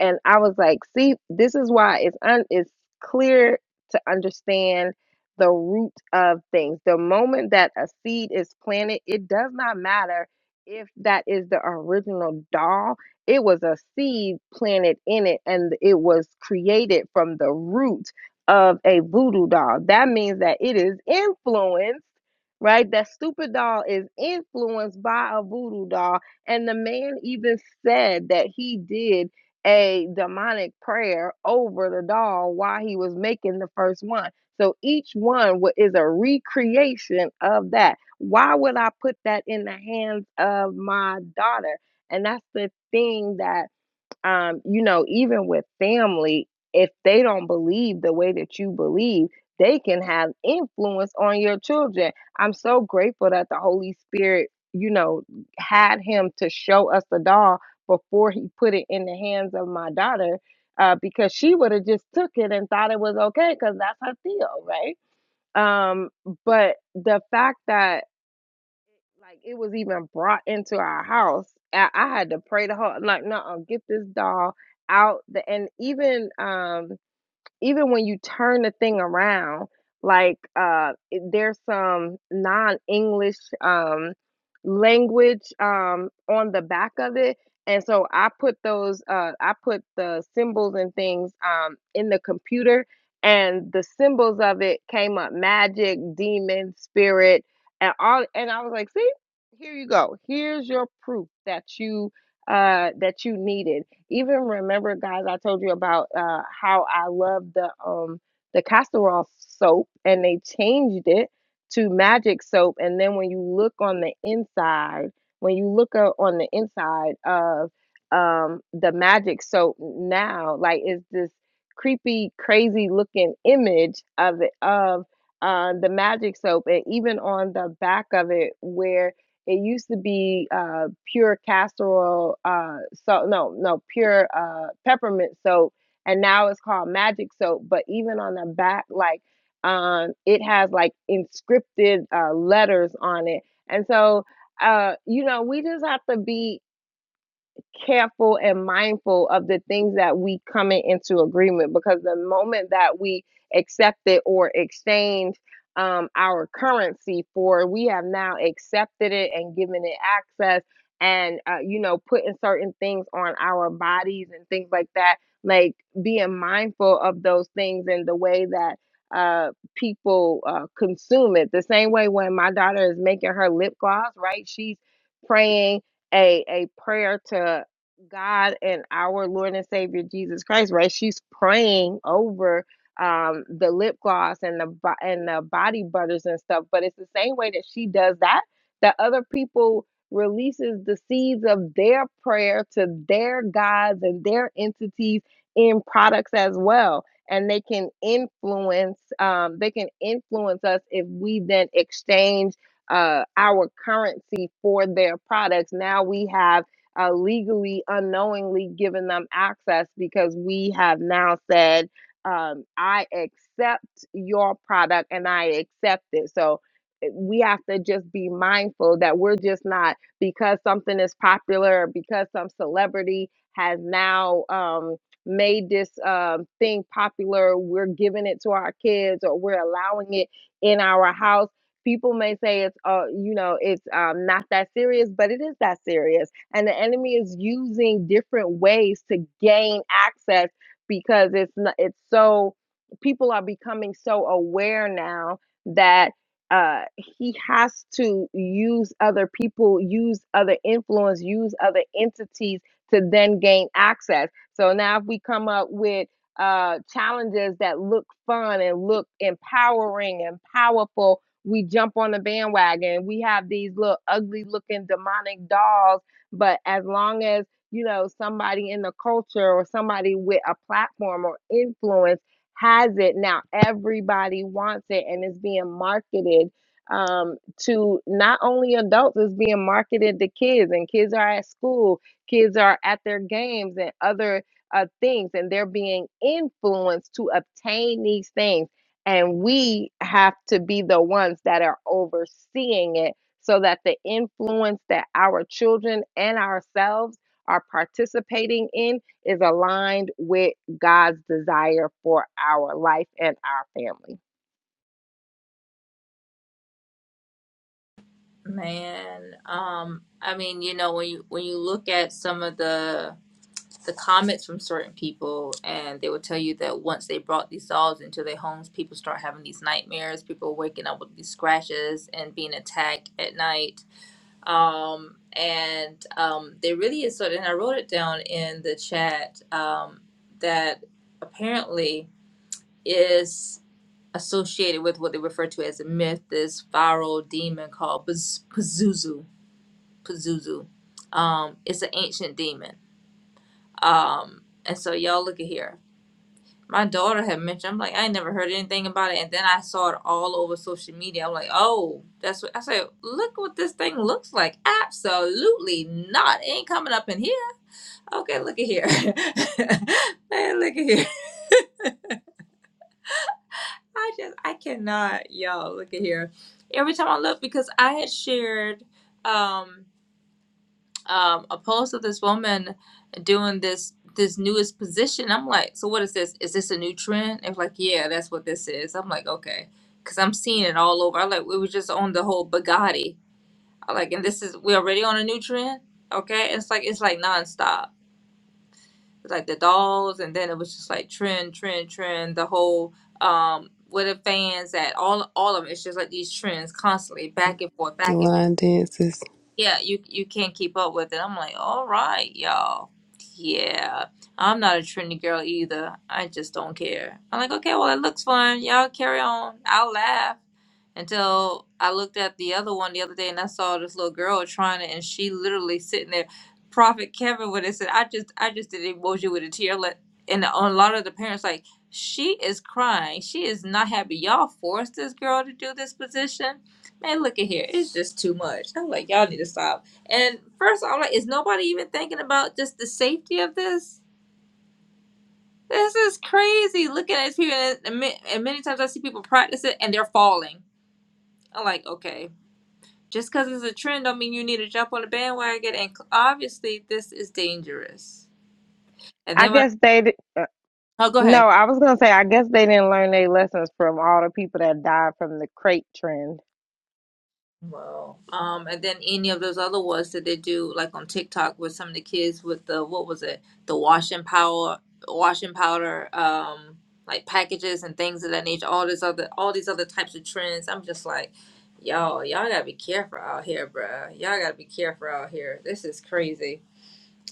[SPEAKER 3] and I was like, "See, this is why it's un- it's clear to understand the root of things. The moment that a seed is planted, it does not matter if that is the original doll. It was a seed planted in it, and it was created from the root." of a voodoo doll. That means that it is influenced, right? That stupid doll is influenced by a voodoo doll. And the man even said that he did a demonic prayer over the doll while he was making the first one. So each one wa- is a recreation of that. Why would I put that in the hands of my daughter? And that's the thing that um, you know, even with family, if they don't believe the way that you believe, they can have influence on your children. I'm so grateful that the Holy Spirit, you know, had him to show us the doll before he put it in the hands of my daughter, uh, because she would have just took it and thought it was okay, because that's her deal, right? Um, but the fact that like it was even brought into our house. I, I had to pray the whole like, no, get this doll out. The, and even um even when you turn the thing around, like uh, it- there's some non-English um, language um, on the back of it, and so I put those, uh, I put the symbols and things um, in the computer, and the symbols of it came up: magic, demon, spirit, and all. And I was like, see. Here you go. Here's your proof that you uh that you needed. Even remember, guys, I told you about uh, how I love the um the castor oil soap, and they changed it to magic soap. And then when you look on the inside, when you look o- on the inside of um the magic soap now, like it's this creepy, crazy looking image of it of uh, the magic soap, and even on the back of it where it used to be uh, pure castor oil, uh, so no, no, pure uh, peppermint soap, and now it's called magic soap. But even on the back, like um, it has like inscripted uh, letters on it, and so uh, you know we just have to be careful and mindful of the things that we come into agreement because the moment that we accepted or exchanged um, our currency for we have now accepted it and given it access and uh, you know putting certain things on our bodies and things like that like being mindful of those things and the way that uh, people uh, consume it the same way when my daughter is making her lip gloss right she's praying a a prayer to God and our Lord and Savior Jesus Christ, right? She's praying over um the lip gloss and the bo- and the body butters and stuff, but it's the same way that she does that that other people releases the seeds of their prayer to their gods and their entities in products as well and they can influence um, they can influence us if we then exchange uh, our currency for their products now we have uh, legally, unknowingly given them access because we have now said, um, I accept your product and I accept it. So eh, we have to just be mindful that we're just not because something is popular, because some celebrity has now um, made this um, thing popular, we're giving it to our kids or we're allowing it in our house people may say it's uh you know it's um not that serious but it is that serious and the enemy is using different ways to gain access because it's not, it's so people are becoming so aware now that uh, he has to use other people, use other influence, use other entities to then gain access. So now if we come up with uh, challenges that look fun and look empowering and powerful, we jump on the bandwagon. We have these little ugly looking demonic dolls but as long as, you know, somebody in the culture or somebody with a platform or influence has it, now everybody wants it and it's being marketed um, to not only adults, it's being marketed to kids, and kids are at school, kids are at their games and other uh, things, and they're being influenced to obtain these things. And we have to be the ones that are overseeing it so that the influence that our children and ourselves are participating in is aligned with God's desire for our life and our family.
[SPEAKER 1] Man, um, I mean, you know, when you when you look at some of the the comments from certain people, and they will tell you that once they brought these dolls into their homes, people start having these nightmares. People waking up with these scratches and being attacked at night. Um, and um, there really is sort of, and I wrote it down in the chat um, that apparently is associated with what they refer to as a myth, this viral demon called Paz- Pazuzu Pazuzu. Um, it's an ancient demon. Um, and so y'all look at here. My daughter had mentioned. I'm like, I ain't never heard anything about it, and then I saw it all over social media. I'm like, oh, that's what I said. Look what this thing looks like. Absolutely not. It ain't coming up in here. Okay, look at here. Man, look at here. I just, I cannot, y'all. Look at here. Every time I look, because I had shared. Um, um, a post of this woman doing this this newest position. I'm like, so what is this? Is this a new trend? It's like, yeah, that's what this is. I'm like, okay, because I'm seeing it all over. I like we were just on the whole Bugatti. I like, and this is we already on a new trend. Okay, it's like it's like nonstop. It's like the dolls, and then it was just like trend, trend, trend. The whole um with the fans that all all of them. It's just like these trends constantly back and forth,
[SPEAKER 2] The
[SPEAKER 1] back and forth
[SPEAKER 2] line dances.
[SPEAKER 1] yeah, you you can't keep up with it. I'm like, all right, y'all. Yeah, I'm not a trendy girl either. I just don't care. I'm like, okay, well, it looks fun. Y'all carry on. I'll laugh until I looked at the other one the other day and I saw this little girl trying to, and she literally sitting there. Prophet Kevin would have said, I just, I just did emoji with a tear. Let and a lot of the parents like, she is crying. She is not happy. Y'all forced this girl to do this position Man, look at here. It's just too much. I'm like, y'all need to stop. And first, I'm like, is nobody even thinking about just the safety of this? This is crazy. Looking at these people, and, and ma- and many times I see people practice it and they're falling. I'm like, okay, just because it's a trend don't mean you need to jump on the bandwagon. And cl- obviously, this is dangerous. And
[SPEAKER 3] I
[SPEAKER 1] then when
[SPEAKER 3] guess they, di- uh,
[SPEAKER 1] I, oh, go ahead.
[SPEAKER 3] no, I was going to say, I guess they didn't learn their lessons from all the people that died from the crate trend.
[SPEAKER 1] Wow. Um, and then any of those other ones that they do, like on TikTok, with some of the kids with the what was it, the washing power, washing powder, um, like packages and things of that nature. All this other, all these other types of trends. I'm just like, y'all, y'all gotta be careful out here, bruh. Y'all gotta be careful out here. This is crazy.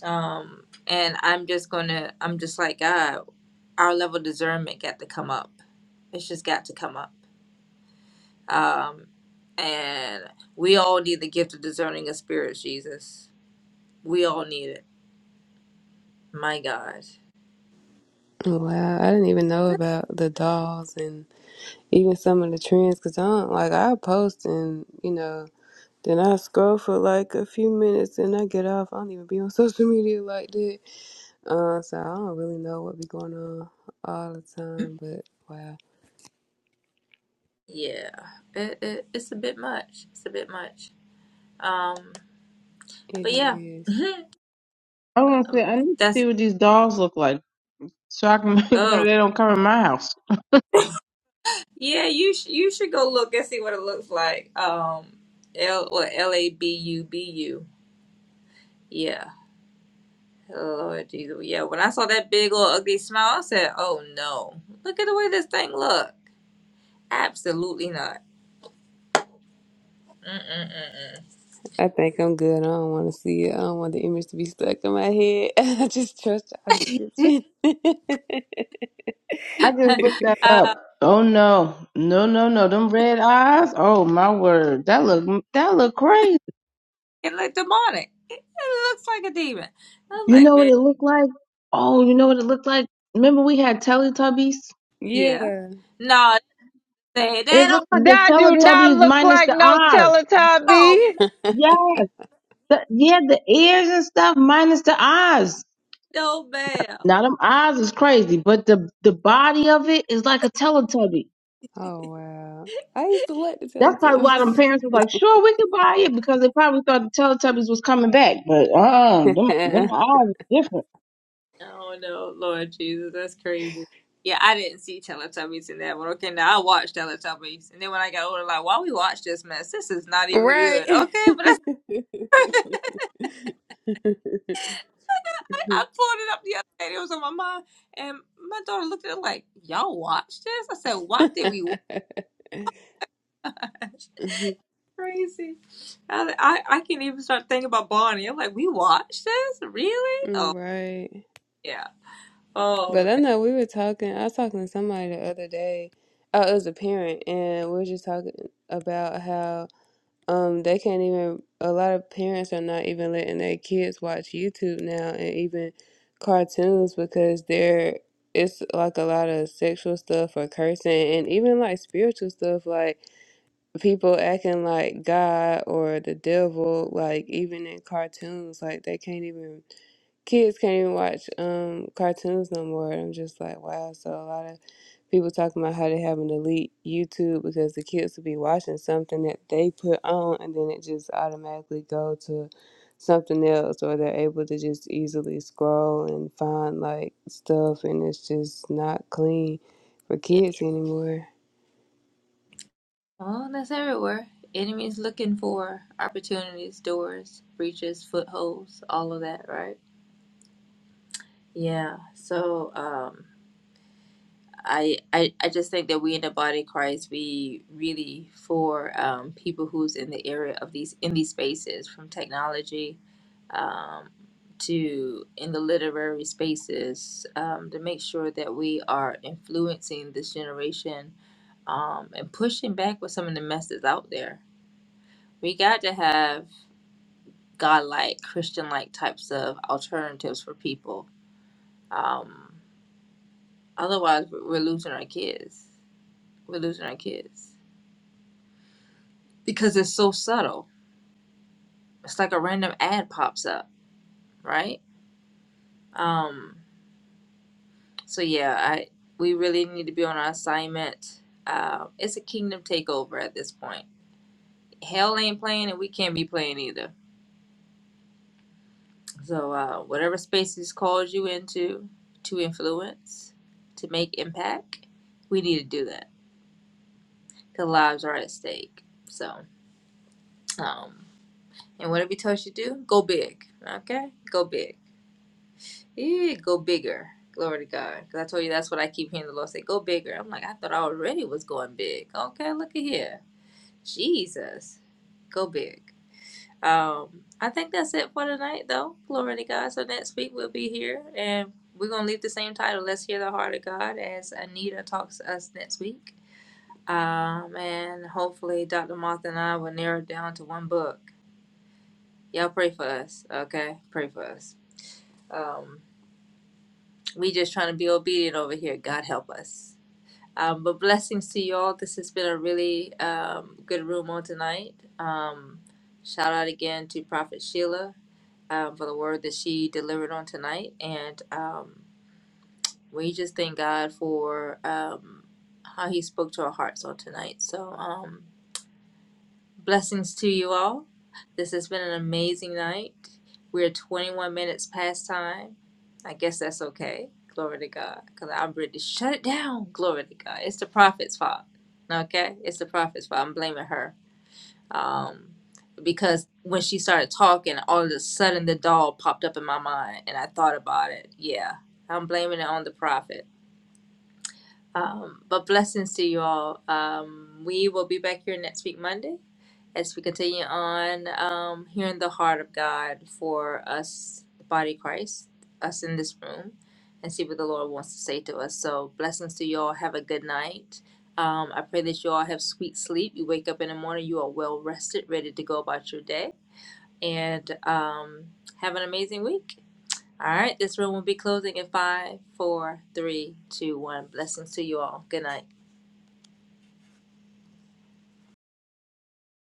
[SPEAKER 1] Um, and I'm just gonna, I'm just like, God, our level of discernment got to come up. It's just got to come up. Um, and we all need the gift of discerning of spirits, Jesus. We all need it. My God.
[SPEAKER 2] wow. I didn't even know about the dolls and even some of the trends because I don't like I post and you know then I scroll for like a few minutes and I get off. I don't even be on social media like that. Uh, so I don't really know what be going on all the
[SPEAKER 1] Mm,
[SPEAKER 2] time, but wow,
[SPEAKER 1] Yeah, it, it, it's a bit much. It's a bit much. Um,
[SPEAKER 2] it
[SPEAKER 1] but yeah,
[SPEAKER 2] is.
[SPEAKER 4] I want to say I need to
[SPEAKER 1] that's
[SPEAKER 4] see what these dolls look like so I can make sure
[SPEAKER 1] oh
[SPEAKER 4] they don't come in my house.
[SPEAKER 1] yeah. You sh you should go look and see what it looks like. Um, L or L A B U B U. Yeah. Lord Jesus. Yeah, when I saw that big old ugly smile, I said, oh no. Look at the way this thing look. Absolutely not. Mm-mm-mm-mm.
[SPEAKER 2] I think I'm good. I don't want to see it. I don't want the image to be stuck in my head. I just trust y'all description.
[SPEAKER 4] I just looked that
[SPEAKER 1] uh,
[SPEAKER 4] up. Oh no, no, no, no! Them red eyes. Oh my word, that look that look crazy.
[SPEAKER 1] it looked demonic. It, it looks like a demon. I was
[SPEAKER 4] You
[SPEAKER 1] like,
[SPEAKER 4] know what
[SPEAKER 1] man,
[SPEAKER 4] it looked like? Oh, you know what it looked like? Remember we had Teletubbies?
[SPEAKER 1] yeah.
[SPEAKER 2] yeah.
[SPEAKER 1] No, they, they
[SPEAKER 4] It
[SPEAKER 1] don't
[SPEAKER 4] looked like the
[SPEAKER 3] That do not
[SPEAKER 4] Teletubbies
[SPEAKER 3] look
[SPEAKER 4] minus
[SPEAKER 3] like
[SPEAKER 4] the
[SPEAKER 3] no
[SPEAKER 4] eyes.
[SPEAKER 1] know.
[SPEAKER 3] Teletubby.
[SPEAKER 4] Yeah, the, yeah, the ears and stuff minus the eyes.
[SPEAKER 1] No, ma'am.
[SPEAKER 4] Now them eyes is crazy, but the the body of it is like a Teletubby.
[SPEAKER 2] Oh wow. I used to like the
[SPEAKER 4] That's probably why them
[SPEAKER 2] Teletubbies.
[SPEAKER 4] parents was like, "Sure, we could buy it," because they probably thought the Teletubbies was coming back. But uh, them them eyes is different.
[SPEAKER 1] No, no, Lord Jesus, that's crazy. Yeah, I didn't see Teletubbies in that one. Okay, now I watched Teletubbies. And then when I got older, like, why we watch this mess? This is not even good.
[SPEAKER 2] right.
[SPEAKER 1] Okay, but I pulled it up the other day. It was on my mind, and my daughter looked at it like, "Y'all watch this?" I said, "What did we watch?" Crazy. I, I I can't even start thinking about Barney. I'm like, "We watched this? Really? Oh
[SPEAKER 2] right.
[SPEAKER 1] yeah. Oh man.
[SPEAKER 2] But I know we were talking. I was talking to somebody the other day. Oh, it was a parent, and we were just talking about how Um, they can't even. A lot of parents are not even letting their kids watch YouTube now, and even cartoons because they're it's like a lot of sexual stuff or cursing, and even like spiritual stuff, like people acting like God or the devil, like even in cartoons, like they can't even kids can't even watch um cartoons no more. I'm just like, wow. So a lot of people talking about how they having to delete YouTube because the kids will be watching something that they put on, and then it just automatically go to something else, or they're able to just easily scroll and find like stuff, and it's just not clean for
[SPEAKER 1] Yeah.
[SPEAKER 2] kids anymore.
[SPEAKER 1] Well, that's everywhere. Enemies looking for opportunities, doors, breaches, footholds, all of that, right? Yeah. So, um. I, I I just think that we in the body of Christ we really for um, people who's in the area of these in these spaces from technology um, to in the literary spaces um, to make sure that we are influencing this generation um, and pushing back with some of the messes out there. We got to have godlike, Christian-like types of alternatives for people. Um, otherwise, we're we're losing our kids. We're losing our kids. because it's so subtle. It's like a random ad pops up, right? Um, so yeah, I we really need to be on our assignment. Uh, it's a kingdom takeover at this point. Hell ain't playing, and we can't be playing either. So uh, whatever spaces calls you into to influence, to make impact, we need to do that because lives are at stake. So um, and whatever he tells you to do, go big. Okay, go big. Yeah, go bigger. Glory to God. Because I told you that's what I keep hearing the Lord say, go bigger. I'm like, I thought I already was going big. Okay, look at here. Jesus. Go big. Um, I think that's it for tonight, though. Glory to God. So next week we'll be here and we're going to leave the same title, Let's Hear the Heart of God, as Anita talks to us next week. Um, and hopefully Dr. Martha and I will narrow it down to one book. Y'all pray for us, okay? Pray for us. Um, We just trying to be obedient over here. God help us. Um, but blessings to you all. This has been a really um, good room on tonight. Um, shout out again to Prophet Sheila um, for the word that she delivered on tonight. And um, we just thank God for um, how he spoke to our hearts on tonight. So, um, Blessings to you all. This has been an amazing night. We're 21 minutes past time. I guess that's okay. Glory to God. Because I'm ready to shut it down. Glory to God. It's the prophet's fault. Okay? It's the prophet's fault. I'm blaming her. Um, because when she started talking, all of a sudden the doll popped up in my mind and I thought about it. Yeah. I'm blaming it on the prophet. Um, but blessings to you all. Um, we will be back here next week, Monday as we continue on um, hearing the heart of God for us, the body of Christ, us in this room, and see what the Lord wants to say to us. So, blessings to you all. Have a good night. Um, I pray that you all have sweet sleep. You wake up in the morning, you are well rested, ready to go about your day, and um, have an amazing week. All right, this room will be closing in five, four, three, two, one. Blessings to you all. Good night.